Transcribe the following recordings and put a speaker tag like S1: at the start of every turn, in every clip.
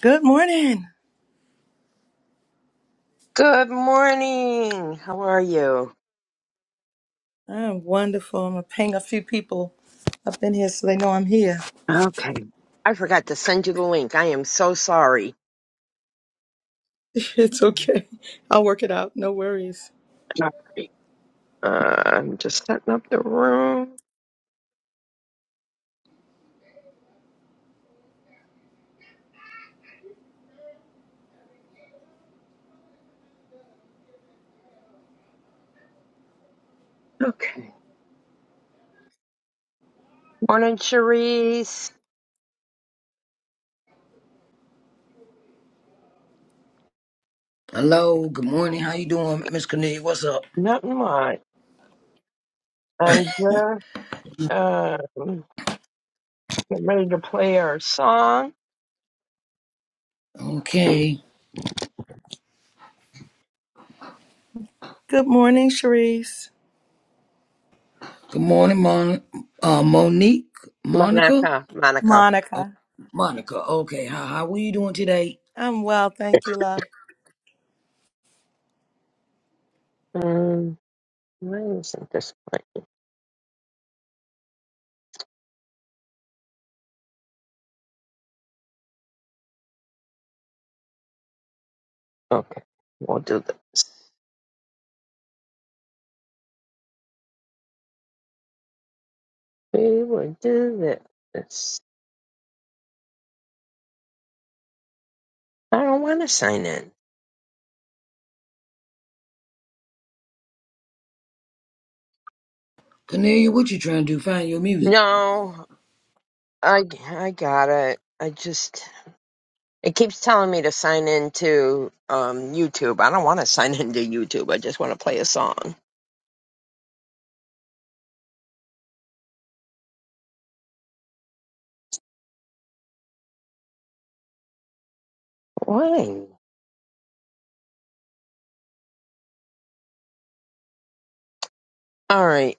S1: Good morning.
S2: Good morning. How are you?
S1: I'm wonderful. I'm gonna ping a few people up in here so they know I'm here.
S2: Okay. I forgot to send you the link. I am so sorry.
S1: It's okay. I'll work it out. No worries.
S2: Sorry. Uh, I'm just setting up the room. Okay. Morning, Cherise.
S3: Hello, good morning. How you doing, Miss Cornelia? What's up?
S2: Nothing much. I'm just um, getting ready to play our song.
S3: Okay.
S1: Good morning, Sharice.
S3: Good morning, Mon- uh, Monique, Monica,
S2: Monica. Monica.
S3: oh,
S1: Monica.
S3: Monica. Okay, how how are you doing today,
S1: I'm well, thank you, love.
S2: Um, why isn't this right? Okay. We'll do this. We will do this. I don't want to sign in.
S3: Cornelia? What you trying to do? Find your music.
S2: No. I I got it. I just it keeps telling me to sign into um YouTube. I don't want to sign into YouTube. I just want to play a song. Why? All right.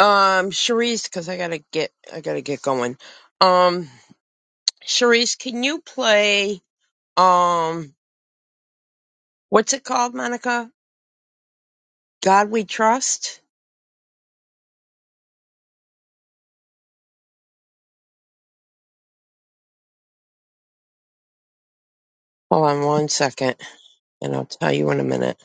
S2: Um, Charisse, because I gotta get I gotta get going. Um, Charisse, can you play um what's it called, Monica? God We Trust. Hold on one second, and I'll tell you in a minute.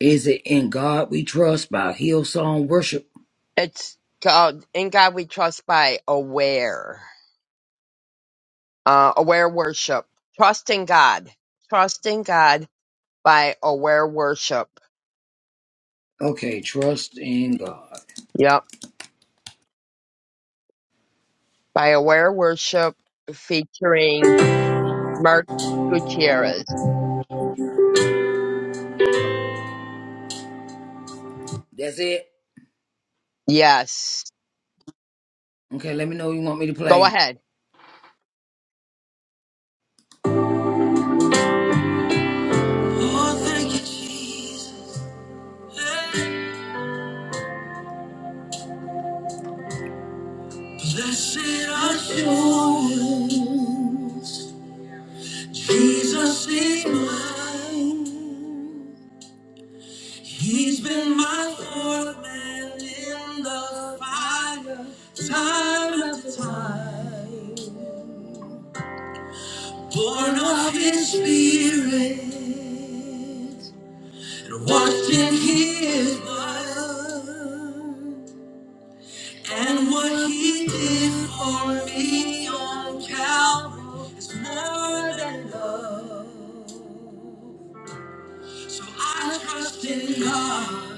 S3: Is it in God We Trust by Hillsong Worship?
S2: It's called In God We Trust by Aware. uh, aware worship, trusting God, trusting God by aware worship.
S3: Okay, trust in God.
S2: Yep, by aware worship featuring Mark Gutierrez.
S3: That's it.
S2: Yes,
S3: Okay, let me know you want me to
S2: go
S3: play.
S2: ahead.
S3: Oh, thank you, Jesus. Blessed are these born men in the fire. born of his spirit and washed in his blood. And what he did for me on Calvary is more than love. So I trust in God,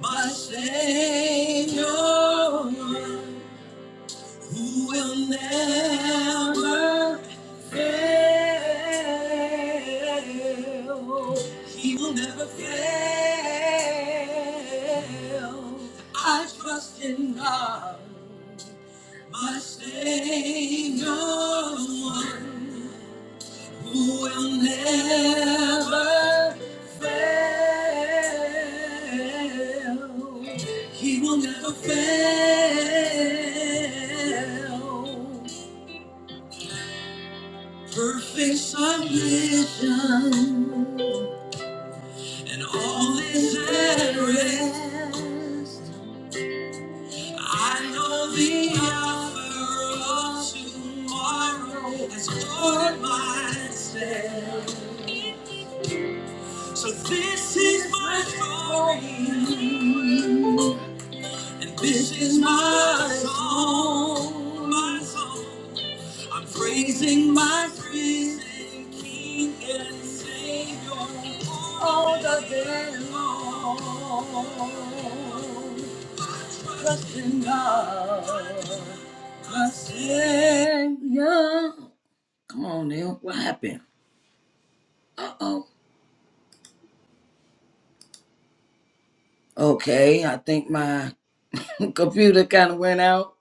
S3: my Savior. Who will never fail. He will never fail. I trust in God, my Savior, one who will never fail. He will never fail. Perfect submission and all is at rest. I know the offer of tomorrow has ordered my steps. So this is my story, and this is my song, my song. I'm praising my risen King and Savior all the day long. Trust in God, my Savior. Come on, Neil. What happened? Uh oh. Okay, I think my computer kind of went out.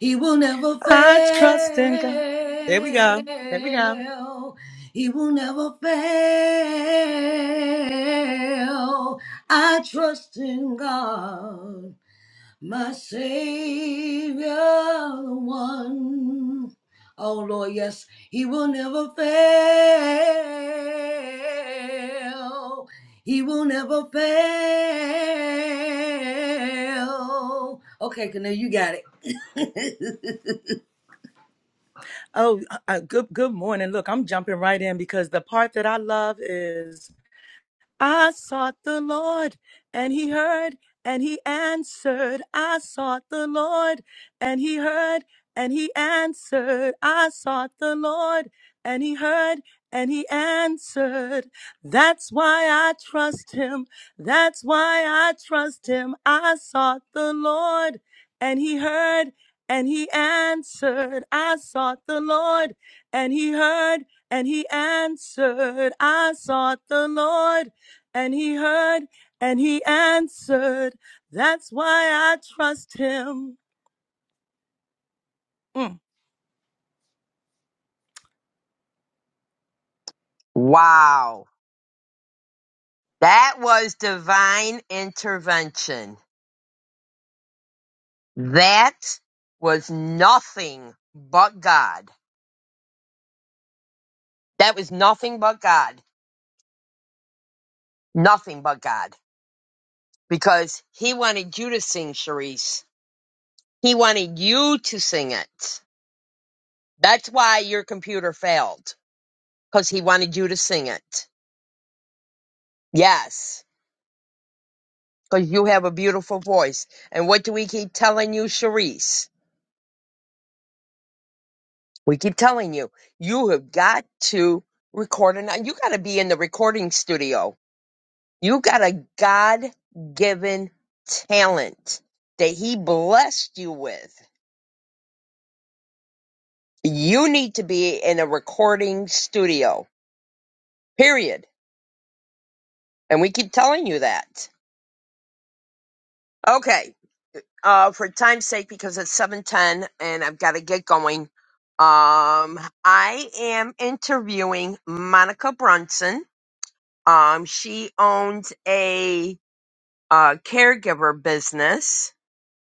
S3: He will never
S1: I trust in God. There we go. There we go.
S3: fail. He will never fail. I trust in God, my Savior, the one. Oh Lord, yes, He will never fail. He will never fail. Okay, Canoe, you got it.
S1: Oh, uh, uh, good. Good morning. Look, I'm jumping right in because the part that I love is I sought the Lord, and he heard, and he answered. I sought the Lord, and he heard, and he answered. I sought the Lord, and he heard, and he answered. That's why I trust him. That's why I trust him. I sought the Lord, and he heard, and he answered. I sought the Lord, and he heard, and he answered. I sought the Lord and he heard and he answered. That's why I trust him. Mm.
S2: Wow, that was divine intervention. That was nothing but God. That was nothing but God. Nothing but God. Because he wanted you to sing, Sharice. He wanted you to sing it That's why your computer failed because he wanted you to sing it. Yes, because you have a beautiful voice. And what do we keep telling you, Charisse? We keep telling you, you have got to record and you got to be in the recording studio. You got a God given talent that he blessed you with. You need to be in a recording studio, period. And we keep telling you that. Okay. Uh, for time's sake, because it's seven ten and I've got to get going. Um, I am interviewing Monica Brunson. Um, she owns a uh, caregiver business,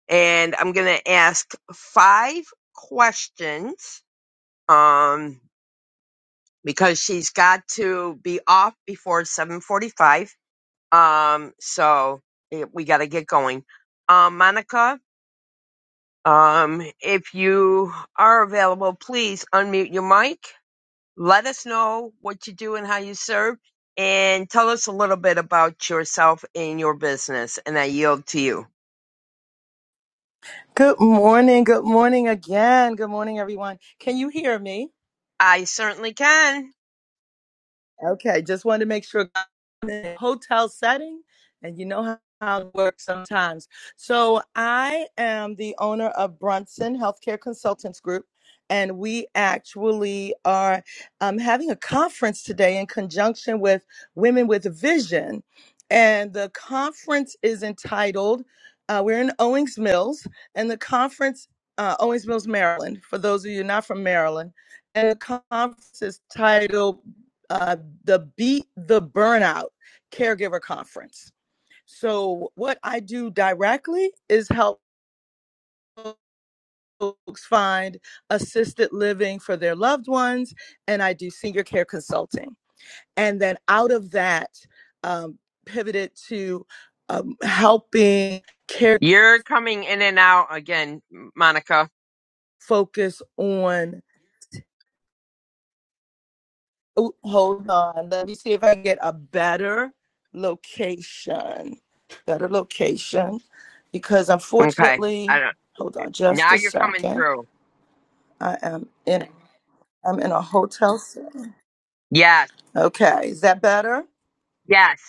S2: and I'm going to ask five questions. Um, because she's got to be off before seven forty-five. Um, so eh, we got to get going. Um, Monica, Um, if you are available, please unmute your mic. Let us know what you do and how you serve, and tell us a little bit about yourself and your business. And I yield to you.
S1: Good morning. Good morning again. Good morning, everyone. Can you hear me?
S2: I certainly can.
S1: Okay, just wanted to make sure hotel setting and you know how, how it works sometimes. So I am the owner of Brunson Healthcare Consultants Group. And we actually are um, having a conference today in conjunction with Women with Vision. And the conference is entitled, uh, we're in Owings Mills, and the conference, uh, Owings Mills, Maryland, for those of you not from Maryland. And the conference is titled uh, the Beat the Burnout Caregiver Conference. So, what I do directly is help folks find assisted living for their loved ones, and I do senior care consulting. And then out of that, um, pivoted to um, helping care
S2: You're coming in and out again, Monica.
S1: focus on Ooh, hold on. Let me see if I can get a better location. Better location. Because
S2: Okay. I
S1: unfortunately,
S2: don't.
S1: hold on just
S2: Now
S1: a
S2: you're coming
S1: second.
S2: through.
S1: I am in I'm in a hotel. Setting.
S2: Yes.
S1: Okay. Is that better?
S2: Yes.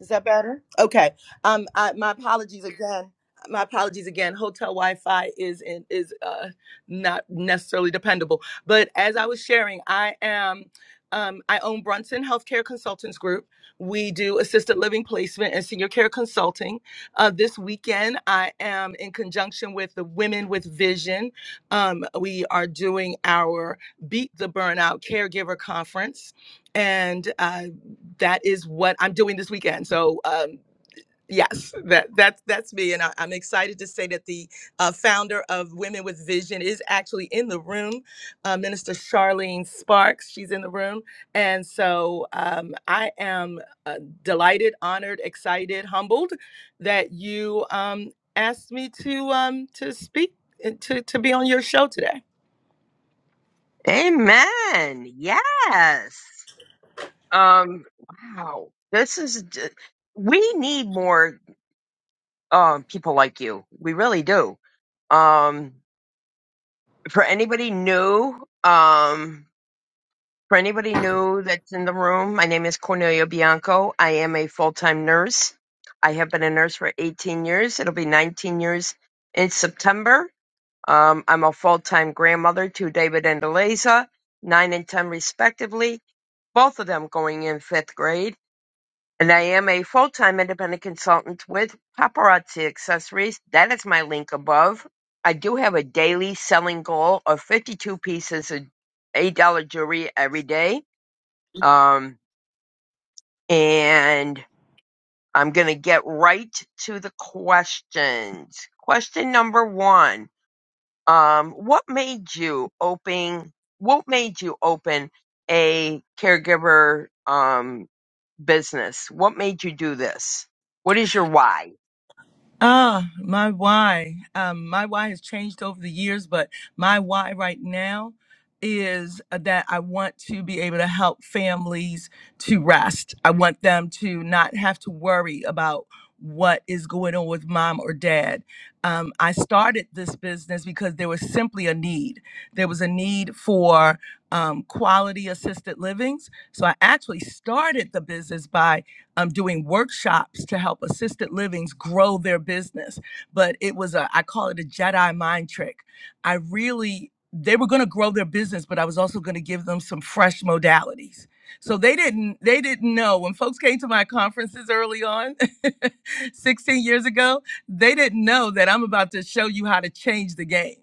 S1: Is that better? Okay. Um, I, my apologies again. My apologies again. Hotel Wi-Fi is in, is uh, not necessarily dependable. But as I was sharing, I am um, I own Brunson Healthcare Consultants Group. We do assisted living placement and senior care consulting. Uh, this weekend, I am in conjunction with the Women with Vision. Um, we are doing our Beat the Burnout Caregiver Conference, and uh that is what I'm doing this weekend. So um, yes, that that's that's me, and I, I'm excited to say that the uh, founder of Women with Vision is actually in the room, uh, Minister Charlene Sparks. She's in the room, and so um, I am uh, delighted, honored, excited, humbled that you um, asked me to um, to speak and to to be on your show today.
S2: Amen. Yes. Um. Wow. This is. d- We need more um, people like you. We really do. Um, for anybody new, um, for anybody new that's in the room, my name is Cornelia Bianco. I am a full time nurse. I have been a nurse for 18 years. It'll be 19 years in September. Um, I'm a full time grandmother to David and Eliza, nine and 10 respectively, both of them going in fifth grade. And I am a full time independent consultant with Paparazzi Accessories. That is my link above. I do have a daily selling goal of 52 pieces of $8 jewelry every day. Um, and I'm going to get right to the questions. Question number one um, What made you open? What made you open a caregiver um, business? What made you do this? What is your why?
S1: Ah, my why. Um, my why has changed over the years, but my why right now is uh, that I want to be able to help families to rest. I want them to not have to worry about what is going on with mom or dad. Um, I started this business because there was simply a need. There was a need for um, quality assisted livings. So I actually started the business by um, doing workshops to help assisted livings grow their business. But it was a, I call it a Jedi mind trick. I really, they were going to grow their business, but I was also going to give them some fresh modalities. So they didn't, they didn't know when folks came to my conferences early on, 16 years ago, they didn't know that I'm about to show you how to change the game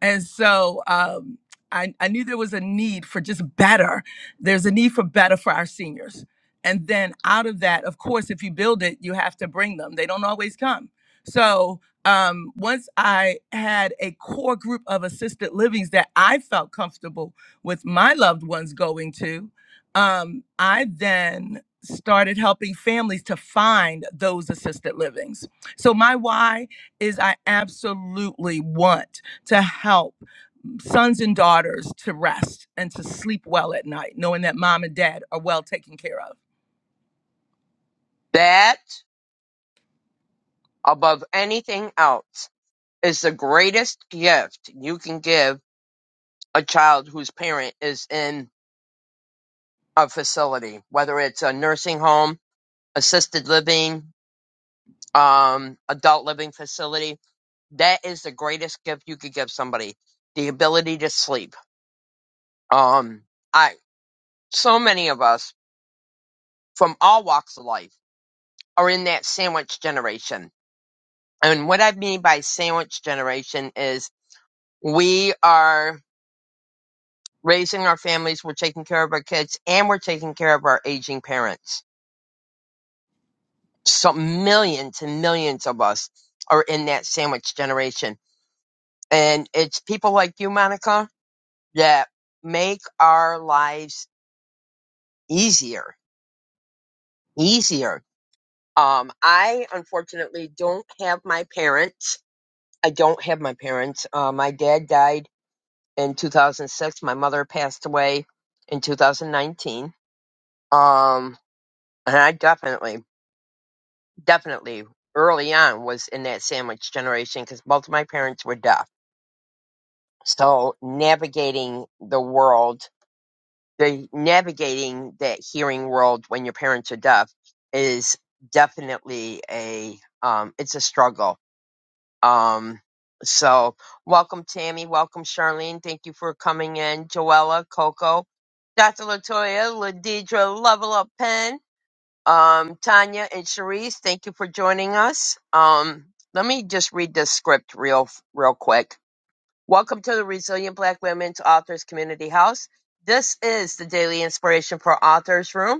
S1: and so um, I, I knew there was a need for just better. There's a need for better for our seniors. And then out of that, of course, if you build it, you have to bring them. They don't always come. So um, once I had a core group of assisted livings that I felt comfortable with my loved ones going to, um, I then started helping families to find those assisted livings. So my why is I absolutely want to help sons and daughters to rest and to sleep well at night, knowing that mom and dad are well taken care of?
S2: That, above anything else, is the greatest gift you can give a child whose parent is in a facility, whether it's a nursing home, assisted living, um, adult living facility. That is the greatest gift you could give somebody. The ability to sleep. Um, I, so many of us from all walks of life are in that sandwich generation. And what I mean by sandwich generation is we are raising our families, we're taking care of our kids, and we're taking care of our aging parents. So millions and millions of us are in that sandwich generation. And it's people like you, Monica, that make our lives easier, easier. Um, I unfortunately don't have my parents. I don't have my parents. Uh, my dad died in 2006. My mother passed away in 2019. Um, and I definitely definitely early on was in that sandwich generation because both of my parents were deaf. So navigating the world, the navigating that hearing world when your parents are deaf is definitely a um, it's a struggle. Um, so welcome Tammy, welcome Charlene. Thank you for coming in, Joella, Coco, Dr. Latoya, Ladidra, Level Up Pen. Um, Tanya and Cherise, thank you for joining us. Um, let me just read this script real, real quick. Welcome to the Resilient Black Women's Authors Community House. This is the daily inspiration for Authors Room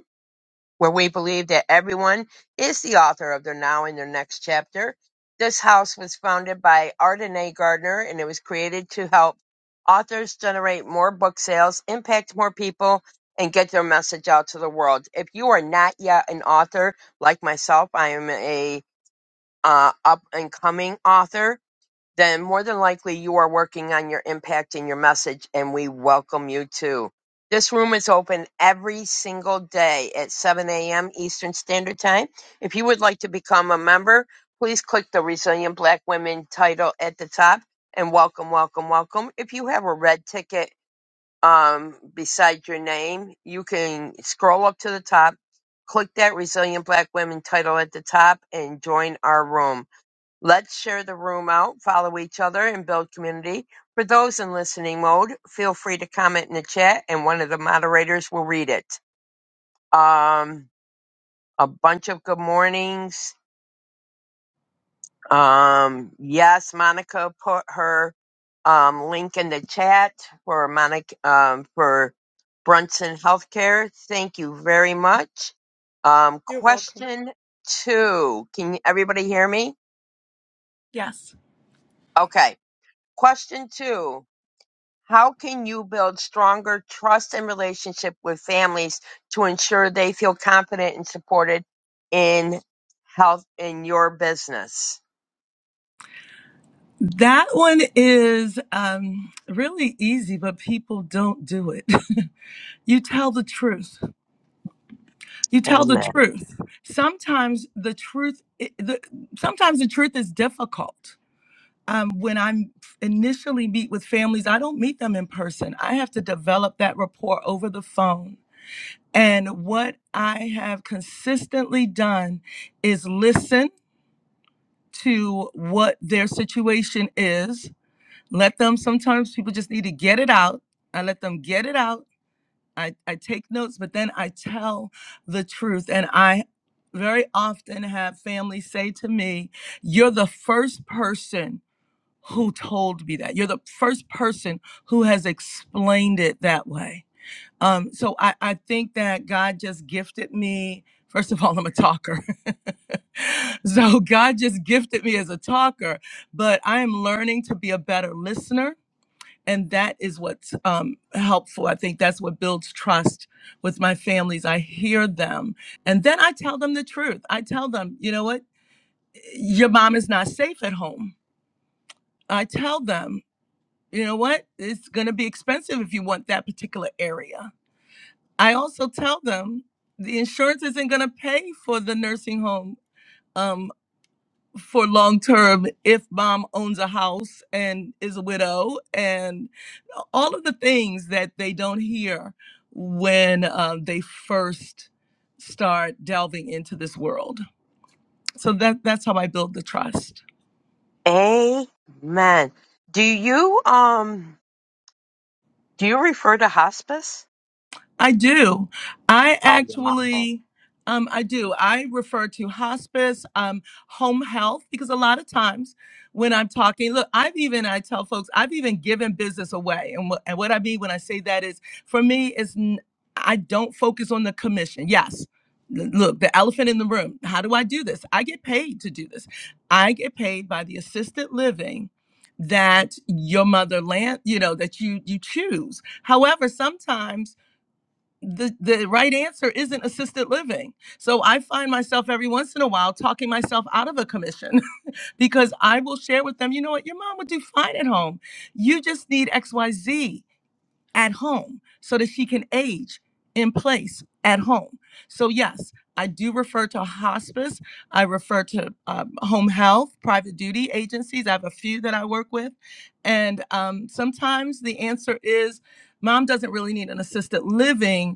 S2: where we believe that everyone is the author of their now and their next chapter. This house was founded by Arden A. Gardner and it was created to help authors generate more book sales, impact more people, and get their message out to the world. If you are not yet an author like myself, I am a uh, up and coming author then more than likely you are working on your impact and your message, and we welcome you too. This room is open every single day at 7 a.m. Eastern Standard Time. If you would like to become a member, please click the Resilient Black Women title at the top and welcome, welcome, welcome. If you have a red ticket um, beside your name, you can scroll up to the top, click that Resilient Black Women title at the top, and join our room. Let's share the room out, follow each other, and build community. For those in listening mode, feel free to comment in the chat, and one of the moderators will read it. Um, a bunch of good mornings. Um, yes, Monica put her um, link in the chat for Monica um, for Brunson Healthcare. Thank you very much. Um, question two. Can everybody hear me? Okay. Question two How can you build stronger trust and relationship with families to ensure they feel confident and supported in health in your business?
S1: That one is um, really easy, but people don't do it. you tell the truth. you tell the
S2: Amen.
S1: truth sometimes the truth i- the, sometimes the truth is difficult um, when i initially meet with families i don't meet them in person i have to develop that rapport over the phone and what i have consistently done is listen to what their situation is let them sometimes people just need to get it out i let them get it out I, I take notes, but then I tell the truth. And I very often have family say to me, You're the first person who told me that. You're the first person who has explained it that way. Um, so I, I think that God just gifted me. First of all, I'm a talker. so God just gifted me as a talker, but I am learning to be a better listener and that is what's um, helpful i think that's what builds trust with my families i hear them and then i tell them the truth i tell them you know what your mom is not safe at home i tell them you know what it's going to be expensive if you want that particular area i also tell them the insurance isn't going to pay for the nursing home um, for long term if mom owns a house and is a widow and all of the things that they don't hear when um, they first start delving into this world so that that's how i build the trust
S2: Amen. Do you um do you refer to hospice?
S1: I do. I
S2: Oh wow.
S1: actually, um, I do. I refer to hospice, um, home health, because a lot of times when I'm talking, look, I've even, I tell folks, I've even given business away. And, what and what I mean when I say that is, for me, is n- I don't focus on the commission. Yes. l- Look, the elephant in the room. How do I do this? I get paid to do this. I get paid by the assisted living that your motherland, you know, that you you choose. However, sometimes the the right answer isn't assisted living. So I find myself every once in a while talking myself out of a commission because I will share with them, you know what, your mom would do fine at home. You just need XYZ at home so that she can age in place at home. So yes, I do refer to hospice. I refer to um, home health, private duty agencies. I have a few that I work with. And um, sometimes the answer is mom doesn't really need an assisted living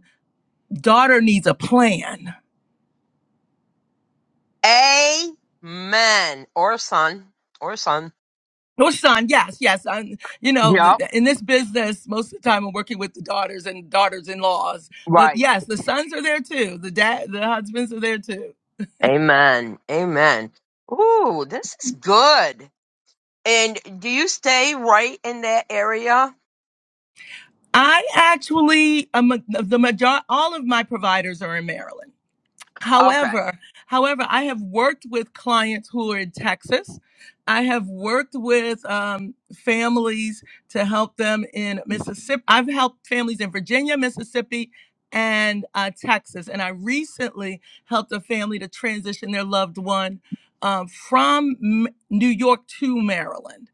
S1: daughter needs a plan.
S2: Amen. Or son. Or son.
S1: Or son, yes, yes. I'm, you know, th-
S2: Yep.
S1: th- in this business, most of the time I'm working with the daughters and daughters-in-laws. But
S2: Right.
S1: yes, the sons are there too. The dad, the husbands are there too.
S2: Amen. Amen. Ooh, this is good. And do you stay right in that area?
S1: I actually, um, the major, all of my providers are in Maryland.
S2: Okay.
S1: However, however, I have worked with clients who are in Texas. I have worked with um, families to help them in Mississippi. I've helped families in Virginia, Mississippi, and uh, Texas. And I recently helped a family to transition their loved one um, from M- New York to Maryland.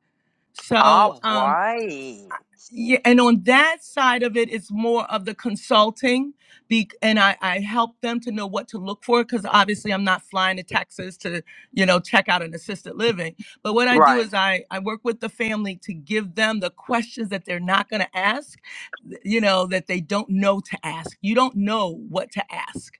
S1: So,
S2: All
S1: um,
S2: right.
S1: yeah, and on that side of it, it's more of the consulting, be, and I, I help them to know what to look for because obviously I'm not flying to Texas to you know check out an assisted living. But what I do
S2: Right.
S1: is I I work with the family to give them the questions that they're not going to ask, th- you know that they don't know to ask. You don't know what to ask,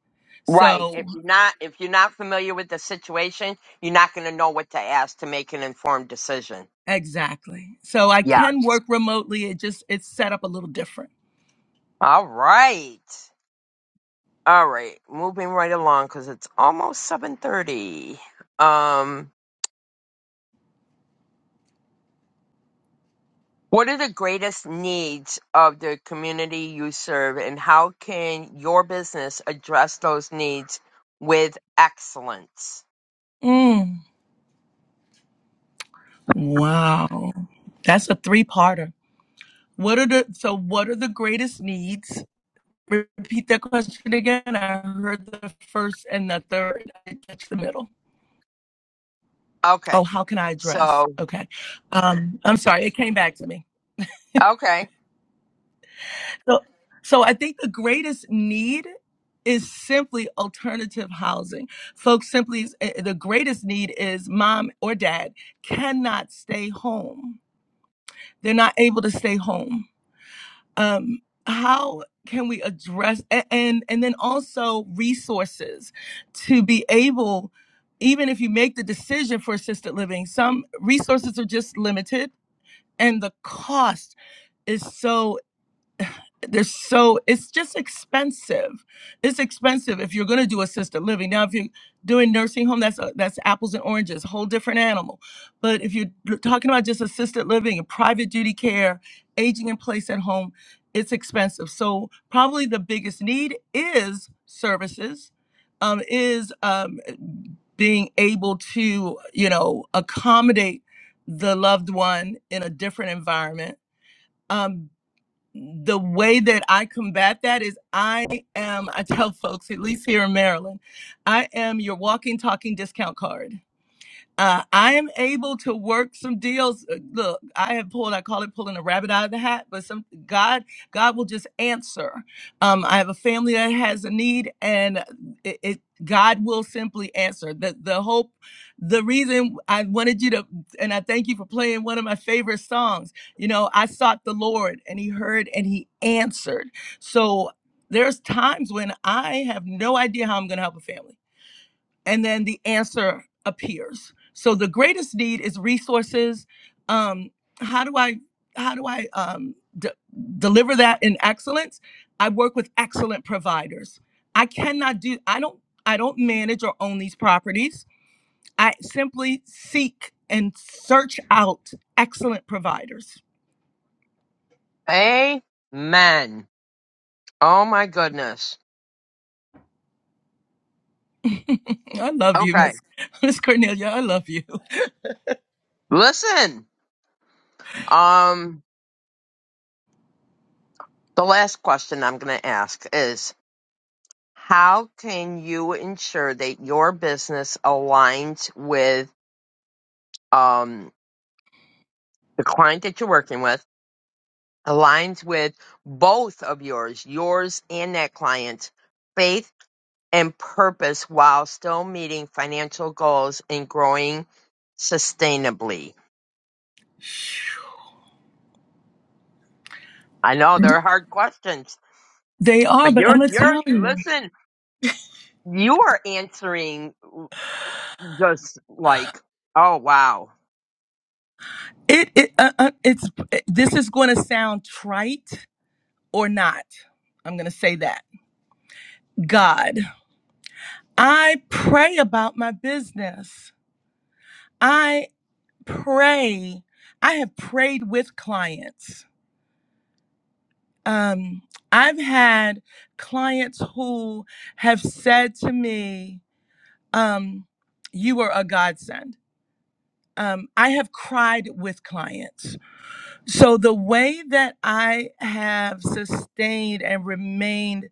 S2: Right. If
S1: so
S2: you're not if you're not familiar with the situation, you're not going to know what to ask to make an informed decision.
S1: exactly. So I
S2: Yeah.
S1: can work remotely. It just it's set up a little different.
S2: All right. All right. Moving right along cuz it's almost 7:30. Um what are the greatest needs of the community you serve and how can your business address those needs with excellence?
S1: Mm. Wow, that's a three parter. What are the so what are the greatest needs? Repeat that question again. I heard the first and the third. I didn't catch the middle. Oh,
S2: Okay.
S1: how can I address?
S2: So,
S1: Okay. Um, I'm sorry, it came back to me.
S2: okay.
S1: So so I think the greatest need is simply alternative housing. Folks simply eh, eh, the greatest need is mom or dad cannot stay home. They're not able to stay home um how can we address a- and and then also resources to be able even if you make the decision for assisted living some resources are just limited and the cost is so there's so it's just expensive. It's expensive if you're going to do assisted living. Now, if you're doing nursing home, that's a, that's apples and oranges, whole different animal. But if you're l- talking about just assisted living and private duty care, aging in place at home, it's expensive. So probably the biggest need is services, um, is um, being able to you know accommodate the loved one in a different environment Um the way that I combat that is I am, I tell folks, at least here in Maryland, I am your walking, talking discount card. Uh, I am able to work some deals. Uh, Look, I have pulled, I call it pulling a rabbit out of the hat, but some God, God will just answer. Um, I have a family that has a need and it, it God will simply answer. The the hope, the reason I wanted you to, and I thank you for playing one of my favorite songs. You know, I sought the Lord and he heard and he answered. So there's times when I have no idea how I'm gonna help a family and then the answer appears so the greatest need is resources um how do i how do i um de- deliver that in excellence i work with excellent providers i cannot do i don't i don't manage or own these properties I simply seek and search out excellent providers.
S2: Amen. Oh my goodness.
S1: I love you,
S2: Okay.
S1: Miss Miss Cornelia. I love you.
S2: Listen. Um the last question I'm going to ask is how can you ensure that your business aligns with um the client that you're working with aligns with both of yours, yours and that client's faith and purpose while still meeting financial goals and growing sustainably? I know they're hard questions.
S1: They are,
S2: But
S1: but I'm
S2: you're
S1: gonna
S2: you're
S1: tell you,
S2: listen, you are answering just like, oh wow.
S1: it it uh, uh, it's it- this is going to sound trite or not. I'm gonna say that God, I pray about my business. pray. I have prayed with clients. Um, I've had clients who have said to me, um, You are a godsend. Um, I have cried with clients. So the way that I have sustained and remained,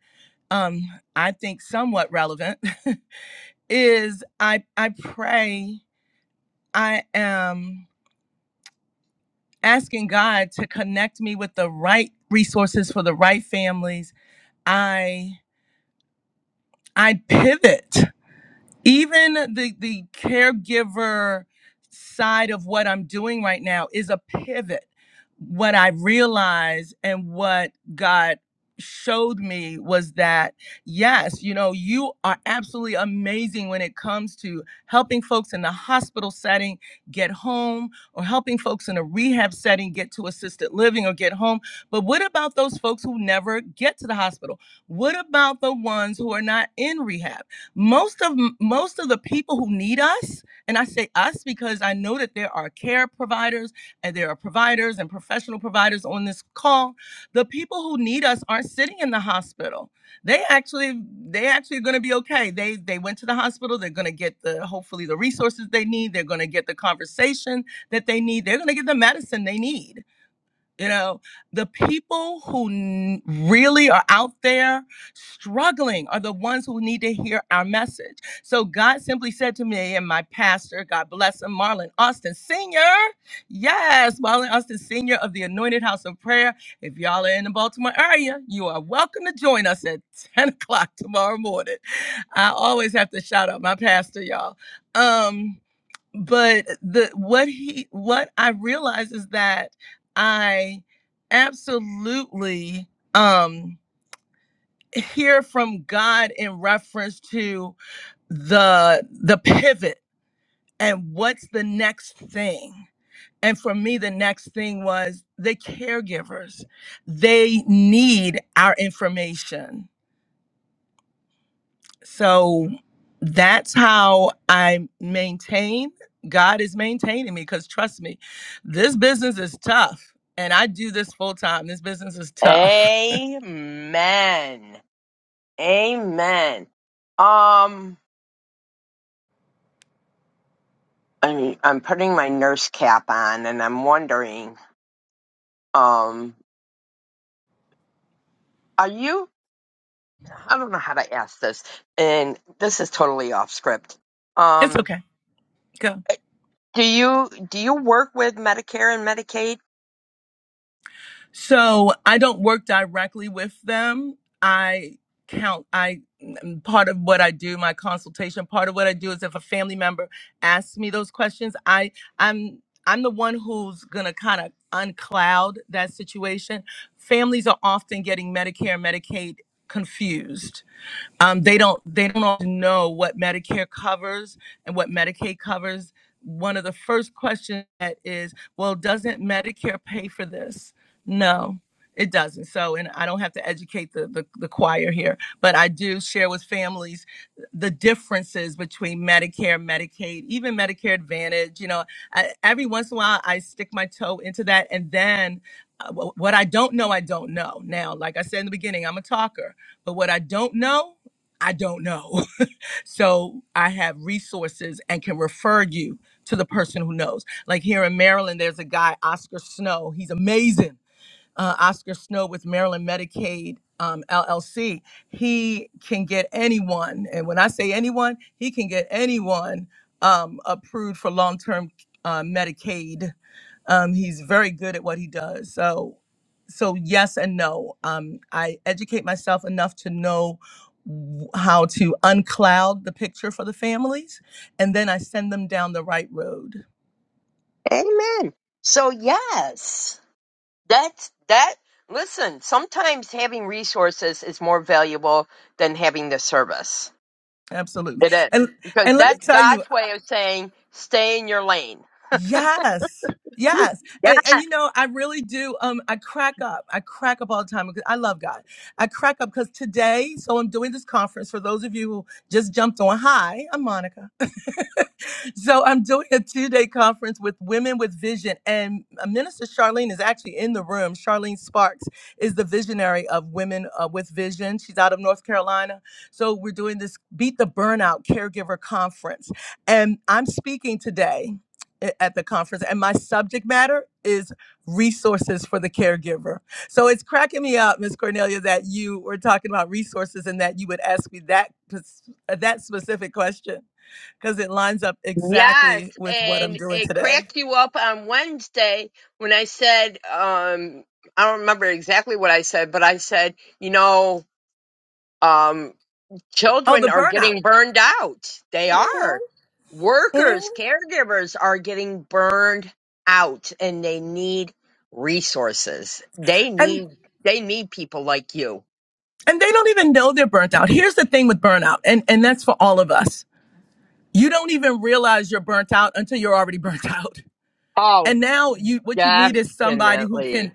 S1: um, I think, somewhat relevant is I, I pray. I am. asking God to connect me with the right resources for the right families. I I pivot even the the caregiver side of what I'm doing right now is a pivot. What I realized and what God showed me was that yes, you know, you are absolutely amazing when it comes to helping folks in the hospital setting get home or helping folks in a rehab setting get to assisted living or get home. But what about those folks who never get to the hospital? What about the ones who are not in rehab? most of most of the people who need us and i say us because i know that there are care providers and there are providers and professional providers on this call the people who need us aren't sitting in the hospital they actually they actually are going to be okay they they went to the hospital they're going to get the hopefully the resources they need they're going to get the conversation that they need they're going to get the medicine they need you know, the people who n- really are out there struggling are the ones who need to hear our message. So God simply said to me and my pastor, God bless him, Marlon Austin Sr. Yes, Marlon Austin Sr. of the Anointed House of Prayer. If y'all are in the Baltimore area, you are welcome to join us at 10 o'clock tomorrow morning. I always have to shout out my pastor, y'all. Um, but the what he what I realized is that I absolutely um hear from God in reference to the the pivot and what's the next thing. And for me the next thing was the caregivers. They need our information So that's how I maintain. God is maintaining me because trust me, this business is tough. And I do this full time. This business is tough.
S2: Amen. Amen. Um I mean, I'm putting my nurse cap on and I'm wondering, um, are you I don't know how to ask this, and this is totally off script.
S1: It's
S2: Um
S1: okay. Go.
S2: do you do you work with Medicare and Medicaid?
S1: So I don't work directly with them. I count, I mm, part of what I do, my consultation, part of what I do is if a family member asks me those questions, I I'm I'm the one who's gonna kind of uncloud that situation. Families are often getting Medicare and Medicaid confused um, they don't they don't often know what medicare covers and what medicaid covers one of the first questions that is well doesn't medicare pay for this no it doesn't so and i don't have to educate the, the, the choir here but i do share with families the differences between medicare medicaid even medicare advantage you know I, every once in a while i stick my toe into that and then uh, wh- what i don't know i don't know now like i said in the beginning i'm a talker but what i don't know I don't know. So I have resources and can refer you to the person who knows. Like here in Maryland, there's a guy, Oscar Snow. He's amazing. Uh, Oscar Snow with Maryland Medicaid um, LLC. He can get anyone, and when I say anyone, he can get anyone um, approved for long term uh, Medicaid um, he's very good at what he does. So, so yes and no. Um, I educate myself enough to know w- how to uncloud the picture for the families, and then I send them down the right road.
S2: Amen. So yes. That's that. Listen, sometimes having resources is more valuable than having the service.
S1: Absolutely.
S2: It
S1: And
S2: is because
S1: and let me
S2: that's
S1: tell you,
S2: God's way of saying stay in your lane.
S1: Yes. Yes. And and
S2: Yes,
S1: you know, I really do um I crack up. I crack up all the time because I love God. I crack up because today, so I'm doing this conference for those of you who just jumped on. Hi, I'm Monica so I'm doing a two day conference with Women with Vision, and uh, Minister Charlene is actually in the room. Charlene Sparks is the visionary of Women uh, with Vision. She's out of North Carolina. So we're doing this Beat the Burnout Caregiver Conference, and I'm speaking today a- at the conference, and my subject matter is resources for the caregiver. So it's cracking me up, Miss Cornelia, that you were talking about resources and that you would ask me that pers- that specific question because it lines up
S2: yes,
S1: exactly with what I'm
S2: and
S1: doing
S2: it
S1: today.
S2: cracked you up on Wednesday when I said, um, I don't remember exactly what I said, but I said, you know, um,
S1: Oh, the
S2: Children are
S1: burnout.
S2: getting burned out. They
S1: Mhm,
S2: are.
S1: mhm.
S2: Workers, caregivers are getting burned out and they need resources. They
S1: And
S2: need they need people like you.
S1: and they don't even know they're burnt out. Here's the thing with burnout, and, and that's for all of us. You don't even realize you're burnt out until you're already burnt out.
S2: Oh,
S1: And now you what you need is somebody who can
S2: definitely.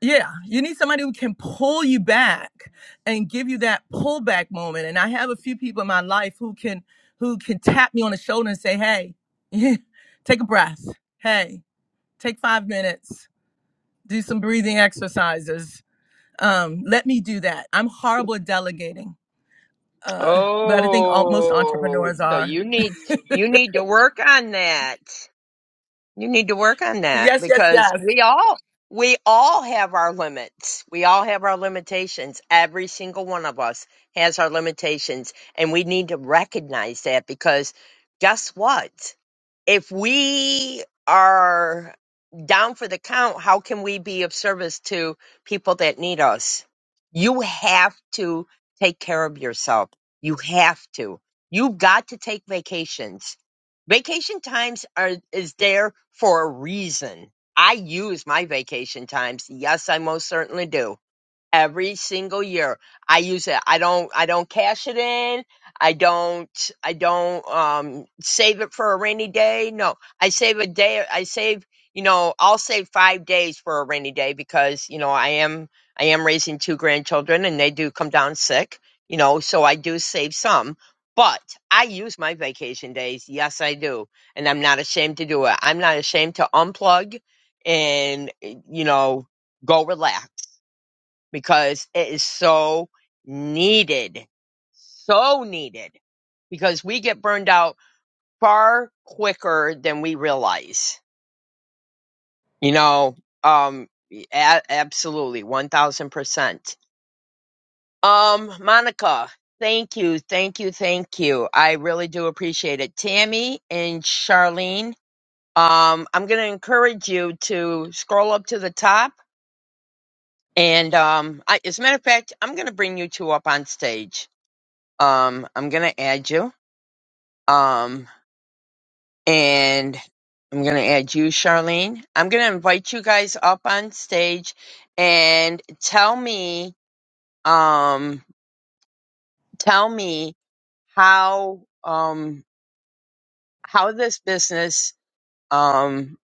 S1: yeah, you need somebody who can pull you back and give you that pullback moment. And I have a few people in my life who can who can tap me on the shoulder and say, Hey, take a breath. Hey, take five minutes do some breathing exercises. Um, let me do that. I'm horrible at delegating, uh, but I think all, most
S2: Oh,
S1: entrepreneurs
S2: so
S1: are.
S2: you need you need to work on that. You need to work on that
S1: Yes, yes,
S2: because
S1: yes.
S2: we all we all have our limits. We all have our limitations. Every single one of us has our limitations and we need to recognize that because guess what? If we are down for the count, how can we be of service to people that need us? You have to take care of yourself. You have to. You've got to take vacations Vacation times are is there for a reason. I use my vacation times. Yes, I most certainly do every single year. I use it. I don't I don't cash it in. I don't I don't um save it for a rainy day. No. I save a day I save, you know, I'll save 5 days for a rainy day because, you know, I am I am raising two grandchildren and they do come down sick, you know, so I do save some. But I use my vacation days. Yes, I do. And I'm not ashamed to do it. I'm not ashamed to unplug and, eh, you know, go relax because it is so needed. So needed because we get burned out far quicker than we realize. You know, um, a- absolutely, 1000%. Um, Monica, thank you, thank you, thank you. I really do appreciate it. Tammy and Charlene, um, I'm going to encourage you to scroll up to the top. And um, I, as a matter of fact, I'm going to bring you two up on stage Um, I'm gonna add you. Um, and I'm gonna add you, Charlene. I'm gonna invite you guys up on stage and tell me, um, tell me how um how this business um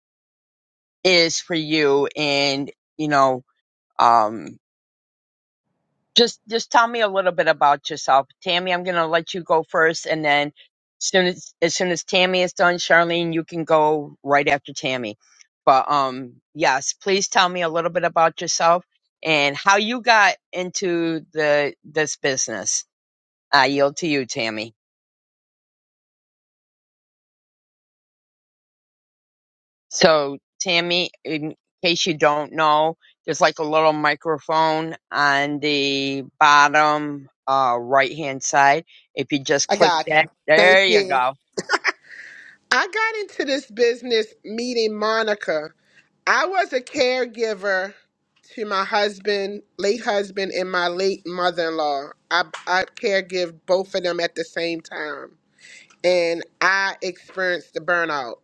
S2: is for you and you know um just just tell me a little bit about yourself tammy i'm going to let you go first and then soon as as soon as tammy is done charlene you can go right after tammy but um yes please tell me a little bit about yourself and how you got into the this business i yield to you tammy So, Tammy, in case you don't know, there's like a little microphone on the bottom uh, right hand side. If you just
S4: I
S2: click
S4: got
S2: that,
S4: you.
S2: there
S4: Thank
S2: you
S4: you.
S2: go.
S4: I got into this business meeting Monica. I was a caregiver to my husband, late husband, and my late mother in law. I, I caregive both of them at the same time. And I experienced the burnout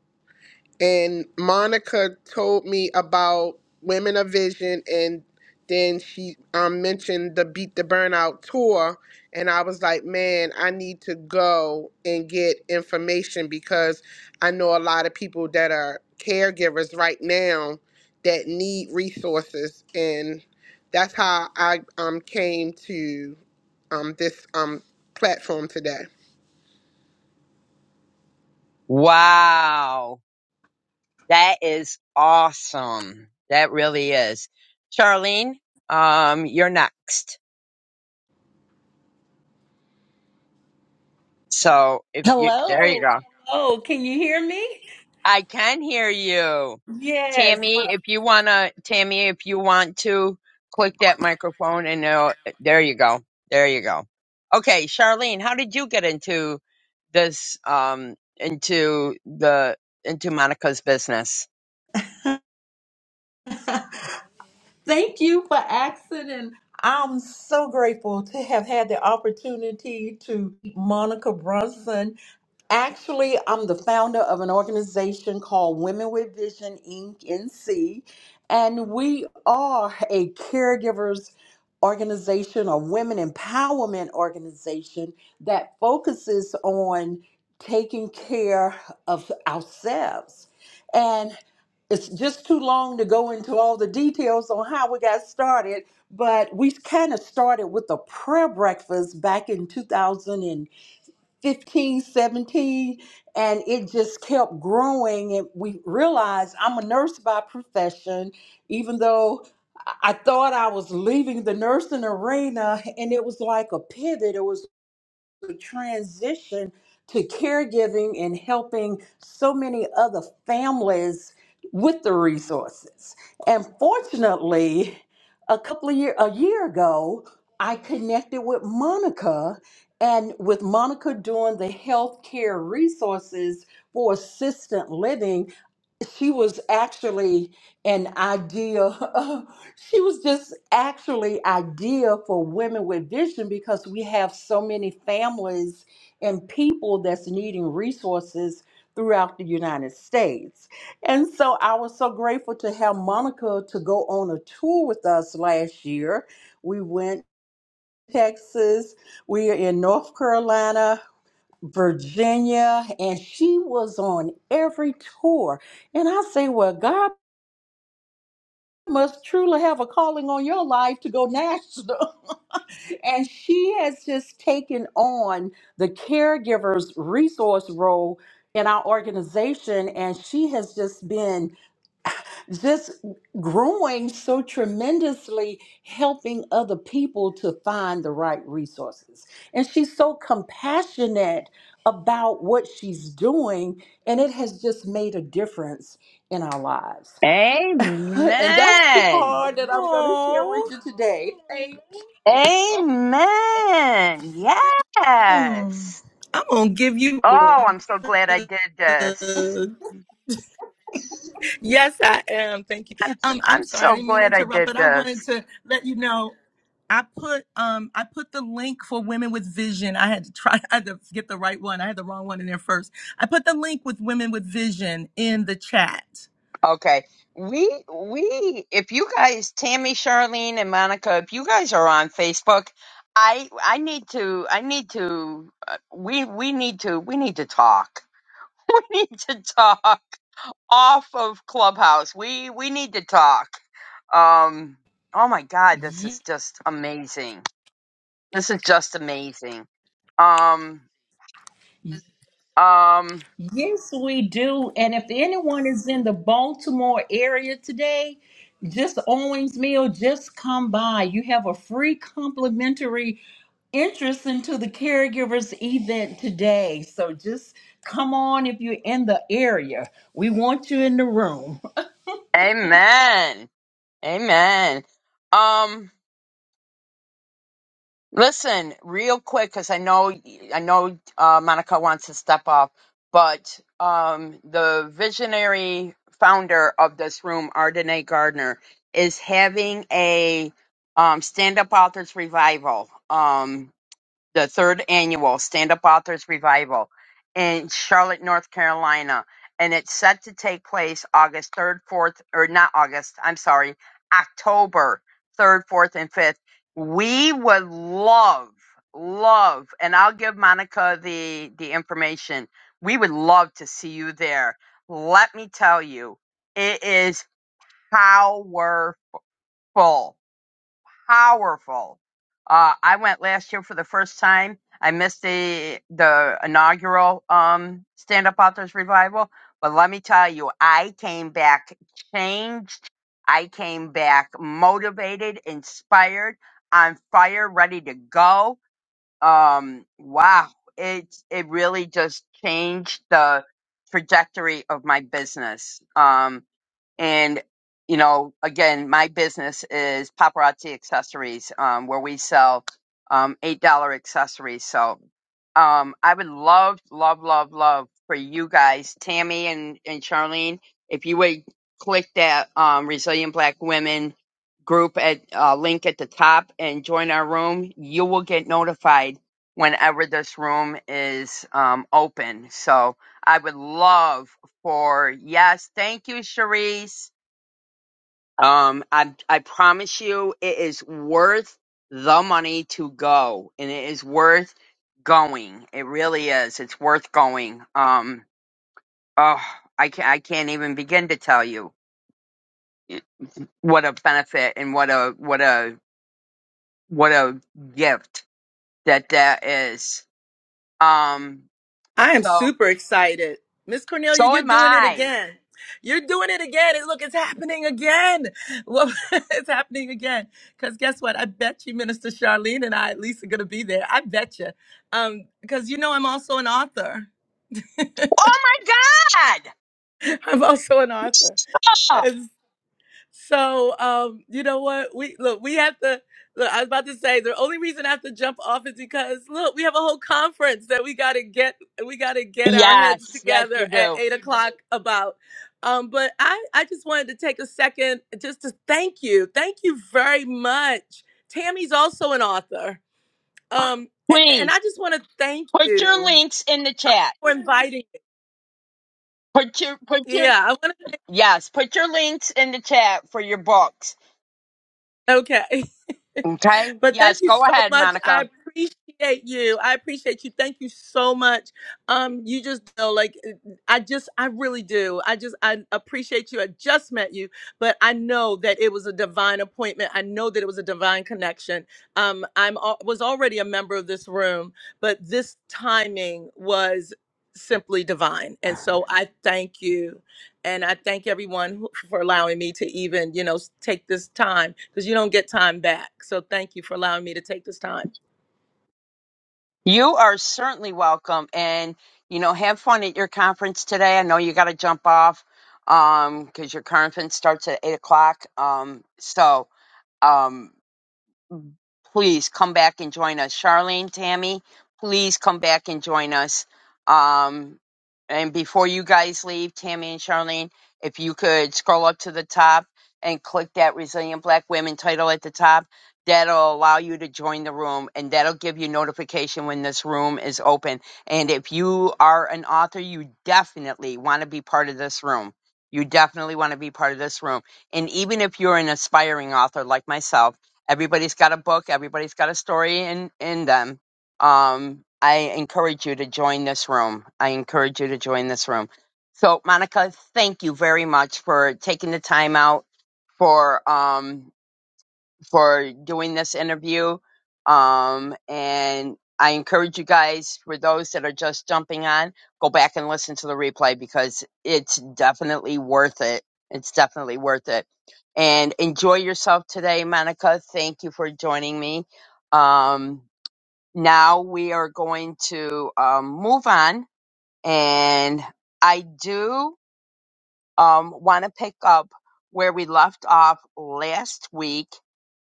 S4: and Monica told me about Women of Vision, and then she um, mentioned the Beat the Burnout tour, and I was like, man, I need to go and get information because I know a lot of people that are caregivers right now that need resources, and that's how I um, came to um, this um, platform today.
S2: Wow. That is awesome. That really is. Charlene, um, you're next. So if you, there
S5: Hello.
S2: you go.
S5: Hello. Can you hear me?
S2: I can hear you.
S5: Yes.
S2: Tammy, if you wanna, Tammy, if you want to click that microphone and it'll, there you go. There you go. Okay, Charlene, how did you get into this, um, into the, into Monica's business?
S5: Thank you for asking. And I'm so grateful to have had the opportunity to meet Monica Brunson. Actually, I'm the founder of an organization called Women with Vision Inc. NC, and we are a caregivers organization a women empowerment organization that focuses on taking care of ourselves. and it's just too long to go into all the details on how we got started, but we kind of started with a prayer breakfast back in two thousand and fifteen, seventeen, and it just kept growing. And we realized I'm a nurse by profession, even though I I thought I was leaving the nursing arena, and it was like a pivot the transition to caregiving and helping so many other families with the resources. And fortunately, a couple of year a year ago, I connected with Monica and with Monica doing the healthcare resources for assistant living she was actually an idea. she was just actually ideal for women with vision because we have so many families and people that's needing resources throughout the United States. And so I was so grateful to have Monica to go on a tour with us last year. We went to Texas, we are in North Carolina, Virginia, and she was on every tour. And I say, Well, God must truly have a calling on your life to go national. and she has just taken on the caregivers resource role in our organization, and she has just been just growing so tremendously, helping other people to find the right resources. And she's so compassionate about what she's doing, and it has just made a difference in our lives. And that's the
S2: Amen.
S5: part that I'm going to share
S1: Oh,
S5: with you today. Thank
S2: Amen.
S1: Hmm.
S2: Yes.
S1: I'm gonna give you
S2: Oh, I'm so glad I
S1: a
S2: did this.
S1: hug. Yes, I am. Thank you.
S2: I'm so,
S1: Um, I'm
S2: I'm
S1: sorry, I
S2: so
S1: didn't mean to
S2: glad I
S1: interrupt,
S2: did
S1: but I
S2: this.
S1: wanted to let you know I put um I put the link for women with vision. I had to try I had to get the right one. I had the wrong one in there first. I put the link with women with vision in the chat.
S2: Okay. We we if you guys Tammy, Charlene and Monica, if you guys are on Facebook, I I need to I need to uh, we we need to we need to talk. We need to talk off of Clubhouse. We we need to talk. Um oh my god, this
S5: you.
S2: is just amazing. This is just amazing. Um um
S5: Yes, we do. And if anyone is in the Baltimore area today, just Owings Mill, just come by. You have a free complimentary interest into the caregivers event today. So just come on if you're in the area. We want you in the room.
S2: amen. Amen. Um Listen, real quick, because I know I know uh, Monica wants to step off, but um, the visionary founder of this room, Ardenae Gardner, is having a um, stand-up authors revival. Um, the third annual Stand Up Authors Revival in Charlotte, North Carolina. And it's set to take place August 3rd, 4th, or not August, I'm sorry, October 3rd, 4th, and 5th. We would love, love, and I'll give Monica the, the information. We would love to see you there. Let me tell you, it is powerful powerful. Uh, I went last year for the first time. I missed the the inaugural um, Stand Up Authors Revival, but let me tell you, I came back changed. I came back motivated, inspired, on fire, ready to go. Um, wow, it it really just changed the trajectory of my business. Um, and, you know, again, my business is paparazzi accessories, um, where we sell um, $8 accessories. So um, I would love, love, love, love for you guys, Tammy and, and Charlene, if you would click that um, Resilient Black Women group at uh, link at the top and join our room, you will get notified whenever this room is um, open. So I would love for yes. Thank you, Charisse. Um, I I promise you, it is worth the money to go, and it is worth going. It really is. It's worth going. Um, oh, I can I can't even begin to tell you eh, what a benefit and what a what a what a gift that that is. Um,
S1: I am
S2: so
S1: super excited. Miss Cornelia,
S2: so
S1: you're
S2: am
S1: doing it
S2: I.
S1: again. You're doing it again. And look, it's happening again. Well, it's happening again. Because guess what? I bet you Minister Charlene and I at least are going to be there. I bet you. Because you know, I'm also an author.
S2: Oh my God!
S1: I'm also an author. So, um, you know what? We look, we have to look. I was about to say the only reason I have to jump off is because look, we have a whole conference that we gotta get we gotta get our heads
S2: Yes, yes, you
S1: together at
S2: do.
S1: eight o'clock about. Um, but I, I just wanted to take a second just to thank you. Thank you very much. Tammy's also an author. Um, a- and
S2: Please.
S1: I just want to thank
S2: Put your
S1: you
S2: links in the
S1: uh,
S2: chat.
S1: for inviting.
S2: Put your put your
S1: Yeah, I want
S2: yes, put your links in the chat for your books.
S1: to. Okay.
S2: Okay?
S1: But thank
S2: Yes,
S1: you
S2: go
S1: so
S2: ahead,
S1: much. I
S2: Monica.
S1: appreciate you. I appreciate you. Thank you so much. Um, you just know, like, uh, I just, I really do. I just, I appreciate you. I just met you, but I know that it was a divine appointment. I know that it was a divine connection. Um, I'm al- was already a member of this room, but this timing was simply divine, and so I thank you and I thank everyone who- for allowing me to even, you know, s- take this time because you don't get time back. So thank you for allowing me to take this time
S2: You are certainly welcome and you know, have fun at your conference today. I know you gotta jump off um because your conference starts at eight o'clock. Um so um please come back and join us. Charlene, Tammy, please come back and join us. Um, and before you guys leave, Tammy and Charlene, if you could scroll up to the top and click that Resilient Black Women title at the top, that'll allow you to join the room and that'll give you notification when this room is open. And if you are an author, you definitely want to be part of this room. You definitely want to be part of this room. And even if you're an aspiring author like myself, Everybody's got a book. Everybody's got a story in in them. Um, I encourage you to join this room. I encourage you to join this room. So, Monica, thank you very much for taking the time out for um for doing this interview. Um, and I encourage you guys, for those that are just jumping on, go back and listen to the replay because it's definitely worth it. It's definitely worth it. And enjoy yourself today, Monica. Thank you for joining me. Um, now we are going to um, move on. And I do um, want to pick up where we left off last week.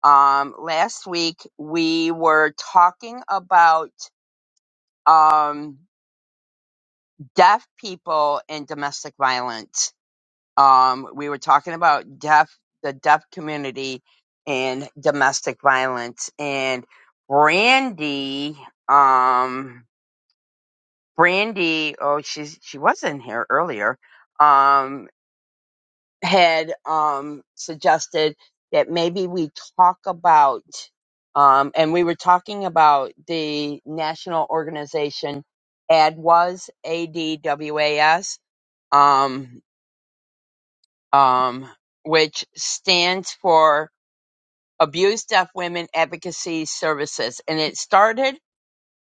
S2: Um, last week we were talking about um, deaf people and domestic violence. Um, we were talking about deaf, the deaf community, and domestic violence. And Brandy, um, Brandy, oh, she's she was in here earlier. Um, had um, suggested that maybe we talk about, um, and we were talking about the national organization ADWAS, A-D-W-A-S, um, um, which stands for Abused Deaf Women Advocacy Services, and it started.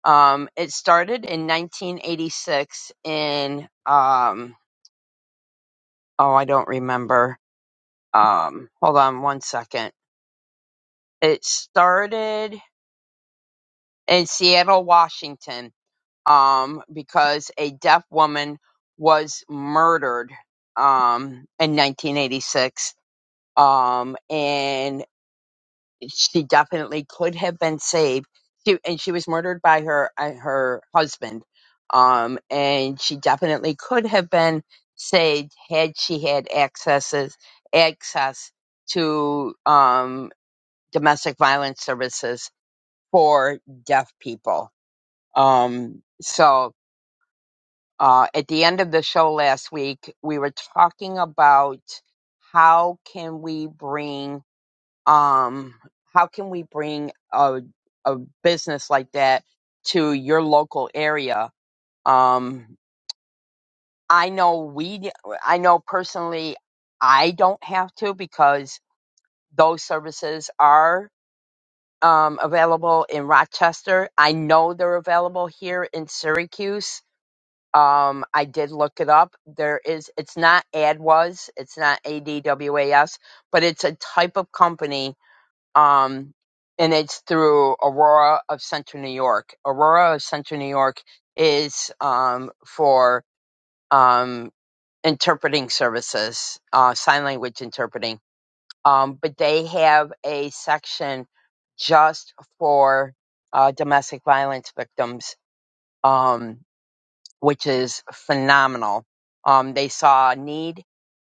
S2: Um, it started in 1986 in um, oh I don't remember. Um, hold on one second It started in Seattle, Washington, um, because a deaf woman was murdered um, in 1986, um, and she definitely could have been saved. She, and she was murdered by her uh, her husband, um, and she definitely could have been saved had she had accesses access to um, domestic violence services for deaf people. Um, so uh, at the end of the show last week, we were talking about how can we bring um, how can we bring a a business like that to your local area. Um, I know we I know personally I don't have to because those services are um, available in Rochester. I know they're available here in Syracuse Um, I did look it up. There is, it's not AdWas, it's not ADWAS, but it's a type of company. Um, and it's through Aurora of Central New York. Aurora of Central New York is um, for um, interpreting services, uh, sign language interpreting. Um, but they have a section just for uh, domestic violence victims. Um, which is phenomenal. Um, they saw a need,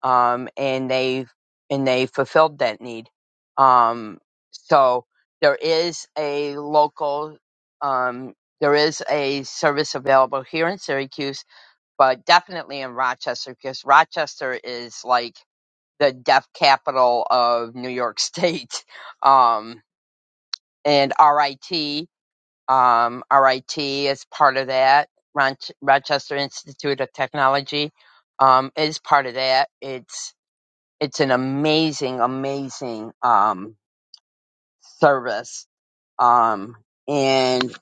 S2: um, and they and they fulfilled that need. Um, so there is a local, um, there is a service available here in Syracuse, but definitely in Rochester because Rochester is like the deaf capital of New York State, um, and RIT. Um, RIT is part of that. Ronch Rochester Institute of Technology um, is part of that. It's it's an amazing, amazing um, service, um, and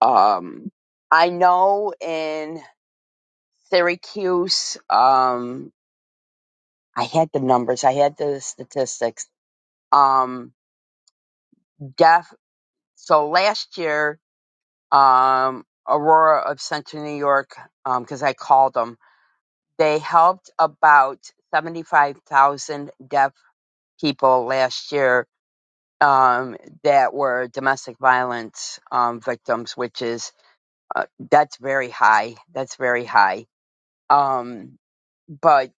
S2: um, I know in Syracuse, um, I had the numbers, I had the statistics. Um, deaf. So last year, um, Aurora of Central New York, because I called them They helped about 75,000 deaf people last year um, that were domestic violence um, victims, which is uh, that's very high. That's very high. Um, but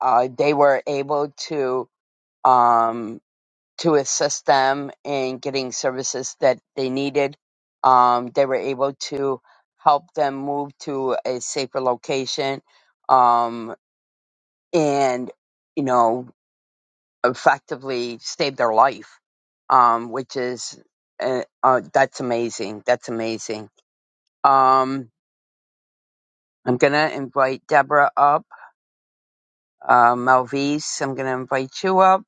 S2: uh, they were able to um, to assist them in getting services that they needed. Um, they were able to help them move to a safer location, um, and you know effectively saved their life, um, which is uh, uh, that's amazing. That's amazing. Um, I'm gonna invite Deborah up. Uh, Melvise, I'm gonna invite you up.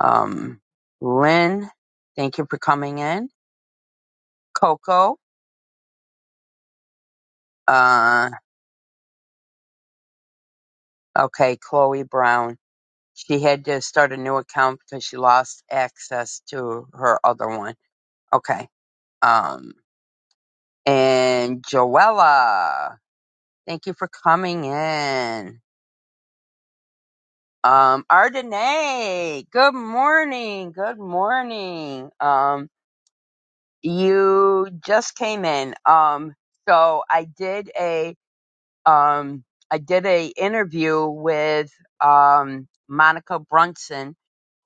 S2: Um, Lynn, thank you for coming in. Coco, uh, okay, Chloe Brown. She had to start a new account because she lost access to her other one. Okay. Um, and Joella. Thank you for coming in. Um, Ardenay, good morning. Good morning. Um, you just came in. Um, so I did a, um, I did a interview with, um, Monica Brunson,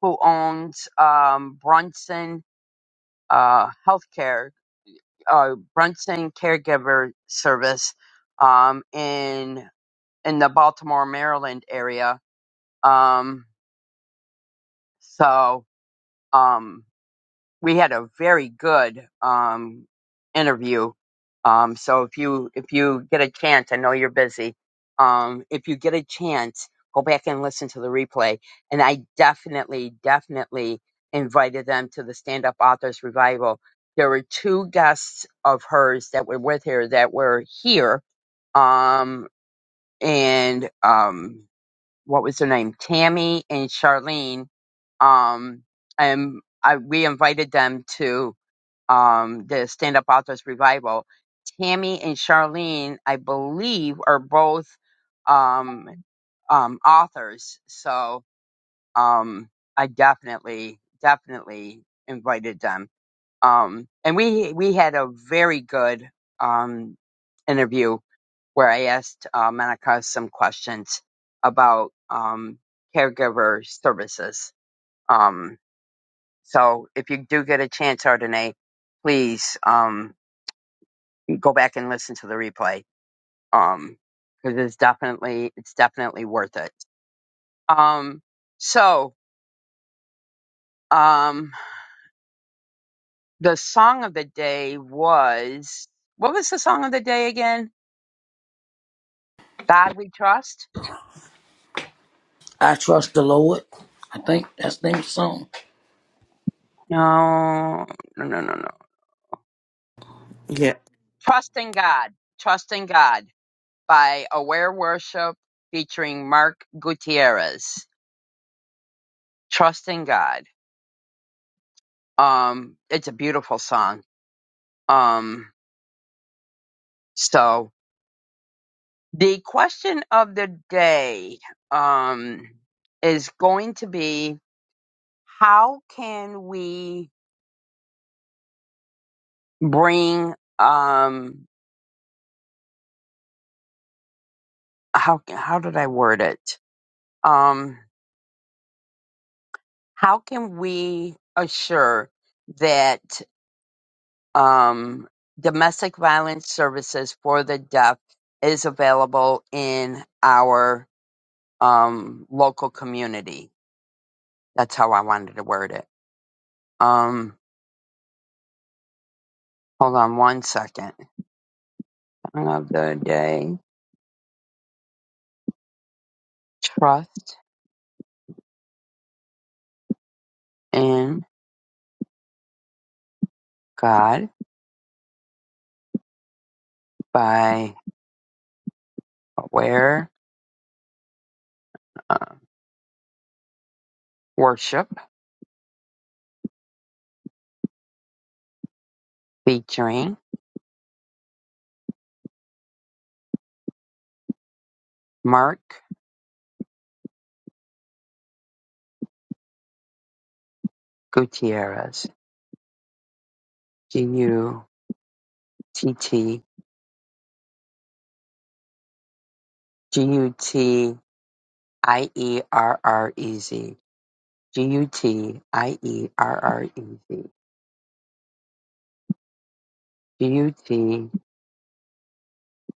S2: who owns, um, Brunson, uh, healthcare, uh, Brunson caregiver service, um, in, in the Baltimore, Maryland area. Um, So um, we had a very good um, interview. Um, so if you if you get a chance, I know you're busy. Um, if you get a chance, go back and listen to the replay. And I definitely, definitely invited them to the Stand Up Authors Revival. There were two guests of hers that were with her that were here. Um, and um, what was her name, Tammy and Charlene. Um, and I, we invited them to um, the Stand Up Authors Revival. Tammy and Charlene, I believe, are both um, um, authors. So um, I definitely, definitely invited them. Um, and we we had a very good um, interview where I asked uh, Monica some questions about um, caregiver services. Um, so if you do get a chance, Ardenae, please um, go back and listen to the replay because it's definitely it's definitely worth it. Um, so um, the song of the day was what was the song of the day again? God we trust.
S3: I trust the Lord. I think that's the name of the song.
S2: No, no, no, no, no.
S6: Yeah,
S2: Trust in God. Trust in God by Aware Worship featuring Mark Gutierrez. Trust in God. Um, it's a beautiful song. Um, so the question of the day, um, is going to be how can we bring, um, how, how did I word it? Um, how can we assure that um, domestic violence services for the deaf is available in our um, local community. That's how I wanted to word it. Um, hold on one second. Song of the day: Trust in God by Aware uh, Worship, featuring Mark Gutierrez. G U T T G U T I E R R E Z. G U T I E R R E Z. G U T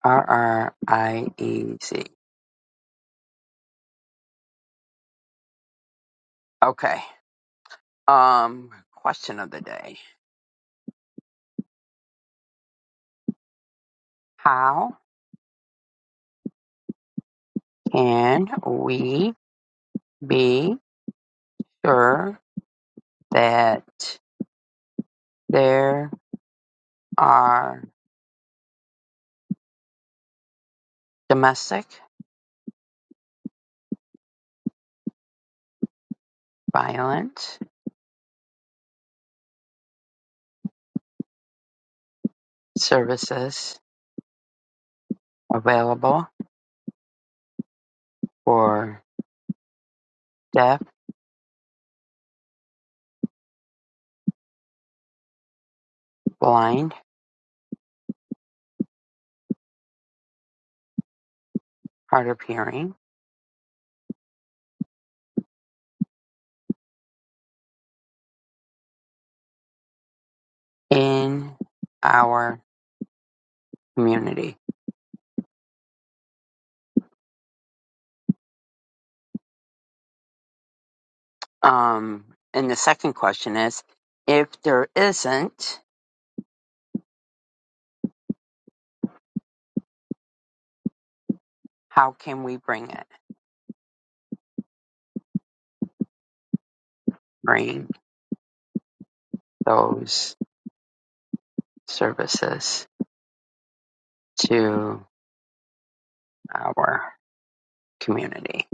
S2: R R I E Z. Okay. Um, question of the day. How can we be sure that there are domestic violence services available for deaf, blind, hard of hearing in our community? Um, and the second question is, if there isn't, how can we bring it, bring those services to our community?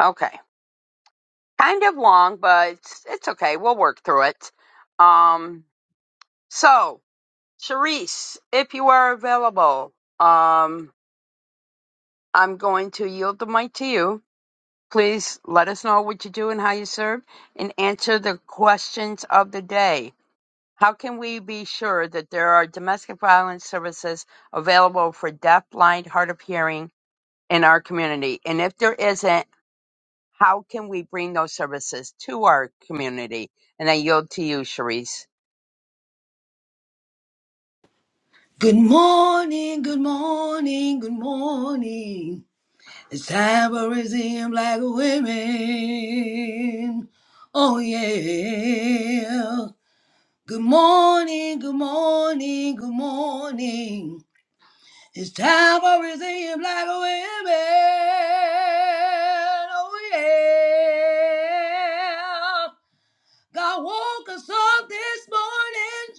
S2: Okay, kind of long, but it's, it's okay. We'll work through it. Um, so Charisse, if you are available, um, I'm going to yield the mic to you. Please let us know what you do and how you serve, and answer the questions of the day. How can we be sure that there are domestic violence services available for deaf, blind, hard of hearing in our community? And if there isn't, how can we bring those services to our community? And I yield to you, Sharice.
S3: Good morning, good morning, good morning. It's time for raising black women. Oh yeah. Good morning, good morning, good morning. It's time for raising black women. Oh yeah. God woke us up this morning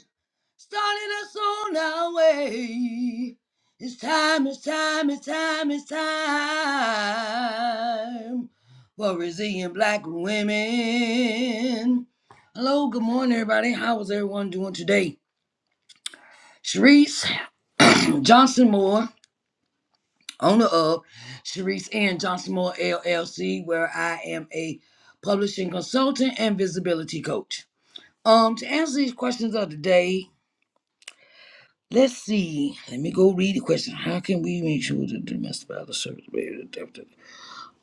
S3: starting us on our way. It's time, it's time, it's time, it's time for resilient black women. Hello, good morning, everybody. How is everyone doing today? Sharice Johnson Moore, owner of Sharice and Johnson Moore LLC, where I am a publishing consultant and visibility coach. Um, to answer these questions of the day, Let's see. Let me go read the question. How can we make sure that the domestic violence service rate is adapted?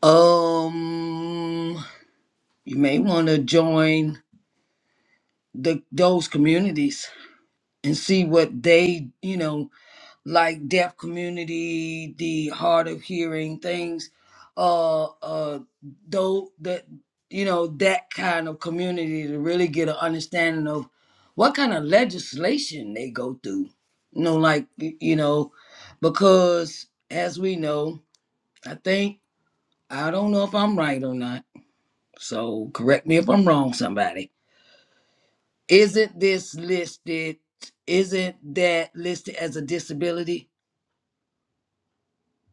S3: Um, you may want to join the those communities and see what they, you know. like deaf community, the hard of hearing things, uh, uh, though that you know that kind of community to really get an understanding of what kind of legislation they go through. You know, like y- you know, because as we know, I think I don't know if I'm right or not. So correct me if I'm wrong, somebody. Isn't this listed? Isn't that listed as a disability?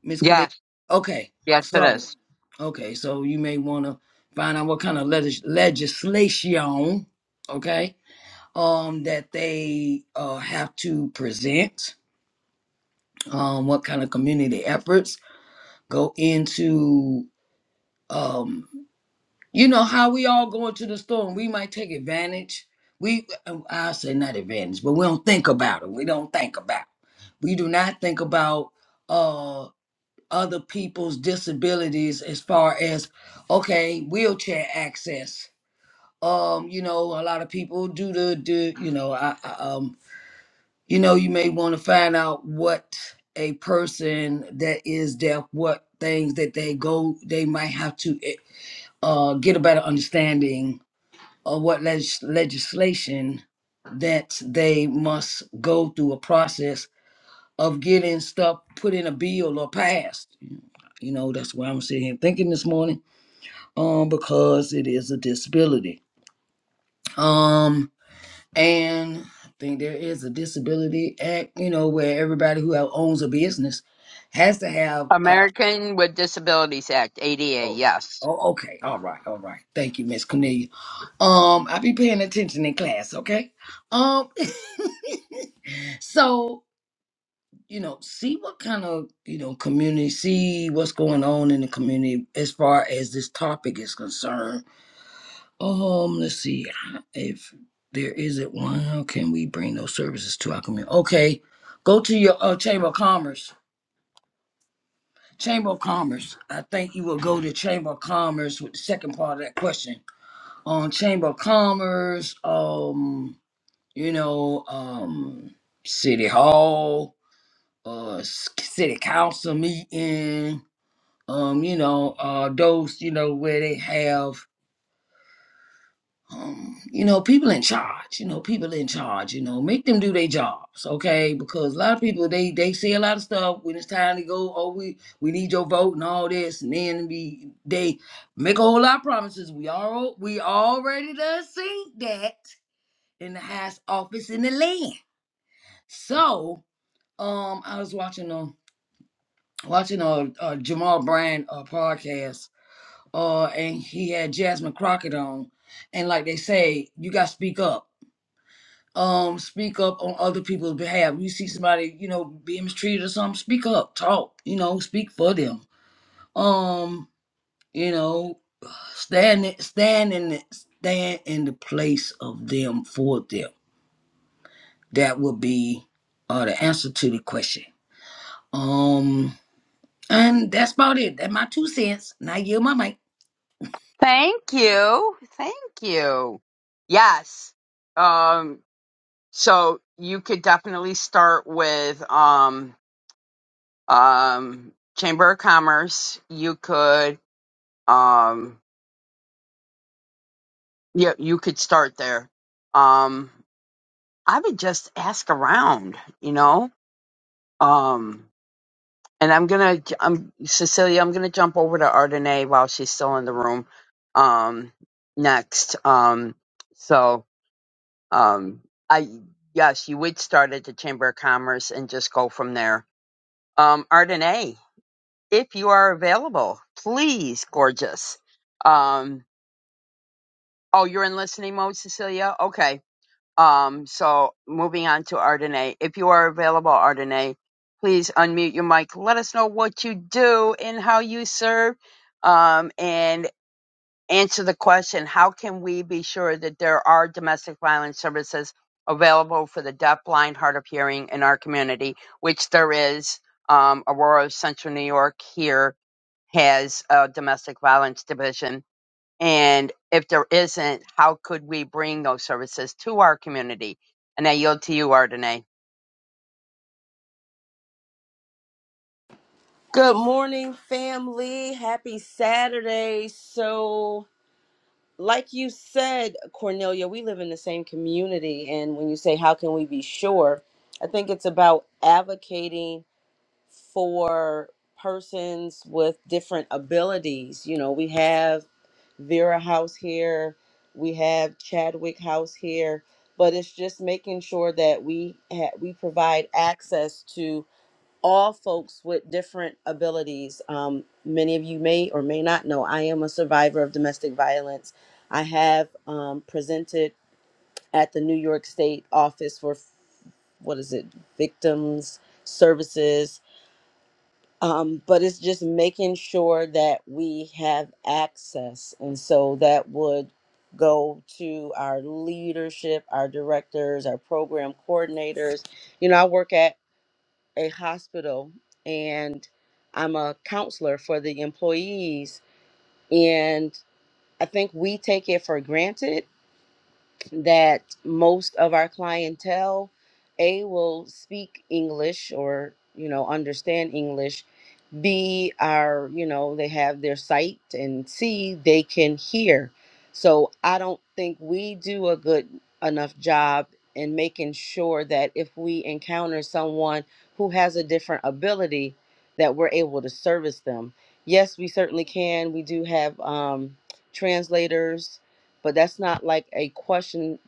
S3: Miss Cornelia.
S2: Yes,
S3: Okay,
S2: yes, it
S3: so
S2: is.
S3: okay, so you may want to find out what kind of legis- legislation, okay, um, that they uh, have to present, um, what kind of community efforts go into, um, you know, how we all go into the store and we might take advantage. We, um, I say not advantage, but we don't think about it. We don't think about. We do not think about. uh, other people's disabilities as far as okay wheelchair access um you know a lot of people do the do you know I, I um you know you may want to find out what a person that is deaf what things that they go they might have to eh, uh get a better understanding of what legis- legislation that they must go through a process of getting stuff put in a bill or passed. You know, that's why I'm sitting here thinking this morning, um, because it is a disability. Um, and I think there is a disability act, you know, where everybody who have- owns a business has to have uh
S2: American with Disabilities Act, ADA,
S3: oh,
S2: yes.
S3: oh okay, all right, all right. Thank you, Miss Cornelia. Um, I be paying attention in class, okay? Um so you know, see what kind of, you know, community, see what's going on in the community as far as this topic is concerned. Um, let's see if there isn't one. How can we bring those services to our community? Okay, go to your uh, Chamber of Commerce. Chamber of Commerce. I think you will go to Chamber of Commerce with the second part of that question. On Chamber of Commerce, um, you know, um, City Hall, uh, s- City Council meeting um, you know, uh, those, you know, where they have, um, you know, people in charge, you know, people in charge, you know, make them do their jobs, okay? Because a lot of people, they they say a lot of stuff when it's time to go, oh, we we need your vote and all this, and then we they make a whole lot of promises. We all we already done seen that in the highest office in the land. So, um, I was watching um watching a, a Jamal Brand uh, podcast uh, and he had Jasmine Crockett on, and like they say, you got to speak up. Um, speak up on other people's behalf. You see somebody, you know, being mistreated or something, speak up, talk, you know, speak for them. Um, you know, stand, it- stand in, the- stand in the place of them for them. That would be uh the answer to the question. Um, and that's about it. That's my two cents. Now yield my mic.
S2: Thank you. Thank you. Yes. Um, so you could definitely start with, um. um, Chamber of Commerce, you could um, yeah, you could start there. Um, I would just ask around, you know. Um, and I'm gonna, to i I'm Cecilia. I'm gonna jump over to Ardenae while she's still in the room. Um, next. Um, so um, I yes, you would start at the Chamber of Commerce and just go from there. Um, Ardenae, if you are available, please, gorgeous. Um, Oh, you're in listening mode, Cecilia? Okay. Um, so moving on to Ardenae. If you are available, Ardenae, please unmute your mic. Let us know what you do and how you serve. Um, and answer the question, how can we be sure that there are domestic violence services available for the deaf, blind, hard of hearing in our community, which there is. Um, Aurora, Central New York here has a domestic violence division and if there isn't, how could we bring those services to our community? And I yield to you, Ardenae.
S7: Good morning, family. Happy Saturday. So, like you said, Cornelia, we live in the same community. And when you say, how can we be sure? I think it's about advocating for persons with different abilities. You know, we have Vera House here, we have Chadwick House here, but it's just making sure that we ha- we provide access to all folks with different abilities. Um, many of you may or may not know, I am a survivor of domestic violence. I have um, presented at the New York State Office for, what is it, Victims Services. Um, but it's just making sure that we have access. And so that would go to our leadership, our directors, our program coordinators. You know, I work at a hospital and I'm a counselor for the employees. And I think we take it for granted that most of our clientele a will speak english or you know understand english b are you know they have their sight and c they can hear so i don't think we do a good enough job in making sure that if we encounter someone who has a different ability that we're able to service them yes we certainly can we do have um, translators but that's not like a question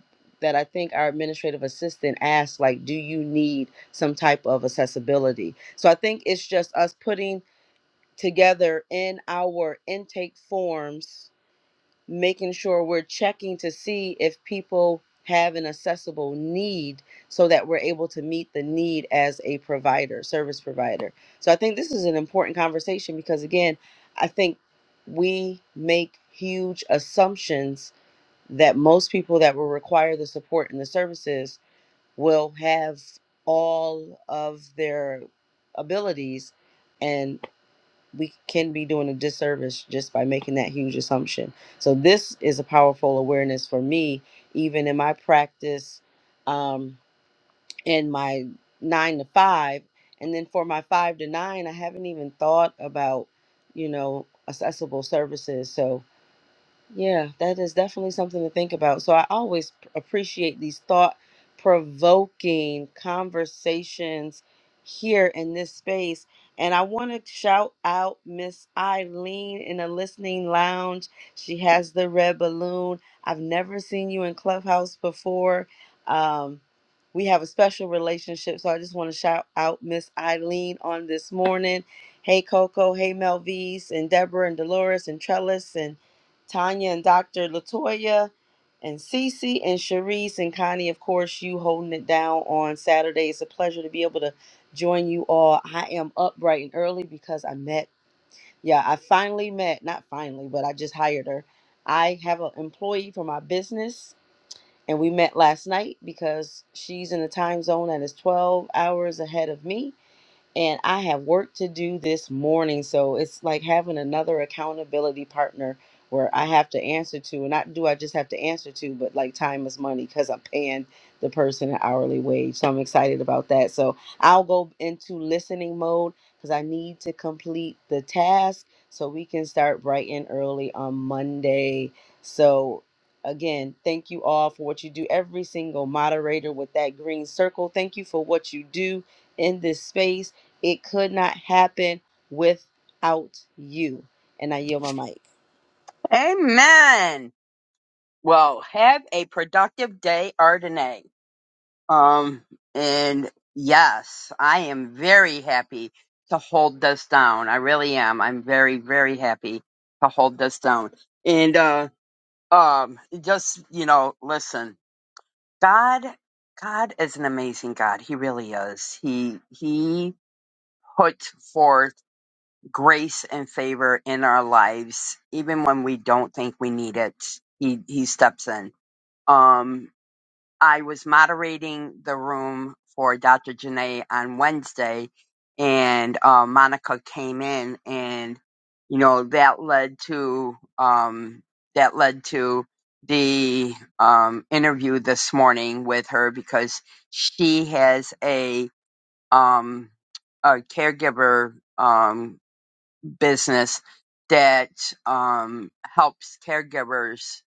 S7: that I think our administrative assistant asked like do you need some type of accessibility so I think it's just us putting together in our intake forms making sure we're checking to see if people have an accessible need so that we're able to meet the need as a provider service provider so I think this is an important conversation because again I think we make huge assumptions that most people that will require the support and the services will have all of their abilities and we can be doing a disservice just by making that huge assumption so this is a powerful awareness for me even in my practice um, in my nine to five and then for my five to nine i haven't even thought about you know accessible services so yeah, that is definitely something to think about. So I always p- appreciate these thought provoking conversations here in this space. And I want to shout out Miss Eileen in the listening lounge. She has the red balloon. I've never seen you in Clubhouse before. Um, we have a special relationship. So I just want to shout out Miss Eileen on this morning. Hey, Coco. Hey, Melvise and Deborah and Dolores and Trellis and Tanya and Dr. Latoya and Cece and Sharice and Connie, of course, you holding it down on Saturday. It's a pleasure to be able to join you all. I am up bright and early because I met, yeah, I finally met, not finally, but I just hired her. I have an employee for my business, and we met last night because she's in the time zone that is 12 hours ahead of me and I have work to do this morning. So it's like having another accountability partner where I have to answer to, and not do I just have to answer to, but like time is money because I'm paying the person an hourly wage. So I'm excited about that. So I'll go into listening mode because I need to complete the task so we can start bright and early on Monday. So again, thank you all for what you do. Every single moderator with that green circle, thank you for what you do in this space. It could not happen without you. And I yield my mic.
S2: Amen. Well, have a productive day, Ardenae. Um, and yes, I am very happy to hold this down. I really am. I'm very, very happy to hold this down. And uh, um, just you know, listen, God, God is an amazing God. He really is. He He put forth grace and favor in our lives, even when we don't think we need it. He he steps in. Um, I was moderating the room for Dr. Janae on Wednesday, and uh, Monica came in, and you know that led to um, that led to the um, interview this morning with her because she has a um, a caregiver. Um, business that um, helps caregivers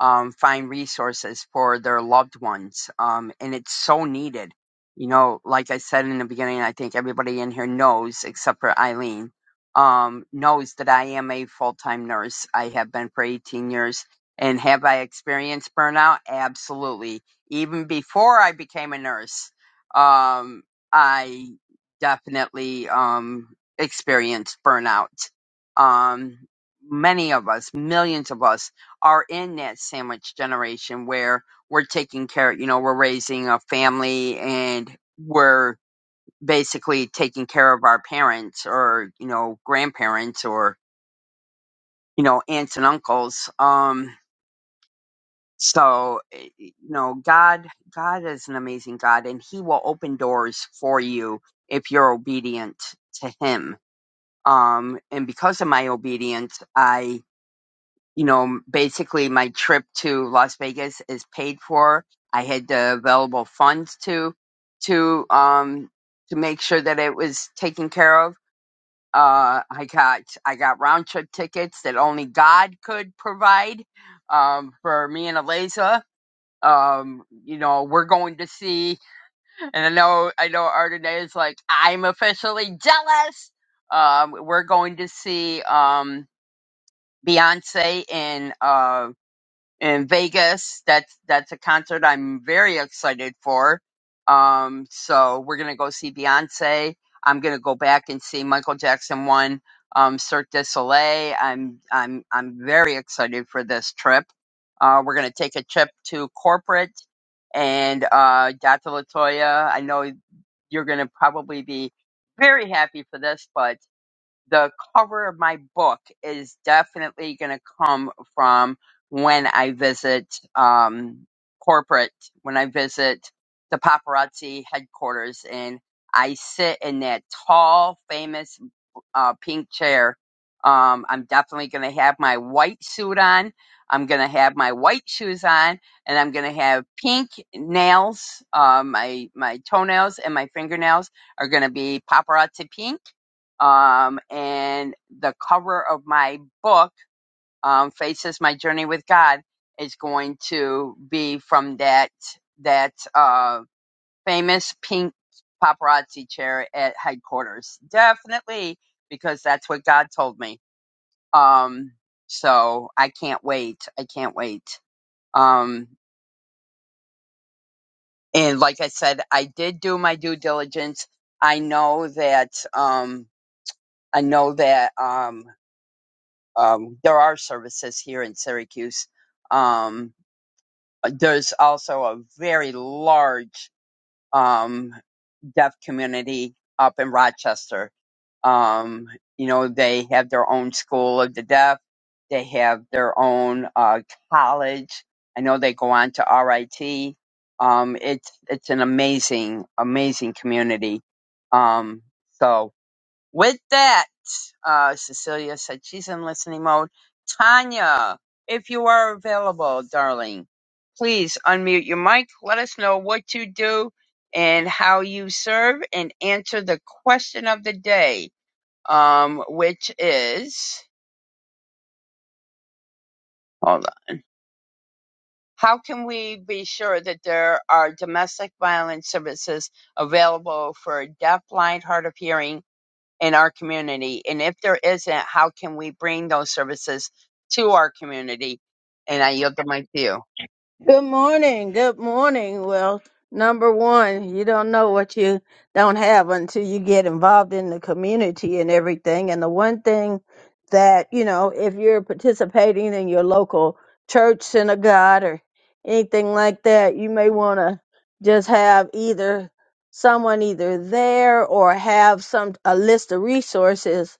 S2: um, find resources for their loved ones. Um, and it's so needed. You know, like I said in the beginning, I think everybody in here knows, except for Eileen, um, knows that I am a full time nurse. I have been for 18 years. And have I experienced burnout? Absolutely. Even before I became a nurse, um, I definitely um, experienced burnout. Um, many of us, millions of us are in that sandwich generation where we're taking care, you know, we're raising a family and we're basically taking care of our parents or, you know, grandparents or, you know, aunts and uncles. Um, so, eh, you know, God, God is an amazing God and he will open doors for you if you're obedient to him. Um, and because of my obedience, I. you know, basically my trip to Las Vegas is paid for. I had the available funds to to um to make sure that it was taken care of. Uh, I got I got round trip tickets that only God could provide um, for me and Eliza. Um, you know, we're going to see, and I know I know Ardenae is like I'm officially jealous. Um, we're going to see um, Beyonce in. uh, in Vegas. That's that's a concert I'm very excited for. Um, so we're gonna go see Beyonce. I'm gonna go back and see Michael Jackson one, um, Cirque du Soleil. I'm I'm I'm very excited for this trip. Uh, we're gonna take a trip to corporate and uh, Dr. Latoya. I know you're gonna probably be very happy for this, but the cover of my book is definitely going to come from when I visit um, corporate, when I visit the paparazzi headquarters, and I sit in that tall, famous uh, pink chair. Um, I'm definitely going to have my white suit on. I'm going to have my white shoes on, and I'm going to have pink nails. Uh, my my toenails and my fingernails are going to be paparazzi pink. Um, and the cover of my book, um, Faces My Journey with God, is going to be from that that. um famous pink paparazzi chair at headquarters. Definitely, because that's what God told me. Um, so I can't wait. I can't wait. Um, and like I said, I did do my due diligence. I know that, um, I know that, um, um, there are services here in Syracuse. Um, there's also a very large, um, deaf community up in Rochester Um, you know, they have their own school of the deaf. They have their own uh, college. I know they go on to RIT. Um, it's it's an amazing, amazing community. Um, so with that, uh, Cecilia said she's in listening mode. Tanya, if you are available, darling, please unmute your mic. Let us know what you do and how you serve and answer the question of the day um, which is hold on. How can we be sure that there are domestic violence services available for deaf, blind, hard of hearing in our community? And if there isn't, how can we bring those services to our community? And I yield the mic to you.
S8: Good morning. Good morning. Well, number one, you don't know what you don't have until you get involved in the community and everything. And the one thing that, you know, if you're participating in your local church, synagogue, or anything like that, you may want to just have either someone either there or have some a list of resources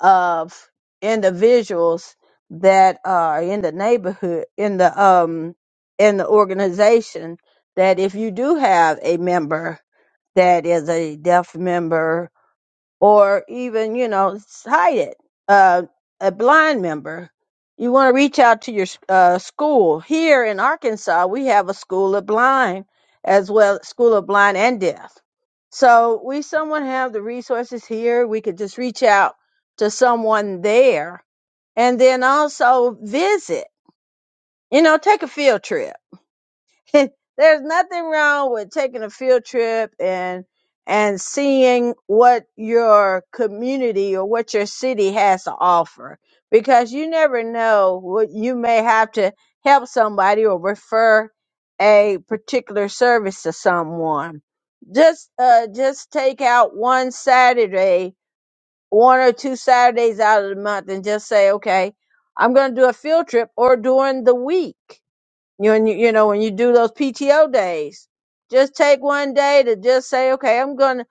S8: of individuals that are in the neighborhood in the um in the organization that if you do have a member that is a deaf member or even you know hide it. Uh, a blind member, you want to reach out to your uh, school. Here in Arkansas, we have a school of blind as well, school of blind and deaf. So we someone have the resources here. We could just reach out to someone there, and then also visit. You know, take a field trip There's nothing wrong with taking a field trip and and seeing what your community or what your city has to offer because you never know what you may have to help somebody or refer a particular service to someone. Just uh just take out one Saturday, one or two Saturdays out of the month and just say, "Okay, I'm going to do a field trip or during the week." You and you, you know, when you do those PTO days, just take one day to just say, okay, I'm gonna,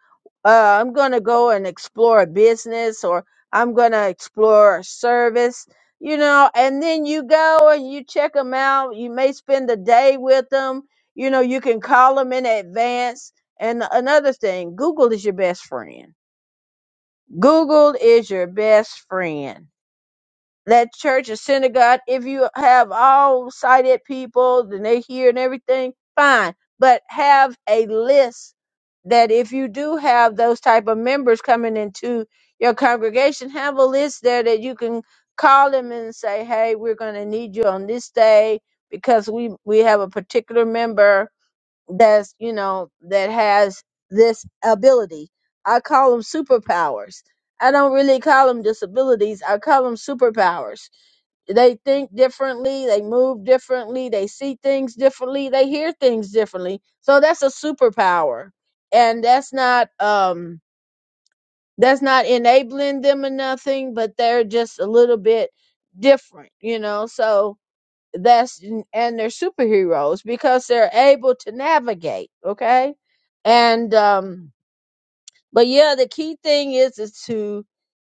S8: uh, I'm gonna go and explore a business, or I'm gonna explore a service, you know, and then you go and you check them out. You may spend a day with them. You know, you can call them in advance. And another thing, Google is your best friend. Google is your best friend that church or synagogue, if you have all sighted people and they hear and everything, fine. But have a list that if you do have those type of members coming into your congregation, have a list there that you can call them and say, Hey, we're gonna need you on this day because we we have a particular member that's you know that has this ability. I call them superpowers. I don't really call them disabilities. I call them superpowers they think differently, they move differently, they see things differently, they hear things differently. So that's a superpower. And that's not um that's not enabling them or nothing, but they're just a little bit different, you know. So that's and they're superheroes because they're able to navigate, okay? And um but yeah, the key thing is is to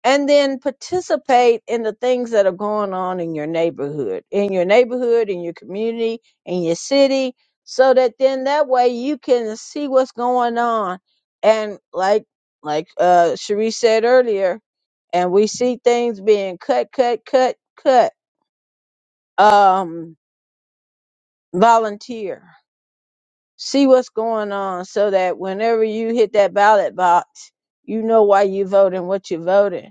S8: and then participate in the things that are going on in your neighborhood, in your neighborhood, in your community, in your city, so that then that way you can see what's going on. And like like uh Cherie said earlier, and we see things being cut, cut, cut, cut. Um, volunteer. See what's going on so that whenever you hit that ballot box, you know why you vote and what you're voting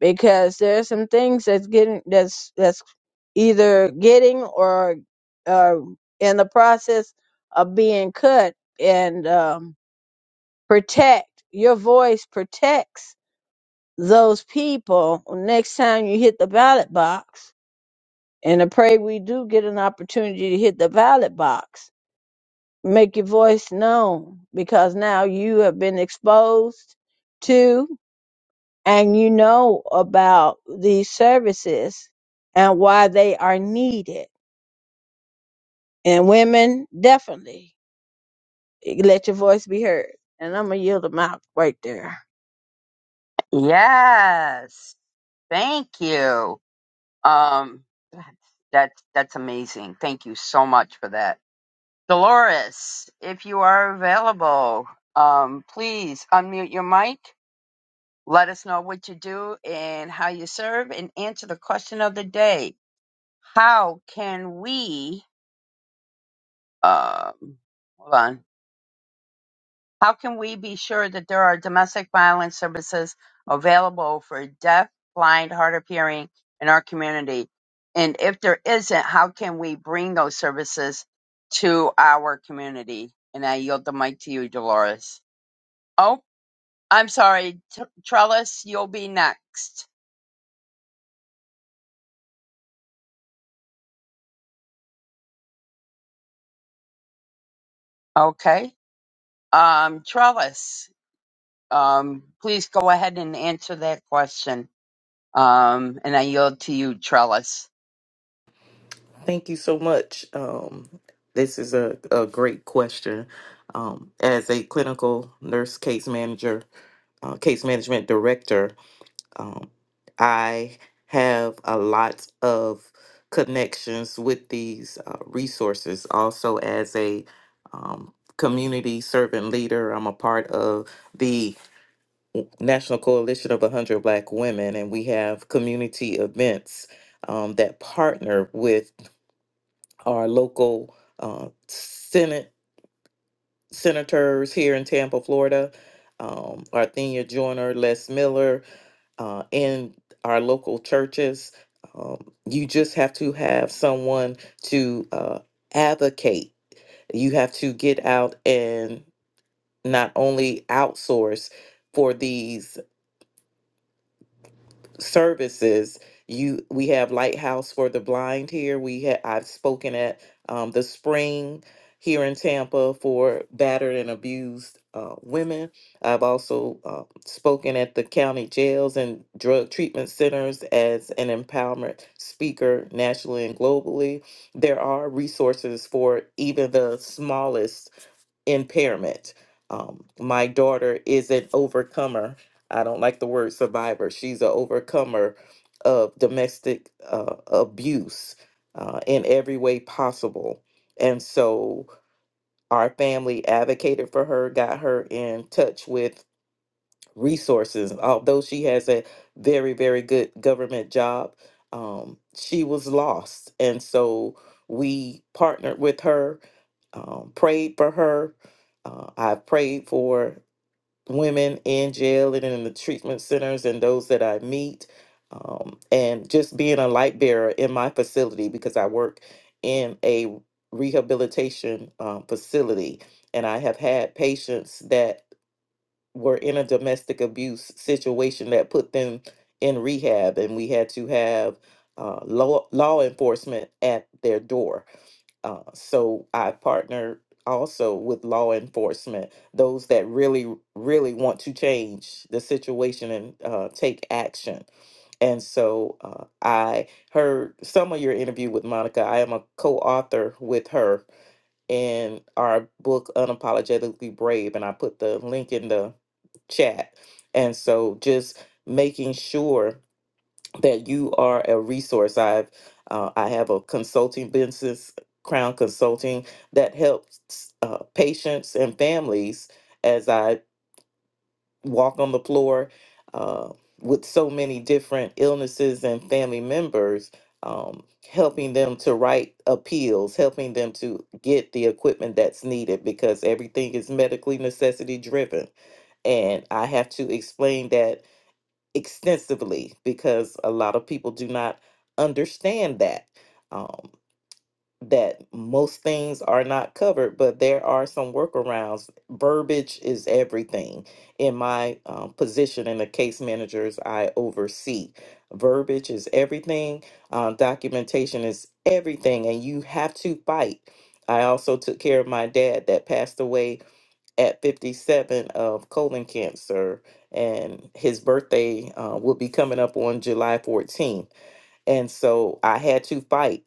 S8: because there are some things that's getting that's that's either getting or uh, in the process of being cut and um, protect your voice protects those people next time you hit the ballot box and i pray we do get an opportunity to hit the ballot box make your voice known because now you have been exposed to. and you know about these services and why they are needed. And women, definitely let your voice be heard. And I'm going to yield them out right there.
S2: Yes, thank you. Um, that's that's amazing. Thank you so much for that. Dolores, if you are available, um, please unmute your mic. Let us know what you do and how you serve, and answer the question of the day: How can we? Um, hold on. How can we be sure that there are domestic violence services available for deaf, blind, hard of hearing in our community? And if there isn't, how can we bring those services to our community? And I yield the mic to you, Dolores. Oh, I'm sorry. T- Trellis, you'll be next. Okay. Um, Trellis, um, please go ahead and answer that question. Um, and I yield to you, Trellis.
S6: thank you so much. Um, this is a, a great question. Um, as a clinical nurse case manager, uh, case management director, um, I have a lot of connections with these uh, resources. Also, as a um, community servant leader, I'm a part of the National Coalition of 100 Black Women, and we have community events um, that partner with our local uh, Senate senators here in Tampa, Florida, um, Arthenia Joyner, Les Miller, uh, and our local churches. Um, you just have to have someone to uh, advocate. You have to get out and not only outsource for these services you we have lighthouse for the blind here we ha- i've spoken at um, the spring here in tampa for battered and abused uh, women i've also uh, spoken at the county jails and drug treatment centers as an empowerment speaker nationally and globally there are resources for even the smallest impairment. Um, my daughter is an overcomer. I don't like the word survivor. She's an overcomer of domestic uh, abuse uh, in every way possible. And so our family advocated for her, got her in touch with resources. Although she has a very, very good government job, um, she was lost. And so we partnered with her, um, prayed for her. Uh, I've prayed for women in jail and in the treatment centers and those that I meet. Um, and just being a light bearer in my facility because I work in a rehabilitation um, facility. And I have had patients that were in a domestic abuse situation that put them in rehab, and we had to have uh, law law enforcement at their door. Uh, so I partnered also with law enforcement, those that really, really want to change the situation and uh, take action. And so uh, I heard some of your interview with Monica. I am a co author with her and our book unapologetically brave and i put the link in the chat and so just making sure that you are a resource i've uh, i have a consulting business crown consulting that helps uh, patients and families As I walk on the floor uh, with so many different illnesses and family members, um, helping them to write appeals, helping them to get the equipment that's needed because everything is medically necessity driven. And I have to explain that extensively because a lot of people do not understand that. Um, that most things are not covered, but there are some workarounds. Verbiage is everything. In my um, position in the case managers I oversee, verbiage is everything, um, documentation is everything, and you have to fight. I also took care of my dad that passed away at 57 of colon cancer, and his birthday uh, will be coming up on July 14th. And so I had to fight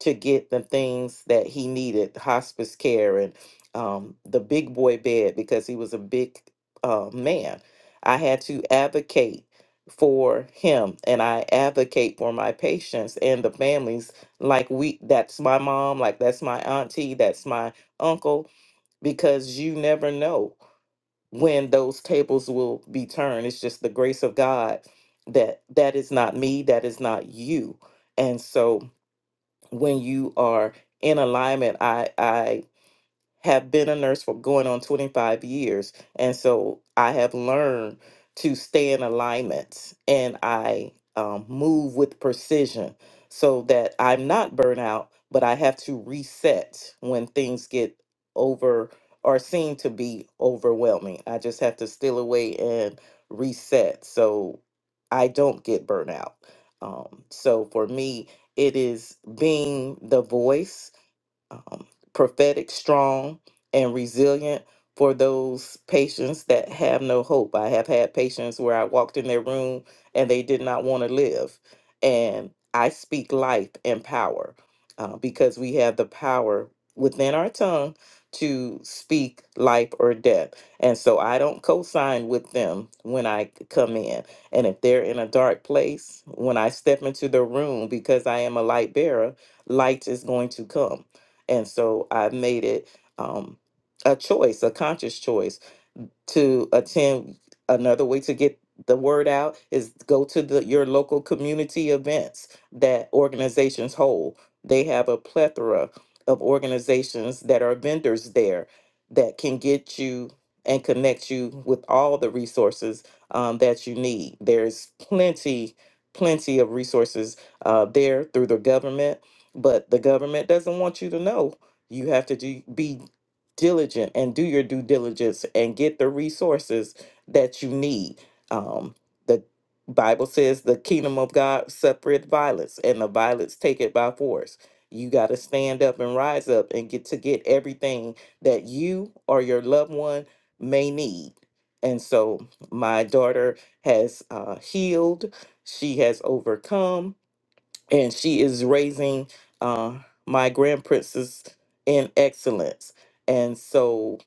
S6: to get the things that he needed hospice care and um, the big boy bed because he was a big uh, man. I had to advocate for him and I advocate for my patients and the families like we that's my mom like that's my auntie that's my uncle because you never know when those tables will be turned it's just the grace of God that that is not me that is not you and so when you are in alignment i i have been a nurse for going on 25 years. And so I have learned to stay in alignments and I um, move with precision so that I'm not burnt out, but I have to reset when things get over or seem to be overwhelming. I just have to steal away and reset so I don't get burnt out. Um, so for me, it is being the voice um, prophetic, strong, and resilient for those patients that have no hope. I have had patients where I walked in their room and they did not want to live. And I speak life and power uh, because we have the power within our tongue to speak life or death. And so I don't co sign with them when I come in. And if they're in a dark place, when I step into the room because I am a light bearer, light is going to come and so I made it um, a choice, a conscious choice to attend another way to get the word out is go to the your local community events that organizations hold they have a plethora of organizations that are vendors there that can get you and connect you with all the resources um, that you need there's plenty plenty of resources uh, there through the government but the government doesn't want you to know you have to do, be diligent and do your due diligence and get the resources that you need. Um, the Bible says the kingdom of God separate violence, and the violence take it by force. You got to stand up and rise up and get to get everything that you or your loved one may need. And so my daughter has uh, healed. She has overcome and she is raising uh, my grand princess in excellence. And so,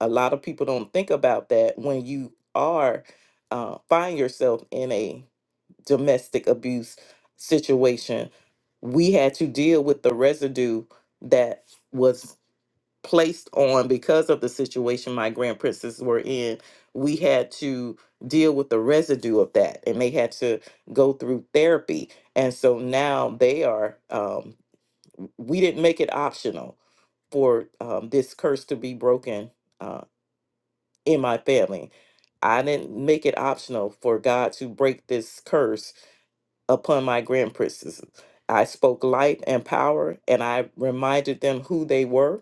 S6: a lot of people don't think about that when you are uh, find yourself in a domestic abuse situation. We had to deal with the residue that was placed on because of the situation my grand princes were in we had to deal with the residue of that and they had to go through therapy and so now they are um, we didn't make it optional for um, this curse to be broken uh, in my family i didn't make it optional for god to break this curse upon my grand princes i spoke life and power and i reminded them who they were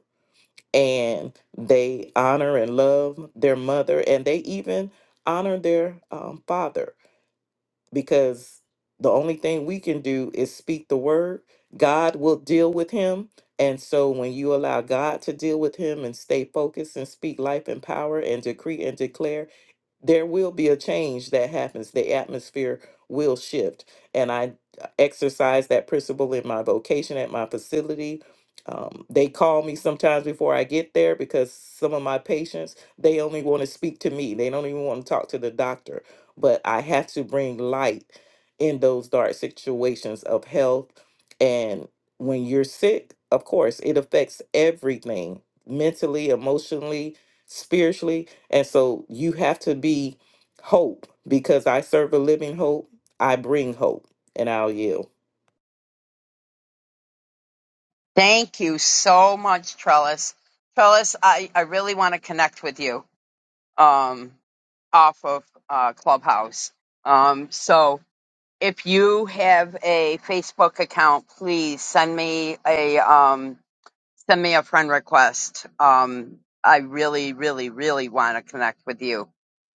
S6: and they honor and love their mother and they even honor their um, father because the only thing we can do is speak the word god will deal with him and so when you allow god to deal with him and stay focused and speak life and power and decree and declare there will be a change that happens. The atmosphere will shift. And I exercise that principle in my vocation at my facility. Um, they call me sometimes before I get there because some of my patients, they only want to speak to me. They don't even want to talk to the doctor. But I have to bring light in those dark situations of health. And when you're sick, of course, it affects everything mentally, emotionally, spiritually and so you have to be hope because I serve a living hope. I bring hope and I'll yield.
S2: Thank you so much, Trellis. Trellis, I, I really want to connect with you um, off of uh, Clubhouse. Um, so if you have a Facebook account, please send me a um, send me a friend request. Um, I really, really, really want to connect with you.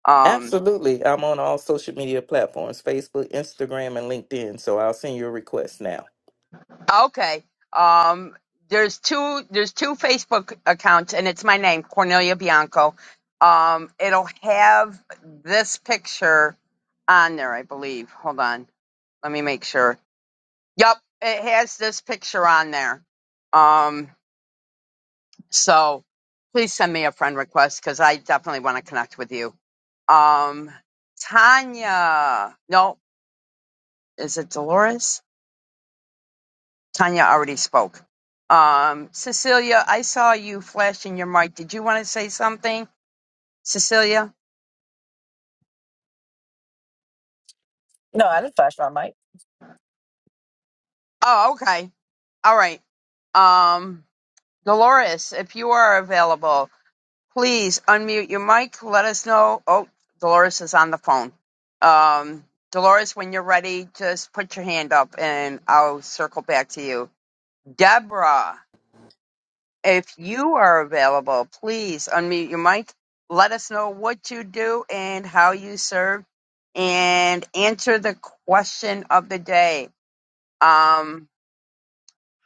S2: Um,
S6: Absolutely. I'm on all social media platforms Facebook, Instagram, and LinkedIn. So I'll send you a request now.
S2: okay. Um, there's two. There's two Facebook accounts, and it's my name, Cornelia Bianco. Um, it'll have this picture on there, I believe. Hold on, let me make sure. Yep, it has this picture on there. Um, So please send me a friend request because I definitely want to connect with you. Um, Tanya, no, is it Dolores? Tanya already spoke. Um, Cecilia, I saw you flashing your mic. Did you want to say something, Cecilia?
S9: No, I didn't flash my mic.
S2: Oh, okay. All right. Um, Dolores, if you are available, Please unmute your mic. Let us know. Oh, Dolores is on the phone. Um, Dolores, when you're ready, just put your hand up and I'll circle back to you. Deborah, if you are available, please unmute your mic. Let us know what you do and how you serve and answer the question of the day. Um,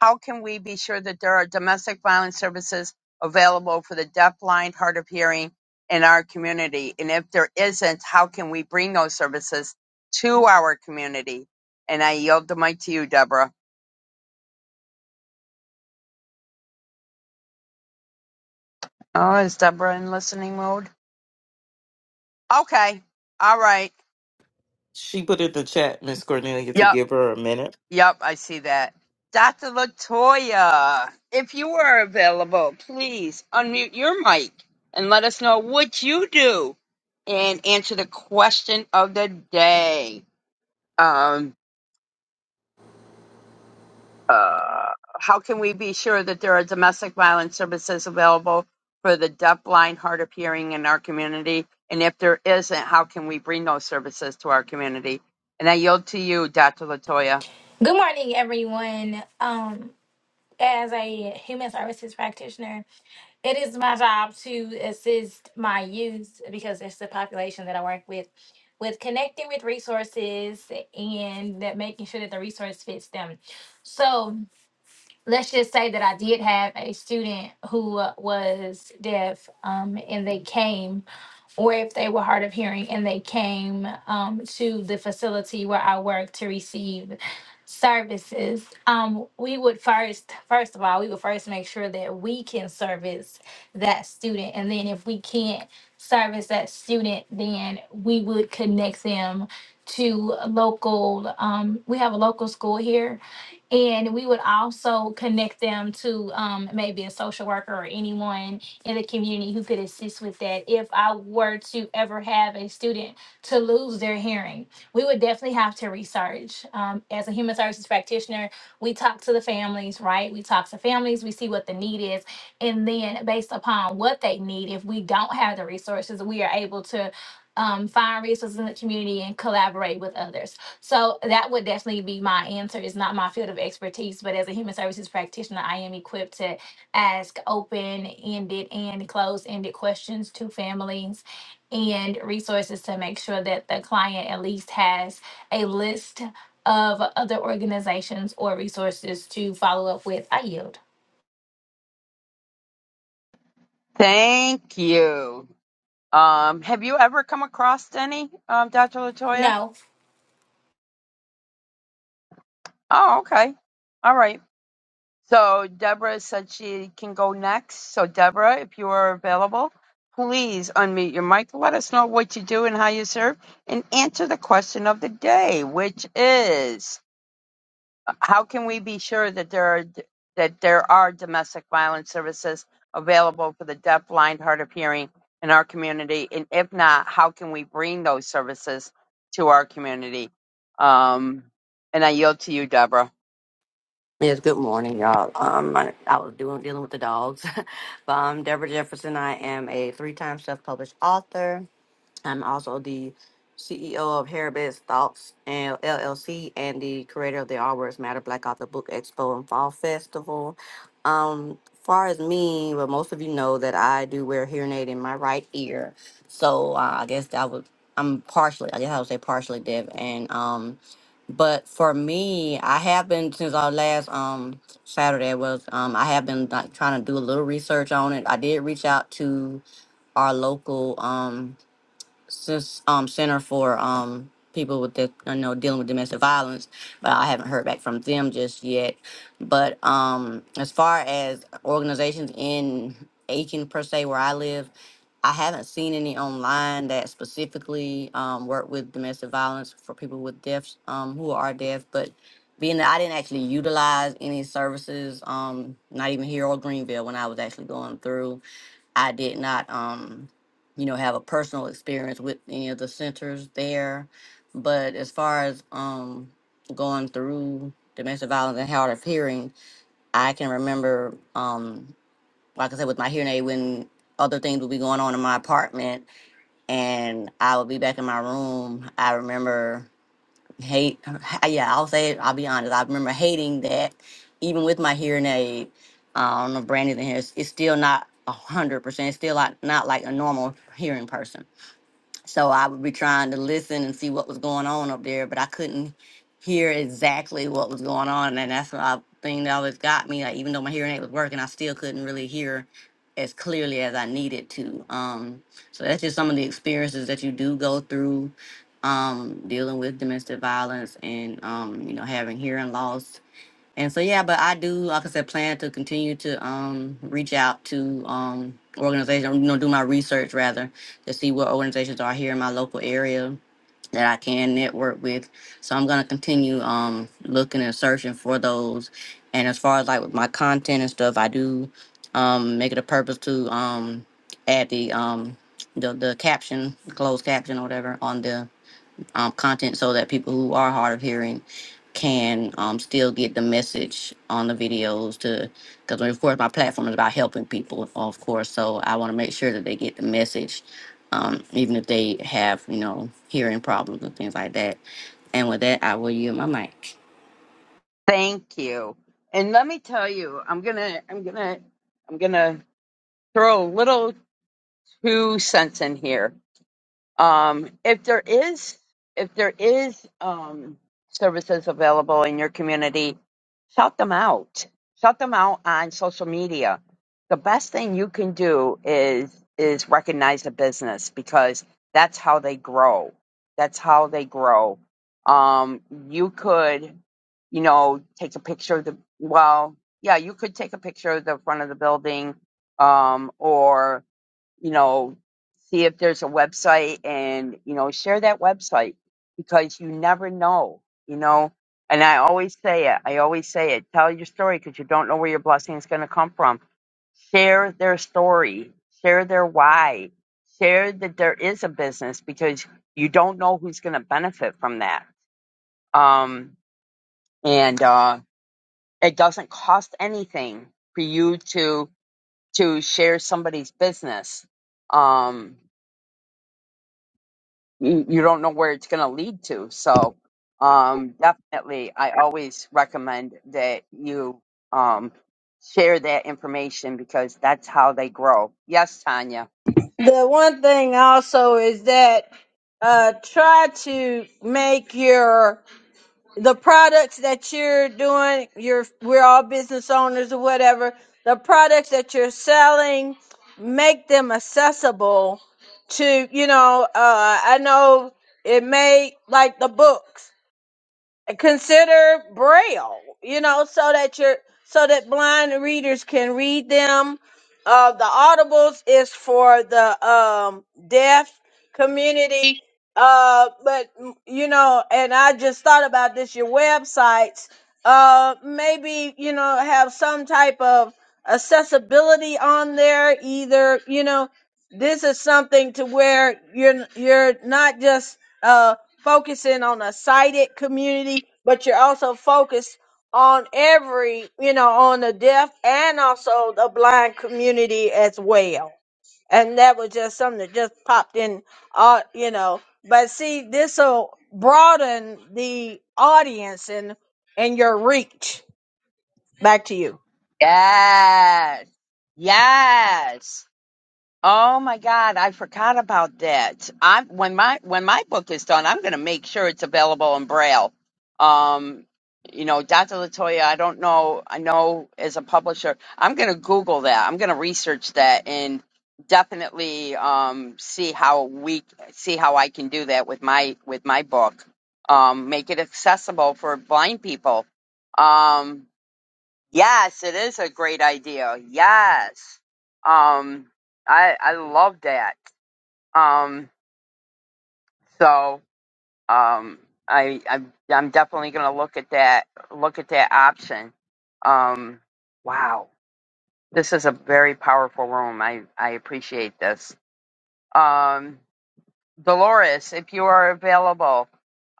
S2: how can we be sure that there are domestic violence services available for the deaf, blind, hard of hearing in our community? And if there isn't, how can we bring those services to our community? And I yield the mic to you, Deborah. Oh, is Deborah in listening mode? Okay. All right.
S6: She put in the chat, Miss Cornelia, to
S2: Yep.
S6: give her a minute.
S2: Yep, I see that. Dr. Latoya, if you are available, please unmute your mic and let us know what you do and answer the question of the day. Um, uh, how can we be sure that there are domestic violence services available for the deaf, blind, hard of hearing in our community? And if there isn't, how can we bring those services to our community? And I yield to you, Dr. Latoya.
S10: Good morning, everyone. Um, as a human services practitioner, it is my job to assist my youth because it's the population that I work with, with connecting with resources and that making sure that the resource fits them. So let's just say that I did have a student who was deaf, um, and they came or if they were hard of hearing and they came um, to the facility where I work to receive services, um, we would first, first of all, we would first make sure that we can service that student. And then if we can't service that student, then we would connect them to a local, um, we have a local school here. And we would also connect them to um, maybe a social worker or anyone in the community who could assist with that if I were to ever have a student to lose their hearing. We would definitely have to research. Um, as a human services practitioner, we talk to the families, right? We talk to families, we see what the need is. And then, based upon what they need, if we don't have the resources, we are able to. Um, find resources in the community and collaborate with others. So that would definitely be my answer. It's not my field of expertise, but as a human services practitioner, I am equipped to ask open ended and closed ended questions to families and resources to make sure that the client at least has a list of other organizations or resources to follow up with. I yield.
S2: Thank you. Um, have you ever come across any, um, Dr. Latoya?
S10: No.
S2: Oh, okay. All right. So Deborah said she can go next. So Deborah, if you are available, please unmute your mic. Let us know what you do and how you serve, and answer the question of the day, which is. how can we be sure that there are that there are domestic violence services available for the deaf, blind, hard of hearing in our community? And if not, how can we bring those services to our community? Um, and I yield to you, Deborah.
S11: Yes, good morning, y'all. Um, I, I was doing dealing with the dogs. but I'm Deborah Jefferson. I am a three-time self-published author. I'm also the CEO of Harabed's Thoughts and LLC and the creator of the All Words Matter Black Author Book Expo and Fall Festival. Um, far as me, well, most of you know that I do wear a hearing aid in my right ear. So uh, I guess that would I'm partially, I guess I would say partially deaf, and um, but for me, I have been since our last um Saturday was um I have been like, trying to do a little research on it. I did reach out to our local um since um center for um people with the you know dealing with domestic violence but i haven't heard back from them just yet but um as far as organizations in aiken per se where i live i haven't seen any online that specifically um work with domestic violence for people with deafs um who are deaf but being that i didn't actually utilize any services um not even here or greenville when i was actually going through I did not, um, you know, have a personal experience with any of the centers there. But as far as um, going through domestic violence and hard of hearing, I can remember, um, like I said, with my hearing aid, when other things would be going on in my apartment and I would be back in my room. I remember hate yeah i'll say it i'll be honest i remember hating that even with my hearing aid i don't know brandon in here it's, it's still not a hundred percent it's still not not like a normal hearing person so I would be trying to listen and see what was going on up there, but I couldn't hear exactly what was going on. And that's the thing that always got me. Like, even though my hearing aid was working, I still couldn't really hear as clearly as I needed to. Um, so that's just some of the experiences that you do go through um, dealing with domestic violence and, um, you know, having hearing loss and so yeah, but I do, like I said, plan to continue to um reach out to um organizations, you know, do my research rather to see what organizations are here in my local area that I can network with. So I'm gonna continue um looking and searching for those. And as far as like with my content and stuff, I do um make it a purpose to um add the um the, the caption, closed caption or whatever on the um, content so that people who are hard of hearing can um, still get the message on the videos to because of course my platform is about helping people of course so i want to make sure that they get the message um, even if they have you know hearing problems and things like that and with that i will yield my mic
S2: Thank you. And let me tell you, I'm gonna, I'm gonna, I'm gonna throw a little two cents in here Um, if there is, if there is um, services available in your community, shout them out. Shout them out on social media. The best thing you can do is is recognize a business because that's how they grow. That's how they grow. Um, you could, you know, take a picture of the well, yeah, you could take a picture of the front of the building, um, or you know, see if there's a website and, you know, share that website because you never know, you know. And I always say it, I always say it, tell your story because you don't know where your blessing is going to come from. Share their story, share their why, share that there is a business because you don't know who's going to benefit from that. Um, and uh, it doesn't cost anything for you to to share somebody's business. Um, you you don't know where it's going to lead to. So, um, definitely, I always recommend that you um, share that information because that's how they grow. Yes, Tanya.
S8: The one thing also is that uh, try to make your the products that you're doing you're we're all business owners or whatever the products that you're selling make them accessible to you know uh i know it may like the books consider braille you know so that you're so that blind readers can read them uh the audibles is for the um deaf community uh but mm, you know and i just thought about this your websites uh maybe you know have some type of accessibility on there either you know this is something to where you're you're not just uh focusing on a sighted community, but you're also focused on every, you know, on the deaf and also the blind community as well. And that was just something that just popped in, uh, you know. But see, this will broaden the audience and and your reach. Back to you.
S2: Yes. Yes. Oh my God, I forgot about that. I when my when my book is done, I'm going to make sure it's available in Braille. Um, you know, Dr. Latoya, I don't know. I know as a publisher, I'm going to Google that. I'm going to research that and definitely um, see how we see how I can do that with my with my book. Um, make it accessible for blind people. Um, Yes, it is a great idea. Yes. Um I I love that. Um so um I I'm I'm definitely going to look at that look at that option. Um wow. This is a very powerful room. I I appreciate this. Um Dolores, if you are available,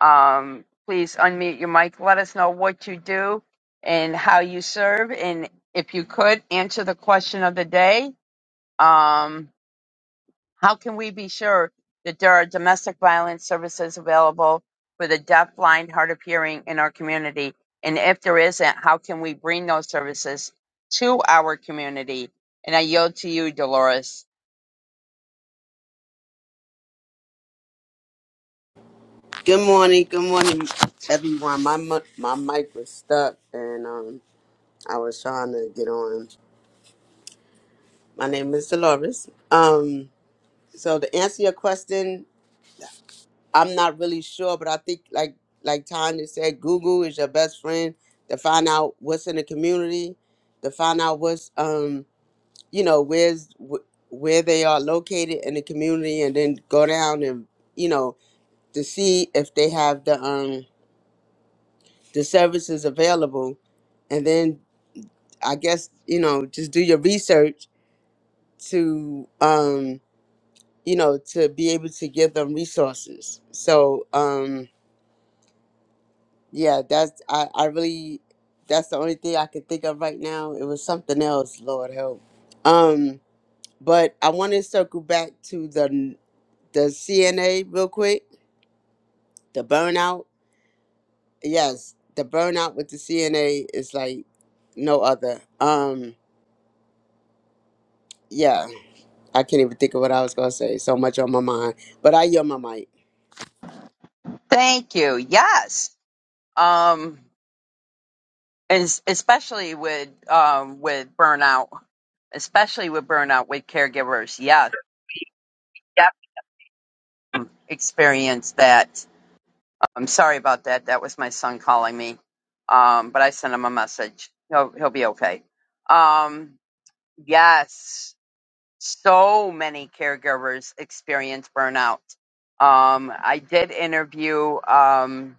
S2: um please unmute your mic. Let us know what you do and how you serve and if you could answer the question of the day um, how can we be sure that there are domestic violence services available for the deaf, blind, hard of hearing in our community? And if there isn't, how can we bring those services to our community? And I yield to you, Dolores.
S12: Good morning, good morning, everyone. My mu- my mic was stuck, and um, I was trying to get on. My name is Dolores. Um, so to answer your question, I'm not really sure, but I think like like Tanya said, Google is your best friend to find out what's in the community, to find out what's um you know where's wh- where they are located in the community, and then go down and you know to see if they have the um the services available and then i guess you know just do your research to um you know to be able to give them resources so um yeah that's i i really that's the only thing i can think of right now it was something else lord help um but i want to circle back to the the cna real quick the burnout yes the burnout with the cna is like no other um yeah, I can't even think of what I was gonna say. So much on my mind. But I yield my mic.
S2: Thank you. Yes. Um, and s- especially with um, with burnout, especially with burnout with caregivers. Yes, yep. experience that. I'm sorry about that. That was my son calling me. Um, but I sent him a message. He'll he'll be okay. Um, yes, so many caregivers experience burnout. Um, I did interview um,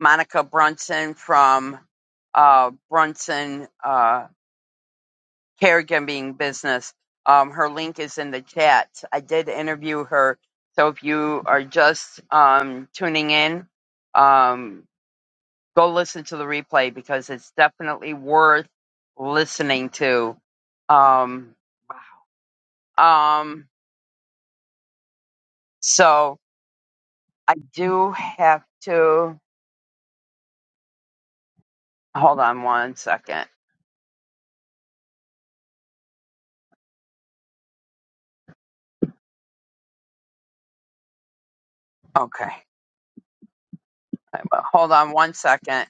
S2: Monica Brunson from uh, Brunson uh, Caregiving Business. Um, her link is in the chat. I did interview her. So if you are just um, tuning in, um, go listen to the replay because it's definitely worth listening to. Um, um, so I do have to hold on one second. Okay. Hold on one second.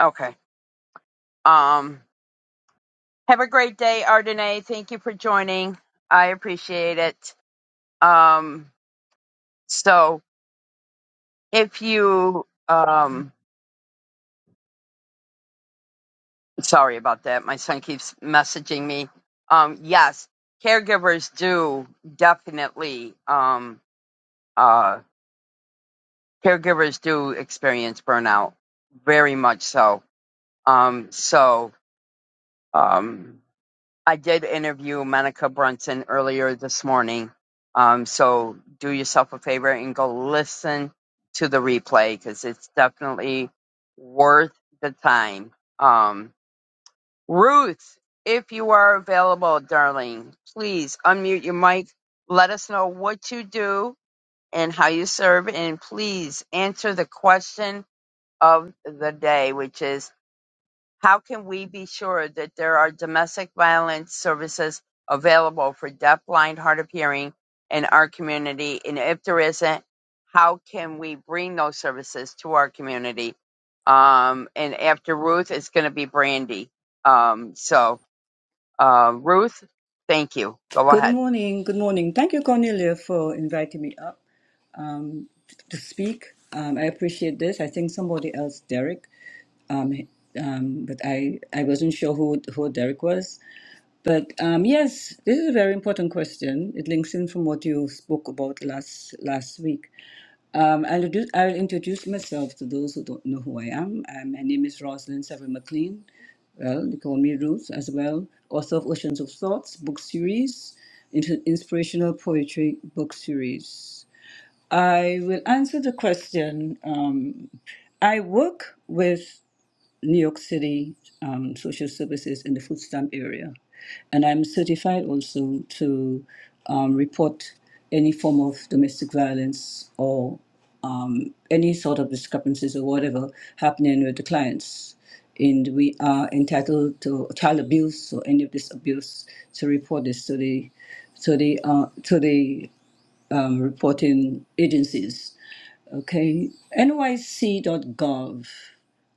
S2: Okay. Um, have a great day, Ardenae. Thank you for joining. I appreciate it. Um, so if you, um, Sorry about that. My son keeps messaging me. Um, yes, caregivers do definitely. Um, uh, caregivers do experience burnout, very much so. Um, so um, I did interview Monica Brunson earlier this morning. Um, so do yourself a favor and go listen to the replay because it's definitely worth the time. Um, Ruth, if you are available, darling, please unmute your mic. Let us know what you do and how you serve, and please answer the question of the day, which is how can we be sure that there are domestic violence services available for deaf, blind, hard of hearing in our community? And if there isn't, how can we bring those services to our community? Um, and after Ruth, it's going to be Brandy. Um, so uh, Ruth, thank you. Go
S13: Good
S2: ahead.
S13: morning. Good morning. Thank you, Cornelia, for inviting me up um, to speak. Um, I appreciate this. I think somebody else, Derek, um, um, but I, I wasn't sure who, who Derek was. But um, yes, this is a very important question. It links in from what you spoke about last last week. Um, I'll, do, I'll introduce myself to those who don't know who I am. Um, my name is Rosalind Severin McLean. Well, they call me Ruth as well. Author of Oceans of Thoughts book series, inter- inspirational poetry book series. I will answer the question. Um, I work with New York City um, social services in the food stamp area, and I'm certified also to um, report any form of domestic violence or um, any sort of discrepancies or whatever happening with the clients. And we are entitled to child abuse or any of this abuse to report this to the to the uh, to the um, reporting agencies. Okay, nyc.gov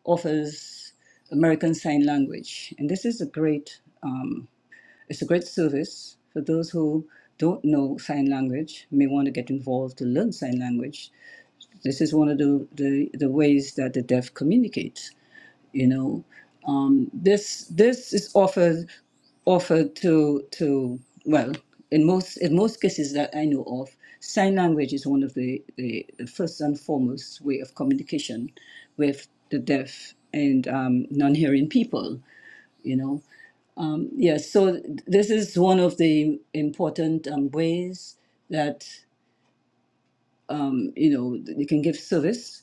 S13: offers American Sign Language, and this is a great um, it's a great service for those who don't know sign language may want to get involved to learn sign language. This is one of the the, the ways that the deaf communicate you know um, this this is offered offered to to well in most in most cases that I know of sign language is one of the, the first and foremost way of communication with the deaf and um, non-hearing people you know um, yes so this is one of the important um, ways that um, you know you can give service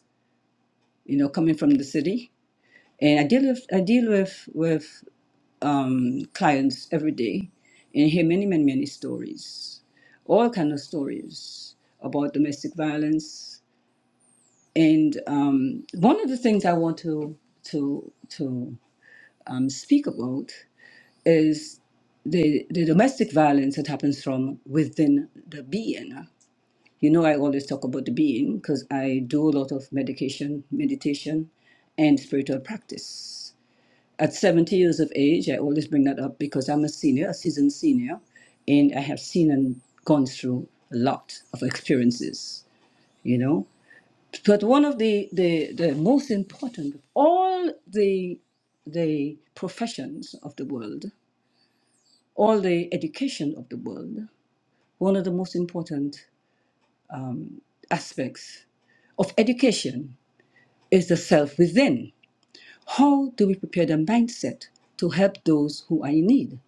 S13: you know coming from the city and I deal with I deal with with um, clients every day and hear many, many, many stories, all kind of stories about domestic violence. And um, one of the things I want to to to um, speak about is the the domestic violence that happens from within the being. You know, I always talk about the being because I do a lot of medication, meditation, and spiritual practice. At 70 years of age, I always bring that up because I'm a senior, a seasoned senior, and I have seen and gone through a lot of experiences, you know. But one of the, the, the most important of all the, the professions of the world, all the education of the world, one of the most important aspects of education is the self within. How do we prepare the mindset to help those who are in need?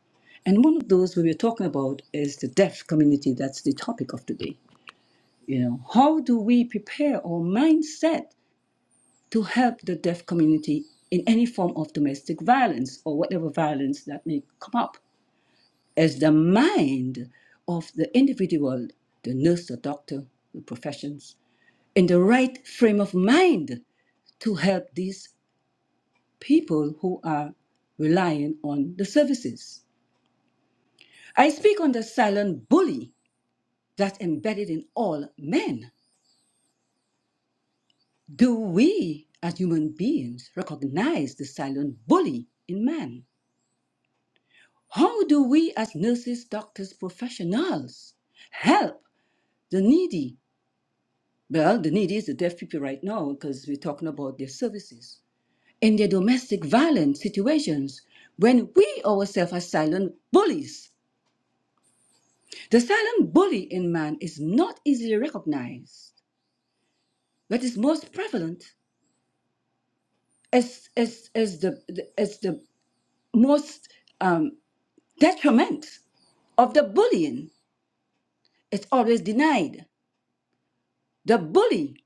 S13: And one of those we were talking about is the deaf community. That's the topic of today. You know, how do we prepare our mindset to help the deaf community in any form of domestic violence or whatever violence that may come up? As the mind of the individual, the nurse, the doctor, the professions, in the right frame of mind to help these people who are relying on the services. I speak on the silent bully that's embedded in all men. Do we, as human beings, recognize the silent bully in man? How do we, as nurses, doctors, professionals, help the needy? Well, the needy is the deaf people right now because we're talking about their services. In their domestic violence situations, when we ourselves are silent bullies The silent bully in man is not easily recognized, but is most prevalent as, as, as, the, as the most um, detriment of the bullying. It's always denied. The bully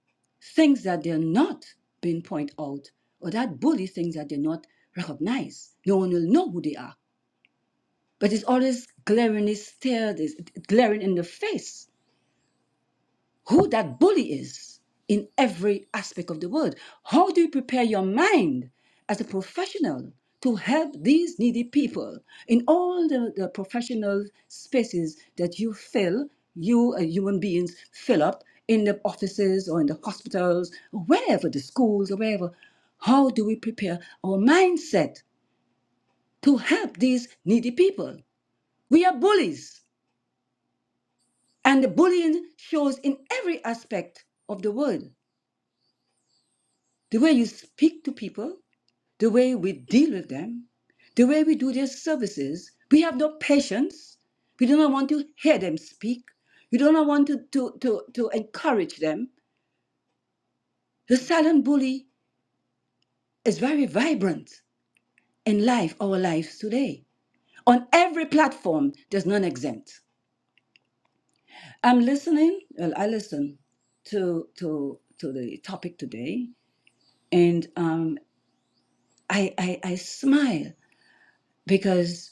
S13: thinks that they're not being pointed out, or that bully thinks that they're not recognized. No one will know who they are. But it's always glaringly stared, it's glaring in the face. who that bully is in every aspect of the world. How do you prepare your mind as a professional to help these needy people in all the, the professional spaces that you fill, you uh, human beings fill up in the offices or in the hospitals, or wherever, the schools or wherever? How do we prepare our mindset to help these needy people? We are bullies, and the bullying shows in every aspect of the world. the way you speak to people, the way we deal with them, the way we do their services. We have no patience. We do not want to hear them speak. We do not want to, to, to, to encourage them. The silent bully is very vibrant in life, our lives today. On every platform, there's none exempt. I'm listening, well, I listen to, to, to the topic today, and um, I, I, I smile because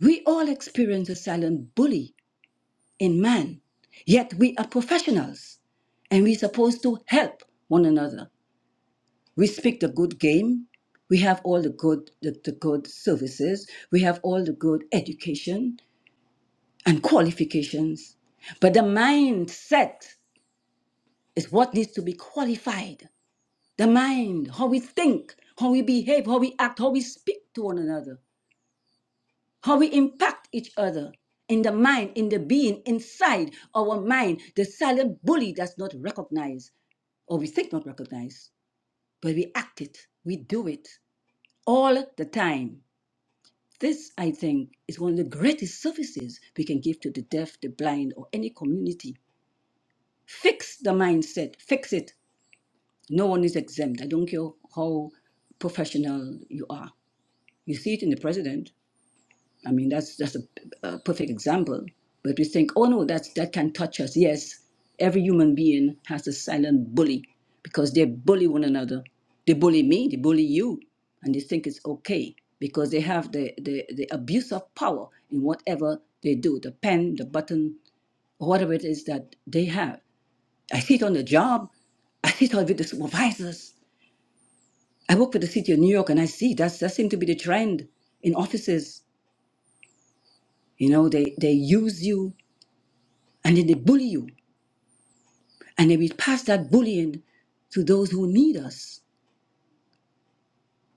S13: we all experience a silent bully in man, yet we are professionals and we're supposed to help one another. We speak the good game. We have all the good, the, the good services. We have all the good education and qualifications. But the mindset is what needs to be qualified. The mind, how we think, how we behave, how we act, how we speak to one another. how we impact each other in the mind, in the being, inside our mind, the silent bully that's not recognized, or we think not recognized, but we act it, we do it all the time. This, I think, is one of the greatest services we can give to the deaf, the blind, or any community. Fix the mindset, fix it. No one is exempt. I don't care how professional you are. You see it in the president. I mean, that's just a, a perfect example. But we think, oh no, that's that can touch us. Yes, every human being has a silent bully because they bully one another. They bully me, they bully you, and they think it's okay because they have the, the, the abuse of power in whatever they do, the pen, the button, or whatever it is that they have. I see it on the job. I see it with the supervisors. I work for the city of New York and I see that's, that seems to be the trend in offices. You know, they, they use you and then they bully you. And then we pass that bullying to those who need us,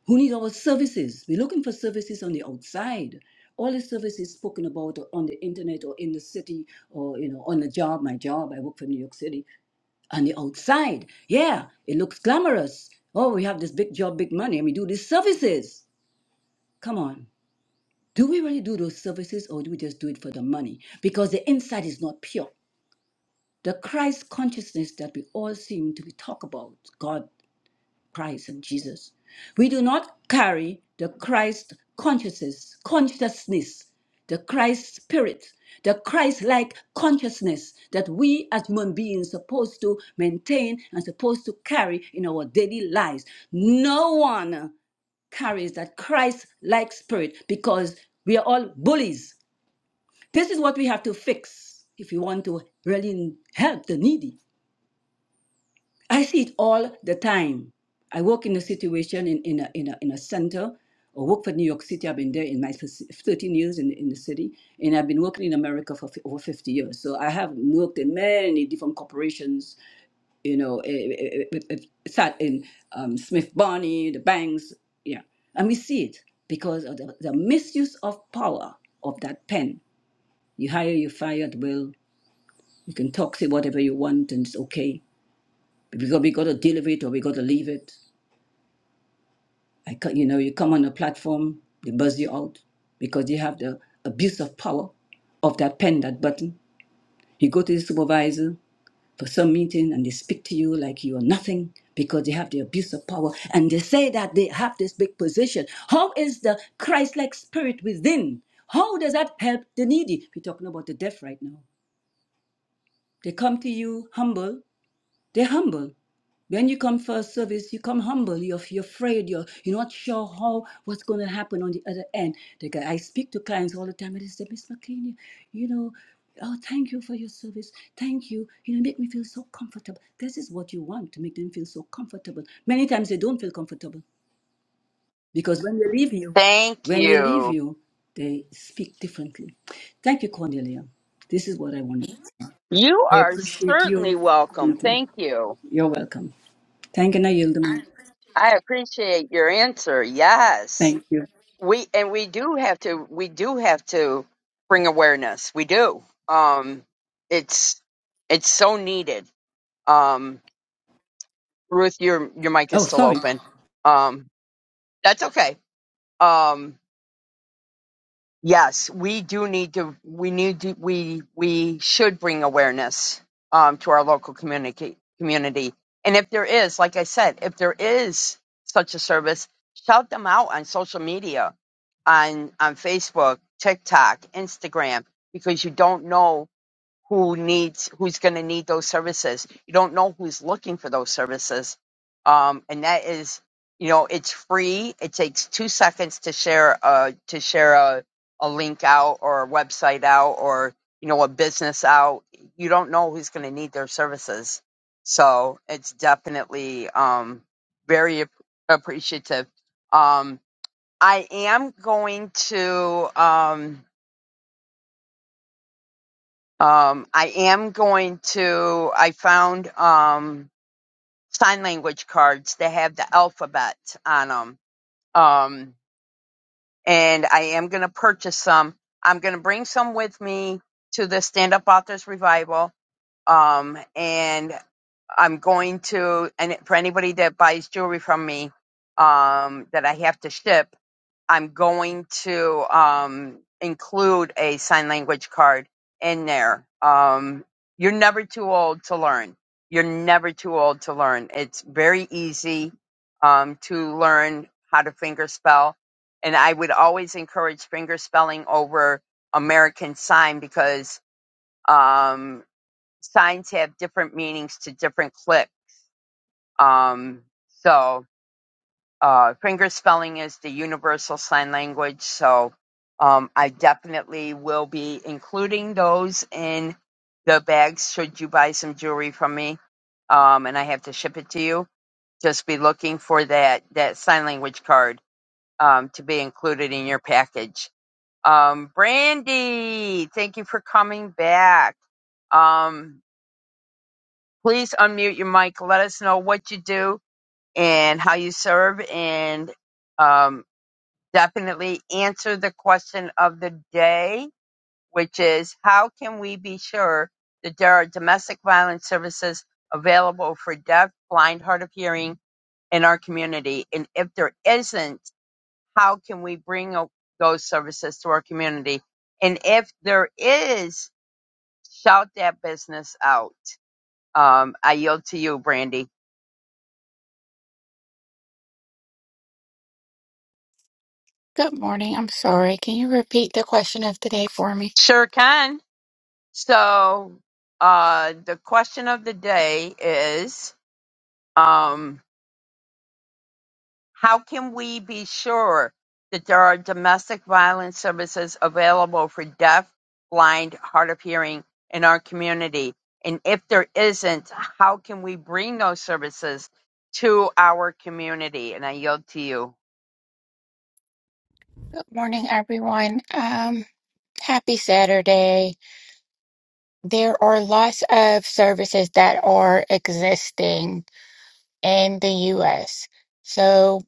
S13: who need our services. We're looking for services on the outside. All the services spoken about on the internet or in the city or you know on the job, my job, I work for New York City, on the outside. Yeah, it looks glamorous. Oh, we have this big job, big money, and we do these services. Come on. Do we really do those services or do we just do it for the money? Because the inside is not pure the Christ consciousness that we all seem to be talk about. God. Christ and Jesus. We do not carry the Christ consciousness, consciousness, the Christ spirit, the Christ-like consciousness that we as human beings supposed to maintain and supposed to carry in our daily lives. No one carries that Christ-like spirit because we are all bullies. This is what we have to fix if we want to really help the needy. I see it all the time. I work in a situation in, in, a, in, a, in a center, or work for New York City. I've been there in my fis- 13 years in, in the city, and I've been working in America for fi- over 50 years. So I have worked in many different corporations, you know, eh, eh, eh, eh, eh, sat in um, Smith Barney, the banks, yeah. And we see it because of the, the misuse of power of that pen. You hire, you fire at will. You can talk, say whatever you want, and it's okay. We got, we got to deliver it or we got to leave it. I can you know, you come on a platform, they buzz you out because you have the abuse of power of that pen, that button. You go to the supervisor for some meeting and they speak to you like you are nothing because they have the abuse of power and they say that they have this big position. How is the Christ like spirit within? How does that help the needy? We're talking about the deaf right now. They come to you humble, they're humble when you come for a service, you come humble. You're, you're afraid. You're, you're not sure how what's going to happen on the other end. The guy, I speak to clients all the time, and they say, Miss McLean, you, know, oh, thank you for your service. Thank you. You know, make me feel so comfortable. This is what you want to make them feel so comfortable. Many times they don't feel comfortable because when they leave you,
S2: Thank
S13: when they leave
S2: you.
S13: you, they speak differently. Thank you, Cornelia. This is what I wanted.
S2: You
S13: I
S2: are
S13: appreciate you.
S2: certainly welcome.
S13: Thank you.
S2: Thank you.
S13: You're welcome. Thank you, I yield the mic.
S2: I appreciate your answer. Yes.
S13: Thank you.
S2: We and we do have to we do have to bring awareness. We do. Um it's it's so needed. Um Ruth, your your mic is
S13: Oh,
S2: still
S13: sorry.
S2: open. Um that's okay. Um Yes, we do need to. We need to. We we should bring awareness um, to our local community community. And if there is, like I said, if there is such a service, shout them out on social media, on on Facebook, TikTok, Instagram, because you don't know who needs who's going to need those services. You don't know who's looking for those services, um, and that is you know it's free. It takes two seconds to share a to share a, a link out or a website out or you know a business out. You don't know who's going to need their services, so it's definitely um, very ap- appreciative. Um, I am going to. Um, um, I am going to. I found um, sign language cards that have the alphabet on them, um, and I am going to purchase some. I'm going to bring some with me to the Stand Up Authors Revival, um, and I'm going to. And for anybody that buys jewelry from me um, that I have to ship. I'm going to um, include a sign language card in there. Um, you're never too old to learn. You're never too old to learn. It's very easy um, to learn how to fingerspell, And I would always encourage fingerspelling over American sign because um, signs have different meanings to different clip. Um, so uh, finger spelling is the universal sign language. So um, I definitely will be including those in the bags should you buy some jewelry from me um, and I have to ship it to you. Just be looking for that, that sign language card um, to be included in your package. Um, Brandy, thank you for coming back. Um, please unmute your mic. Let us know what you do and how you serve and um, definitely answer the question of the day, which is how can we be sure that there are domestic violence services available for deaf, blind, hard of hearing in our community? And if there isn't, how can we bring o- those services to our community? And if there is, shout that business out. Um, I yield to you, Brandy.
S14: Good morning. I'm sorry. Can you repeat the question of the day for me?
S2: Sure can. So, uh, the question of the day is, um, How can we be sure that there are domestic violence services available for deaf, blind, hard of hearing in our community? And if there isn't, how can we bring those services to our community? And I yield to you.
S14: Good morning, everyone. Um, happy Saturday. There are lots of services that are existing in the US. So,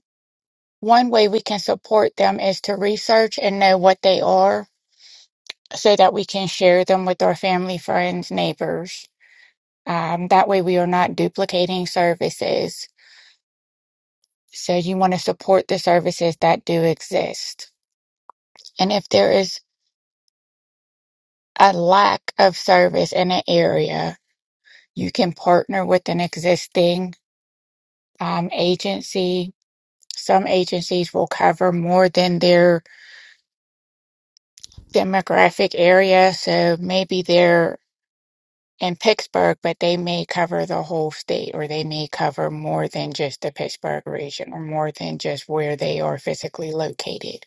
S14: one way we can support them is to research and know what they are so that we can share them with our family, friends, neighbors. Um, that way, we are not duplicating services. So, you want to support the services that do exist. And if there is a lack of service in an area, you can partner with an existing um, agency. Some agencies will cover more than their demographic area. So maybe they're in Pittsburgh, but they may cover the whole state, or they may cover more than just the Pittsburgh region, or more than just where they are physically located.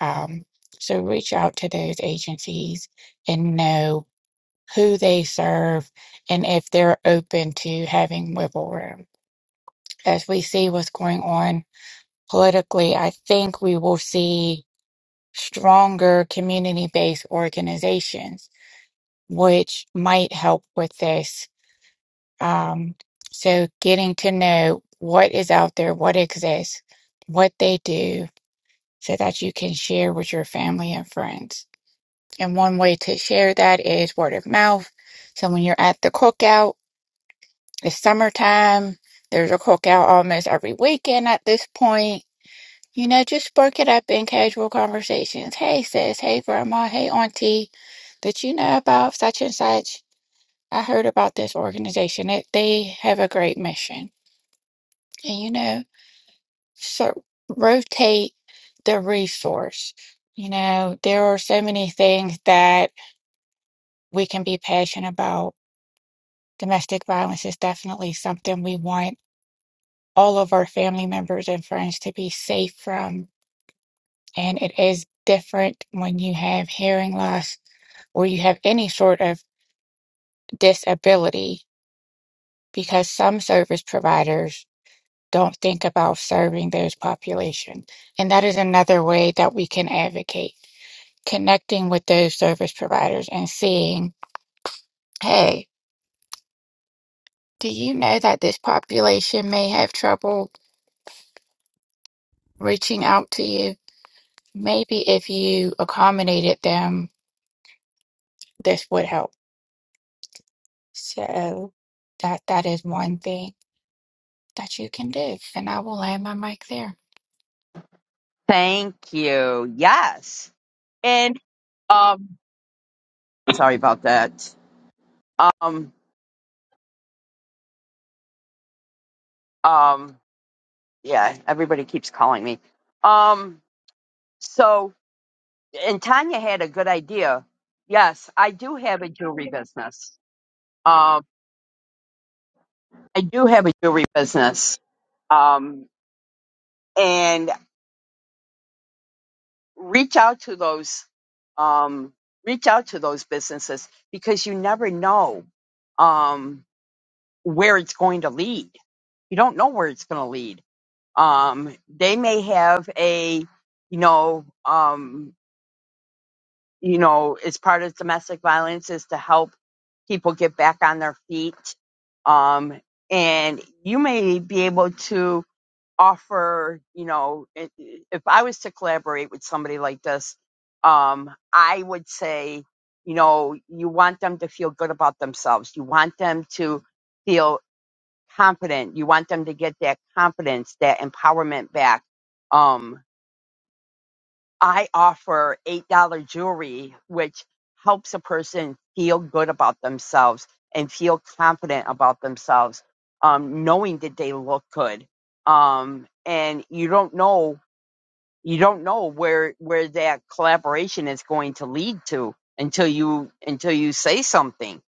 S14: Um, so reach out to those agencies and know who they serve, and if they're open to having wiggle room. As we see what's going on politically, I think we will see stronger community based organizations, which might help with this. Um, so, getting to know what is out there, what exists, what they do, so that you can share with your family and friends. And one way to share that is word of mouth. So, when you're at the cookout, It's summertime. There's a cookout almost every weekend at this point. You know, just spark it up in casual conversations. Hey, sis. Hey, grandma. Hey, auntie. Did you know about such and such? I heard about this organization. It, they have a great mission. And, you know, so rotate the resource. You know, there are so many things that we can be passionate about. Domestic violence is definitely something we want all of our family members and friends to be safe from. And it is different when you have hearing loss or you have any sort of disability because some service providers don't think about serving those populations. And that is another way that we can advocate connecting with those service providers and seeing, hey, do you know that this population may have trouble reaching out to you? Maybe if you accommodated them, this would help. So that that is one thing that you can do. And I will land my mic there.
S2: Thank you. Yes. And um sorry about that. Um um yeah, everybody keeps calling me. Um so and Tanya had a good idea. Yes, I do have a jewelry business. Um, I do have a jewelry business. Um, and reach out to those, um, reach out to those businesses because you never know, um, where it's going to lead. You don't know where it's going to lead. Um, they may have a, you know, um, you know, is part of domestic violence is to help people get back on their feet. Um, and you may be able to offer, you know, i- if I was to collaborate with somebody like this, um, I would say, you know, you want them to feel good about themselves. You want them to feel confident. You want them to get that confidence, that empowerment back. Um, I offer $8 jewelry, which helps a person feel good about themselves and feel confident about themselves, um, knowing that they look good. Um, and you don't know, you don't know where, where that collaboration is going to lead to until you, until you say something.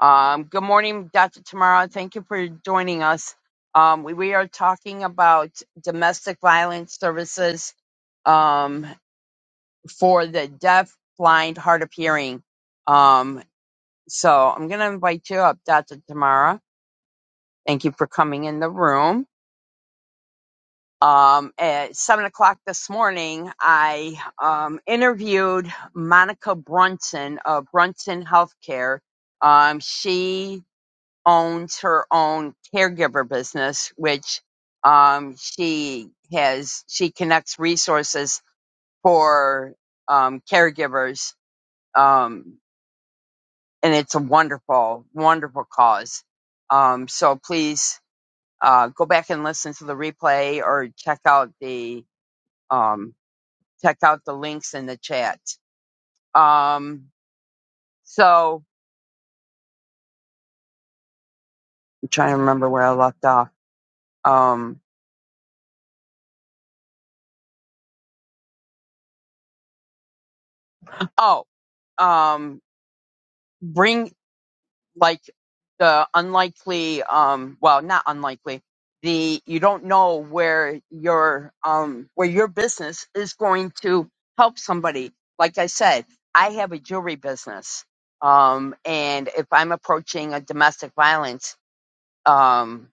S2: Um, good morning, Dr. Tamara. Thank you for joining us. Um, we, we are talking about domestic violence services Um, for the deaf, blind, hard of hearing. Um, so I'm going to invite you up, Dr. Tamara. Thank you for coming in the room. Um, at seven o'clock this morning, I um, interviewed Monica Brunson of Brunson Healthcare. Um, she owns her own caregiver business, which um, she has. She connects resources for um, caregivers. Um, and it's a wonderful, wonderful cause. Um, so please uh, go back and listen to the replay or check out the um, check out the links in the chat. Um, so I'm trying to remember where I left off. Um, oh, um, bring like the unlikely um well not unlikely the you don't know where your um where your business is going to help somebody like i said i have a jewelry business um and if i'm approaching a domestic violence um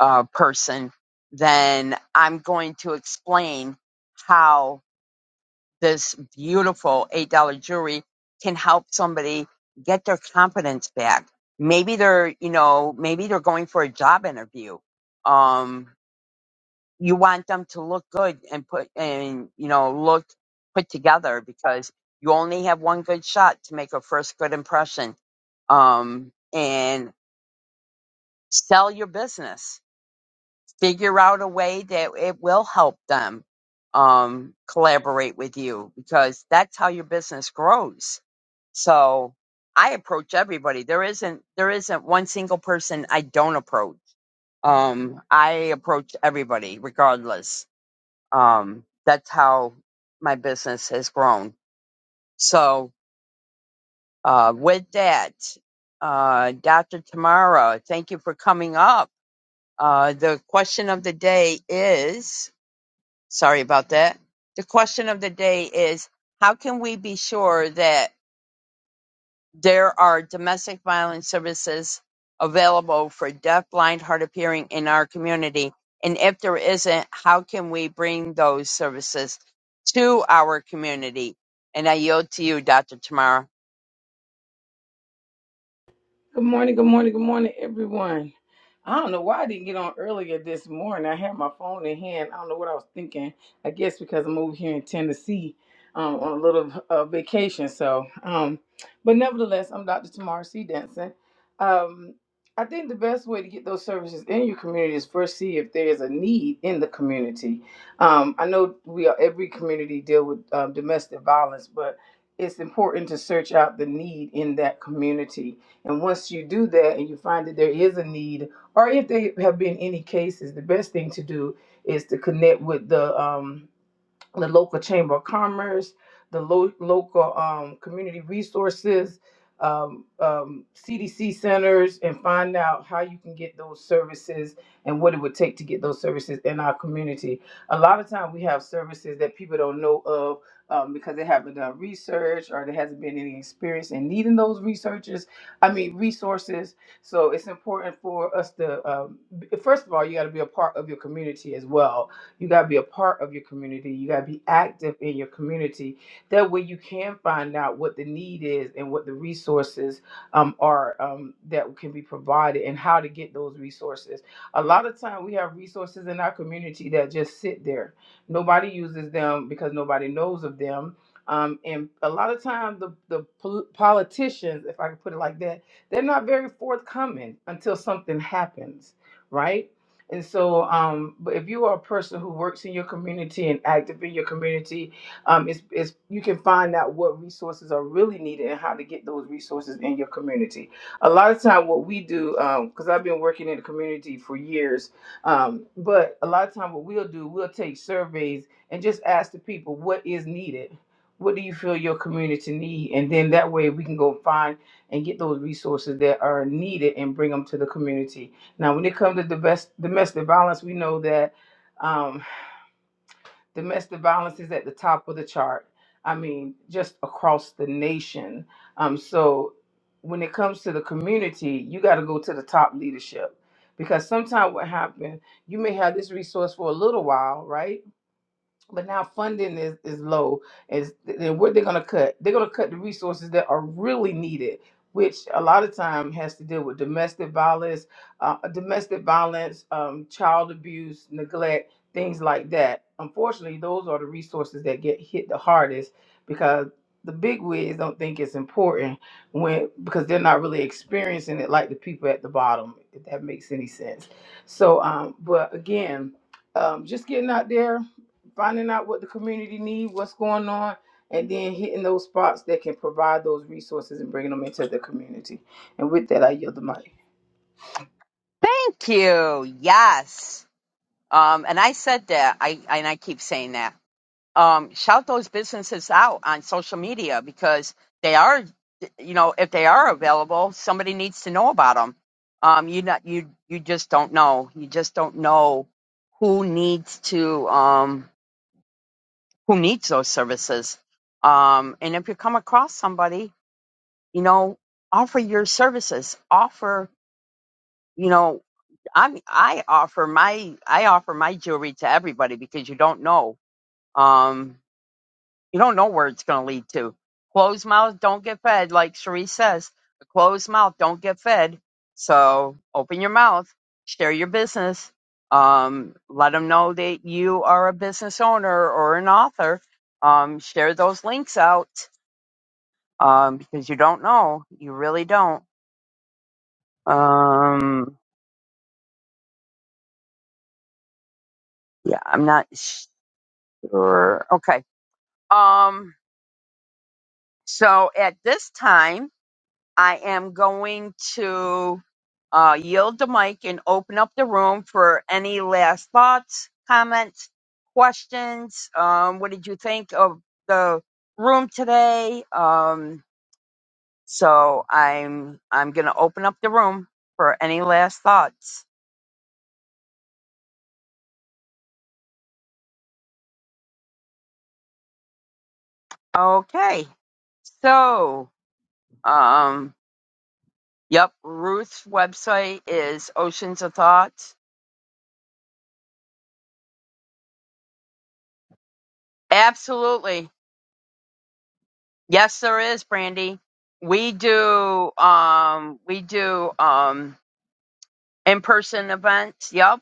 S2: uh person then i'm going to explain how this beautiful $8 jewelry can help somebody get their confidence back. Maybe they're, you know, maybe they're going for a job interview. Um, you want them to look good and put, and, you know, look put together because you only have one good shot to make a first good impression. Um, and sell your business figure out a way that it will help them um, collaborate with you because that's how your business grows. So I approach everybody. There isn't there isn't one single person I don't approach. Um, I approach everybody regardless. Um, that's how my business has grown. So uh, with that, uh, Dr. Tamara, thank you for coming up. Uh, the question of the day is Sorry about that. The question of the day is how can we be sure that there are domestic violence services available for deaf, blind, hard of hearing in our community? And if there isn't, how can we bring those services to our community? And I yield to you, Dr. Tamara.
S15: Good morning, good morning, good morning, everyone. I don't know why I didn't get on earlier this morning. I had my phone in hand. I don't know what I was thinking. I guess because I'm over here in Tennessee um, on a little uh, vacation. So, um, but nevertheless, I'm Dr. Tamara C. Denson. Um, I think the best way to get those services in your community is first see if there is a need in the community. Um, I know we are every community deal with um, domestic violence, but it's important to search out the need in that community and once you do that and you find that there is a need, or if there have been any cases, the best thing to do is to connect with the um, the local chamber of commerce, the lo- local um, community resources, um, um, CDC centers, and find out how you can get those services and what it would take to get those services in our community. A lot of time we have services that people don't know of um, because they haven't done research or there hasn't been any experience in needing those researchers. I mean resources. So it's important for us to um, b- first of all you got to be a part of your community as well you got to be a part of your community. You got to be active in your community. That way you can find out what the need is and what the resources um, are um, that can be provided and how to get those resources. A lot of time we have resources in our community that just sit there. Nobody uses them because nobody knows of them. Um, and a lot of times the, the pol- politicians, if I can put it like that, they're not very forthcoming until something happens, right? And so, um, but if you are a person who works in your community and active in your community, um, it's, it's, you can find out what resources are really needed and how to get those resources in your community. A lot of time, what we do, because I've been working in the community for years, um, but a lot of time, what we'll do, we'll take surveys and just ask the people what is needed. What do you feel your community need? And then that way we can go find and get those resources that are needed and bring them to the community now, when it comes to domestic domestic violence, we know that um, domestic violence is at the top of the chart. I mean, just across the nation. Um, so, when it comes to the community, you got to go to the top leadership because sometimes what happens, you may have this resource for a little while, right? but now funding is, is low. Is then what they're gonna cut? They're gonna cut the resources that are really needed, which a lot of time has to deal with domestic violence, uh, domestic violence, um, child abuse, neglect, things like that. Unfortunately, those are the resources that get hit the hardest because the big wigs don't think it's important when because they're not really experiencing it like the people at the bottom. If that makes any sense. So, um, but again, um, just getting out there finding out what the community needs, what's going on, and then hitting those spots that can provide those resources and bringing them into the community. And with that, I yield the mic.
S2: Thank you. Yes. Um, and I said that, I, and I keep saying that. um, shout those businesses out on social media because they are, you know, if they are available, somebody needs to know about them. Um, you not you you just don't know. You just don't know who needs to um, who needs those services. Um, and if you come across somebody, you know, offer your services. Offer, you know, I'm I offer my I offer my jewelry to everybody because you don't know. Um, You don't know where it's going to lead to. Closed mouth don't get fed, like Cherie says. A closed mouth don't get fed. So open your mouth, share your business. Um, let them know that you are a business owner or an author. Um, share those links out um, because you don't know. You really don't. Um, yeah, I'm not sure. Okay. Um, so at this time. I am going to uh, yield the mic and open up the room for any last thoughts, comments, questions. Um, what did you think of the room today? Um, so I'm I'm gonna open up the room for any last thoughts. Okay, so um, yep, Ruth's website is Oceans of Thoughts. Absolutely. Yes, there is, Brandy. We do um we do um in-person events. Yep.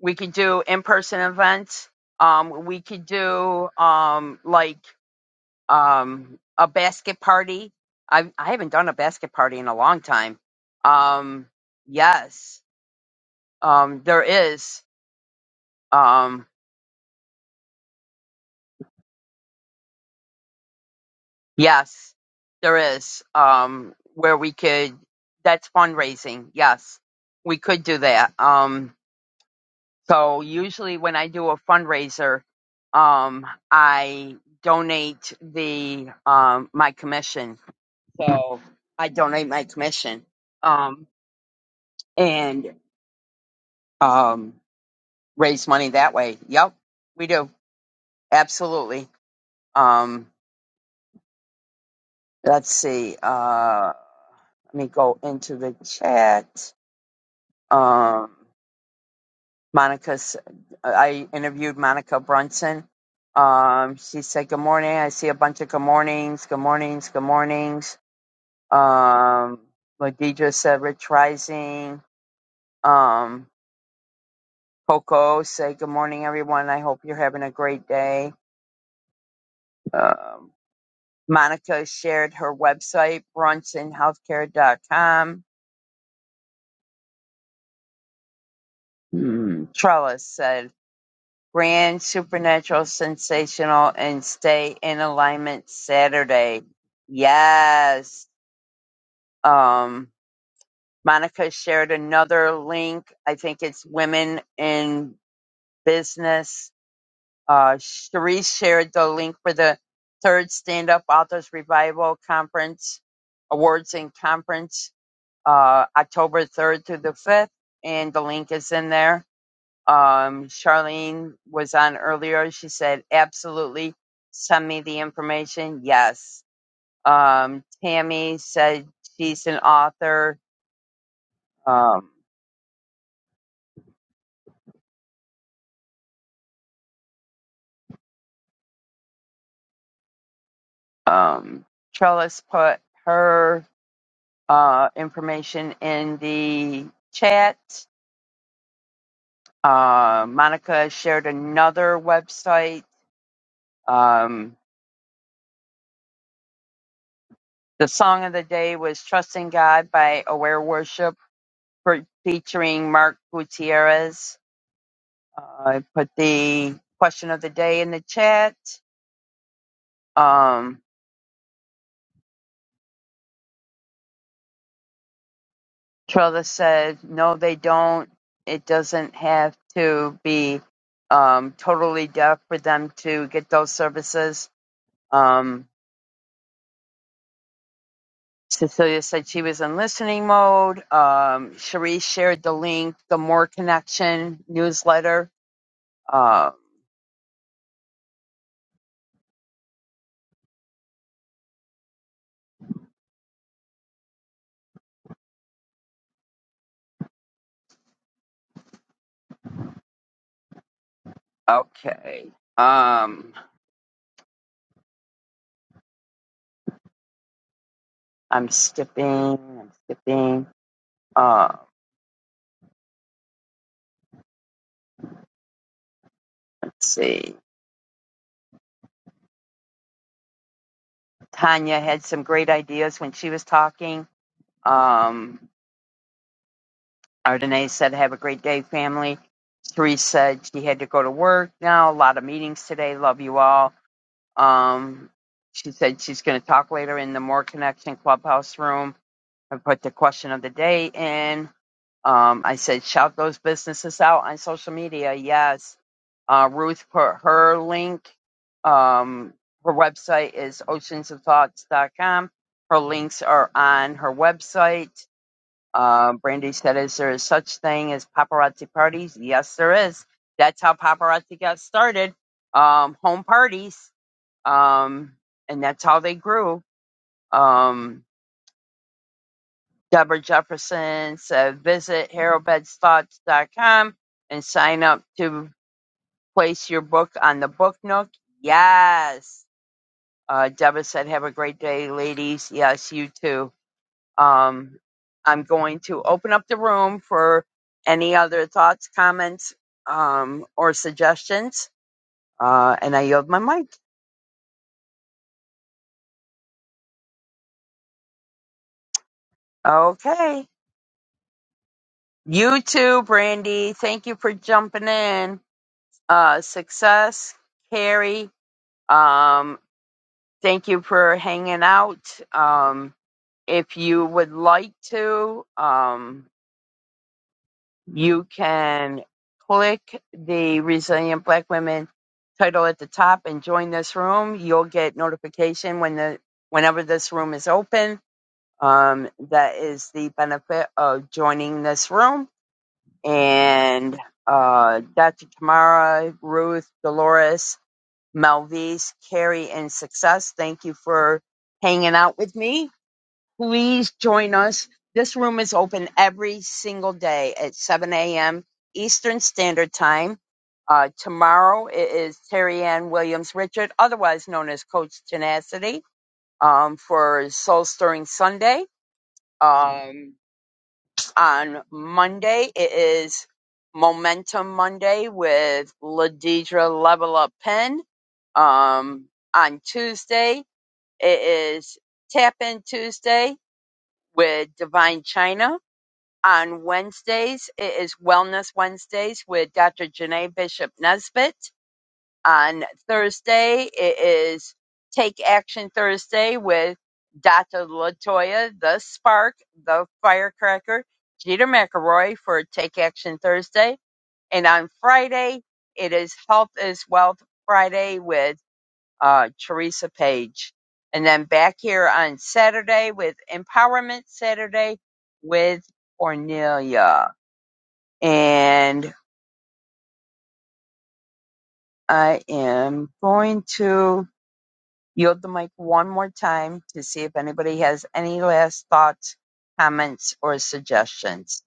S2: We could do in-person events. Um we could do um like um a basket party. I I haven't done a basket party in a long time. Um yes. Um there is um yes. There is um where we could that's fundraising. Yes. We could do that. Um So usually when I do a fundraiser, um, I donate the um, my commission. So I donate my commission um, and um, raise money that way. Yep, we do absolutely. Um, let's see. Uh, let me go into the chat. Um, Monica, s- I interviewed Monica Brunson. Um, she said, Good morning. I see a bunch of good mornings, good mornings, good mornings. Um, Ladidra said, Rich Rising. Um, Coco said, Good morning, everyone. I hope you're having a great day. Um, Monica shared her website, brunsonhealthcare.com. Hmm. Trellis said, Grand Supernatural Sensational and Stay in Alignment Saturday. Yes. Um Monica shared another link. I think it's Women in Business. Uh Sharice shared the link for the third Stand Up Authors Revival Conference Awards and Conference, uh October third through the fifth, and the link is in there um, Charlene was on earlier. She said, absolutely, send me the information. Yes. Um, Tammy said she's an author. Um, um, Trellis put her uh, information in the chat. Uh, Monica shared another website. Um, the song of the day was Trusting God by Aware Worship for, featuring Mark Gutierrez I put the question of the day in the chat. Um, Trella said, no, they don't. It doesn't have to be um, totally deaf for them to get those services. Um, Cecilia said she was in listening mode. Um, Cherie shared the link, the More Connection newsletter. Uh, okay. Um, I'm skipping. I'm skipping. Uh, let's see. Tanya had some great ideas when she was talking. Um, Ardenae said, Have a great day, family. Therese said she had to go to work now, a lot of meetings today. Love you all. Um, she said she's going to talk later in the More Connection Clubhouse room and put the question of the day in. Um, I said, shout those businesses out on social media. Yes. Uh, Ruth put her link. Um, her website is oceansofthoughts.com. Her links are on her website. Uh, Brandy said, is there such thing as paparazzi parties? Yes, there is. That's how paparazzi got started. Um, home parties. Um, and that's how they grew. Um, Deborah Jefferson said visit harold betts thoughts dot com and sign up to place your book on the book nook. Yes. Uh, Deborah said, have a great day, ladies. Yes, you too. Um, I'm going to open up the room for any other thoughts, comments, um, or suggestions. Uh, and I yield my mic. Okay. You too, Brandy. Thank you for jumping in. Uh, success, Carrie, Um, thank you for hanging out. Um, if you would like to, um, you can click the Resilient Black Women title at the top and join this room. You'll get notification when the whenever this room is open. Um, that is the benefit of joining this room. And uh, Dr. Tamara, Ruth, Dolores, Melvise, Carrie, and Success. Thank you for hanging out with me. Please join us. This room is open every single day at 7 a.m. Eastern Standard Time. Uh, tomorrow it is Terry Ann Williams Richard, otherwise known as Coach Tenacity, um, for Soul Stirring Sunday. Um, on Monday. It is Momentum Monday with Ladidra Level Up Pen. Um, on Tuesday, it is Tap In Tuesday with Divine China. On Wednesdays, it is Wellness Wednesdays with Dr. Janae Bishop Nesbitt on Thursday. It is Take Action Thursday with Dr. Latoya, the spark, the firecracker, Jeter McElroy for Take Action Thursday. And on Friday, it is Health is Wealth Friday with uh, Teresa Page. And then back here on Saturday with Empowerment Saturday with Cornelia. And I am going to yield the mic one more time to see if anybody has any last thoughts, comments, or suggestions.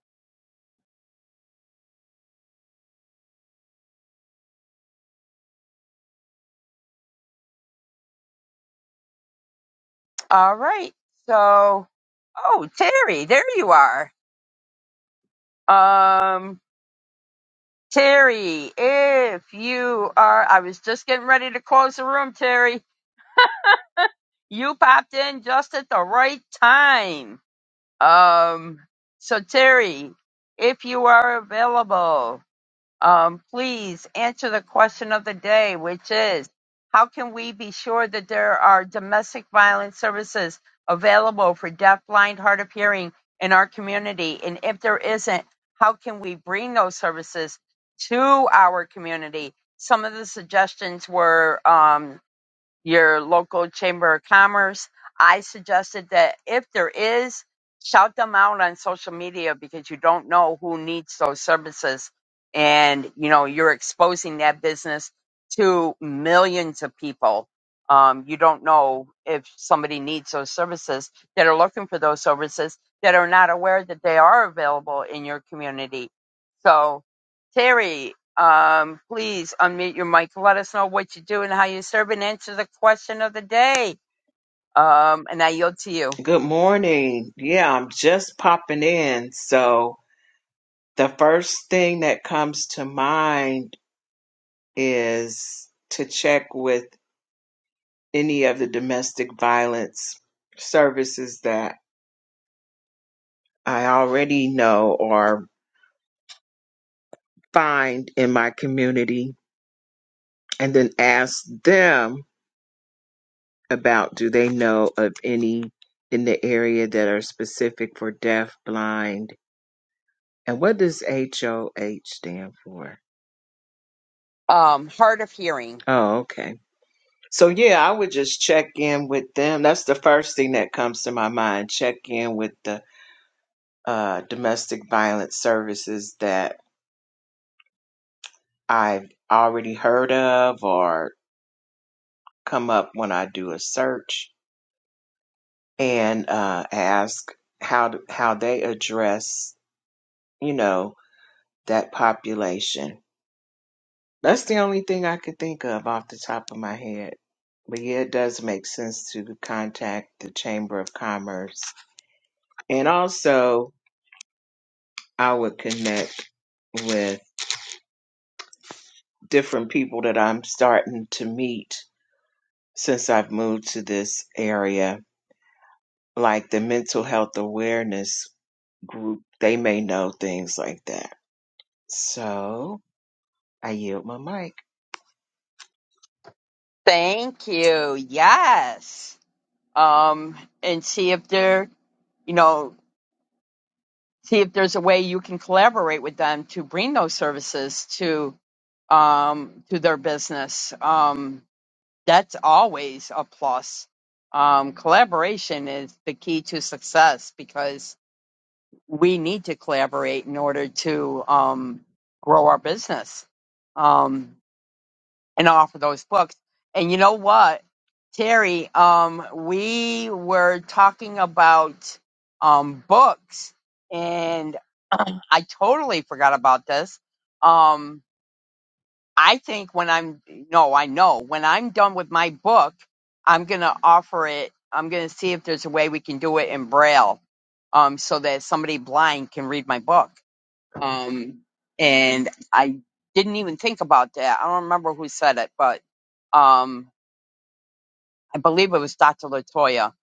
S2: All right. So, oh, Terry, there you are. Um, Terry, if you are, I was just getting ready to close the room, Terry. You popped in just at the right time. Um, so Terry, if you are available, um, please answer the question of the day, which is how can we be sure that there are domestic violence services available for deaf, blind, hard of hearing in our community? And if there isn't, how can we bring those services to our community? Some of the suggestions were um, your local chamber of commerce. I suggested that if there is, shout them out on social media because you don't know who needs those services. And, you know, you're exposing that business to millions of people. Um, you don't know if somebody needs those services that are looking for those services that are not aware that they are available in your community. So, Terry, um, please unmute your mic. Let us know what you do and how you serve and answer the question of the day. Um, and I yield to you.
S16: Good morning. Yeah, I'm just popping in. So, the first thing that comes to mind is to check with any of the domestic violence services that I already know or find in my community, and then ask them about do they know of any in the area that are specific for deaf, blind, and what does HOH stand for?
S2: Um, hard of hearing.
S16: Oh, okay So yeah, I would just check in with them. That's the first thing that comes to my mind. Check in with the uh, domestic violence services that I've already heard of or come up when I do a search, and uh, ask how how they address you know that population. That's the only thing I could think of off the top of my head. But yeah, it does make sense to contact the Chamber of Commerce and also I would connect with different people that I'm starting to meet since I've moved to this area, like the mental health awareness group. They may know things like that. So I yield my mic.
S2: Thank you. Yes. Um, and see if there, you know, see if there's a way you can collaborate with them to bring those services to um, to their business. Um, that's always a plus. Um, collaboration is the key to success because we need to collaborate in order to um, grow our business um, and offer those books. And you know what, Terry, um, we were talking about um, books, and I totally forgot about this. Um, I think when I'm no, I know when I'm done with my book, I'm gonna offer it. I'm gonna see if there's a way we can do it in braille, um, so that somebody blind can read my book um, and I didn't even think about that. I don't remember who said it, but um, I believe it was Dr. Latoya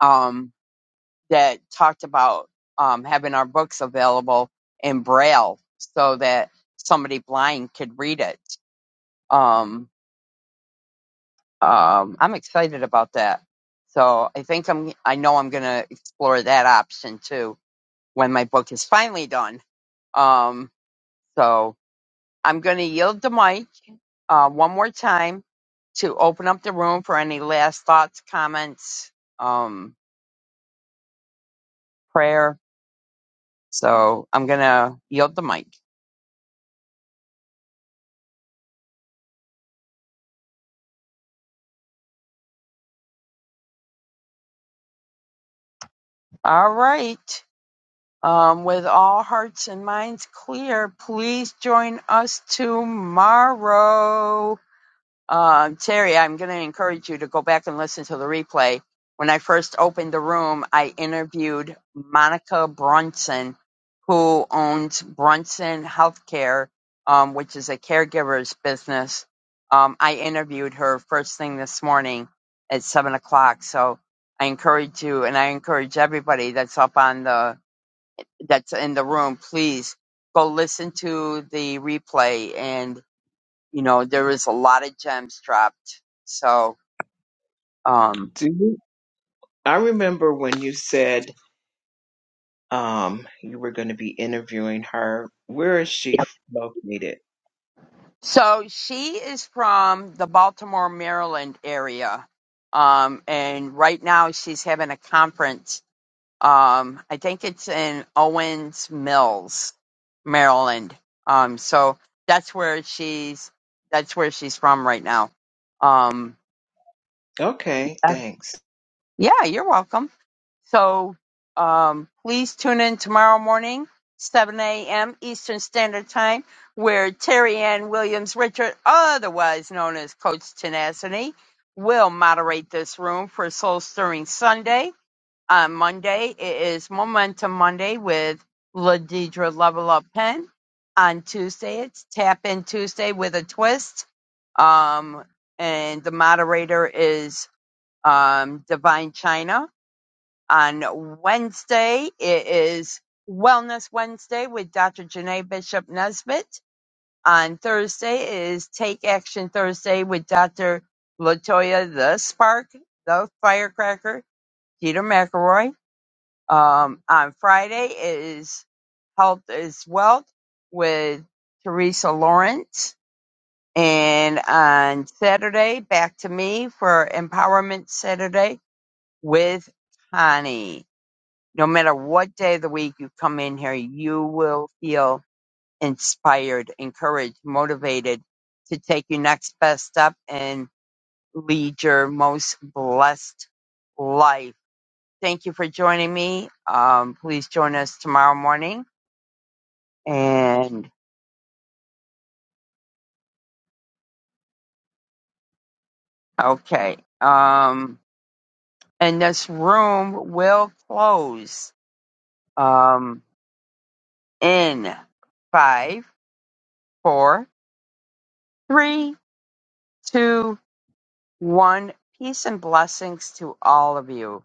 S2: um, that talked about um, having our books available in Braille so that somebody blind could read it. Um, um, I'm excited about that. So I think I'm. I know I'm going to explore that option too when my book is finally done. Um, so I'm going to yield the mic uh, one more time to open up the room for any last thoughts, comments, um, prayer. So I'm going to yield the mic. All right. Um, with all hearts and minds clear, please join us tomorrow. Uh, Terry, I'm going to encourage you to go back and listen to the replay. When I first opened the room, I interviewed Monica Brunson, who owns Brunson Healthcare, um, which is a caregiver's business. Um, I interviewed her first thing this morning at seven o'clock. So I encourage you, and I encourage everybody that's up on the that's in the room, please go listen to the replay and you know, there was a lot of gems dropped. So, um,
S16: Do you, I remember when you said um, you were going to be interviewing her. Where is she
S2: yep.
S16: located?
S2: so she is from the Baltimore, Maryland area. Um, and right now she's having a conference. Um, I think it's in Owens Mills, Maryland. Um, so that's where she's, that's where she's from right now. Um,
S16: Okay, thanks.
S2: Yeah, you're welcome. So um, please tune in tomorrow morning, 7 a.m. Eastern Standard Time, where Terry Ann Williams Richard, otherwise known as Coach Tenacity, will moderate this room for Soul Stirring Sunday. On Monday, it is Momentum Monday with LaDedra Level Up Pen. On Tuesday, it's Tap In Tuesday with a twist. Um, and the moderator is um, Divine China. On Wednesday, it is Wellness Wednesday with Dr. Janae Bishop Nesbitt. On Thursday it is Take Action Thursday with Dr. Latoya the Spark, the Firecracker, Peter McElroy. Um, on Friday it is Health is Wealth with Teresa Lawrence. And on Saturday, back to me for Empowerment Saturday with Connie. No matter what day of the week you come in here, you will feel inspired, encouraged, motivated to take your next best step and lead your most blessed life. Thank you for joining me. Um, please join us tomorrow morning. And okay, um, and this room will close um, in five, four, three, two, 1. Peace and blessings to all of you.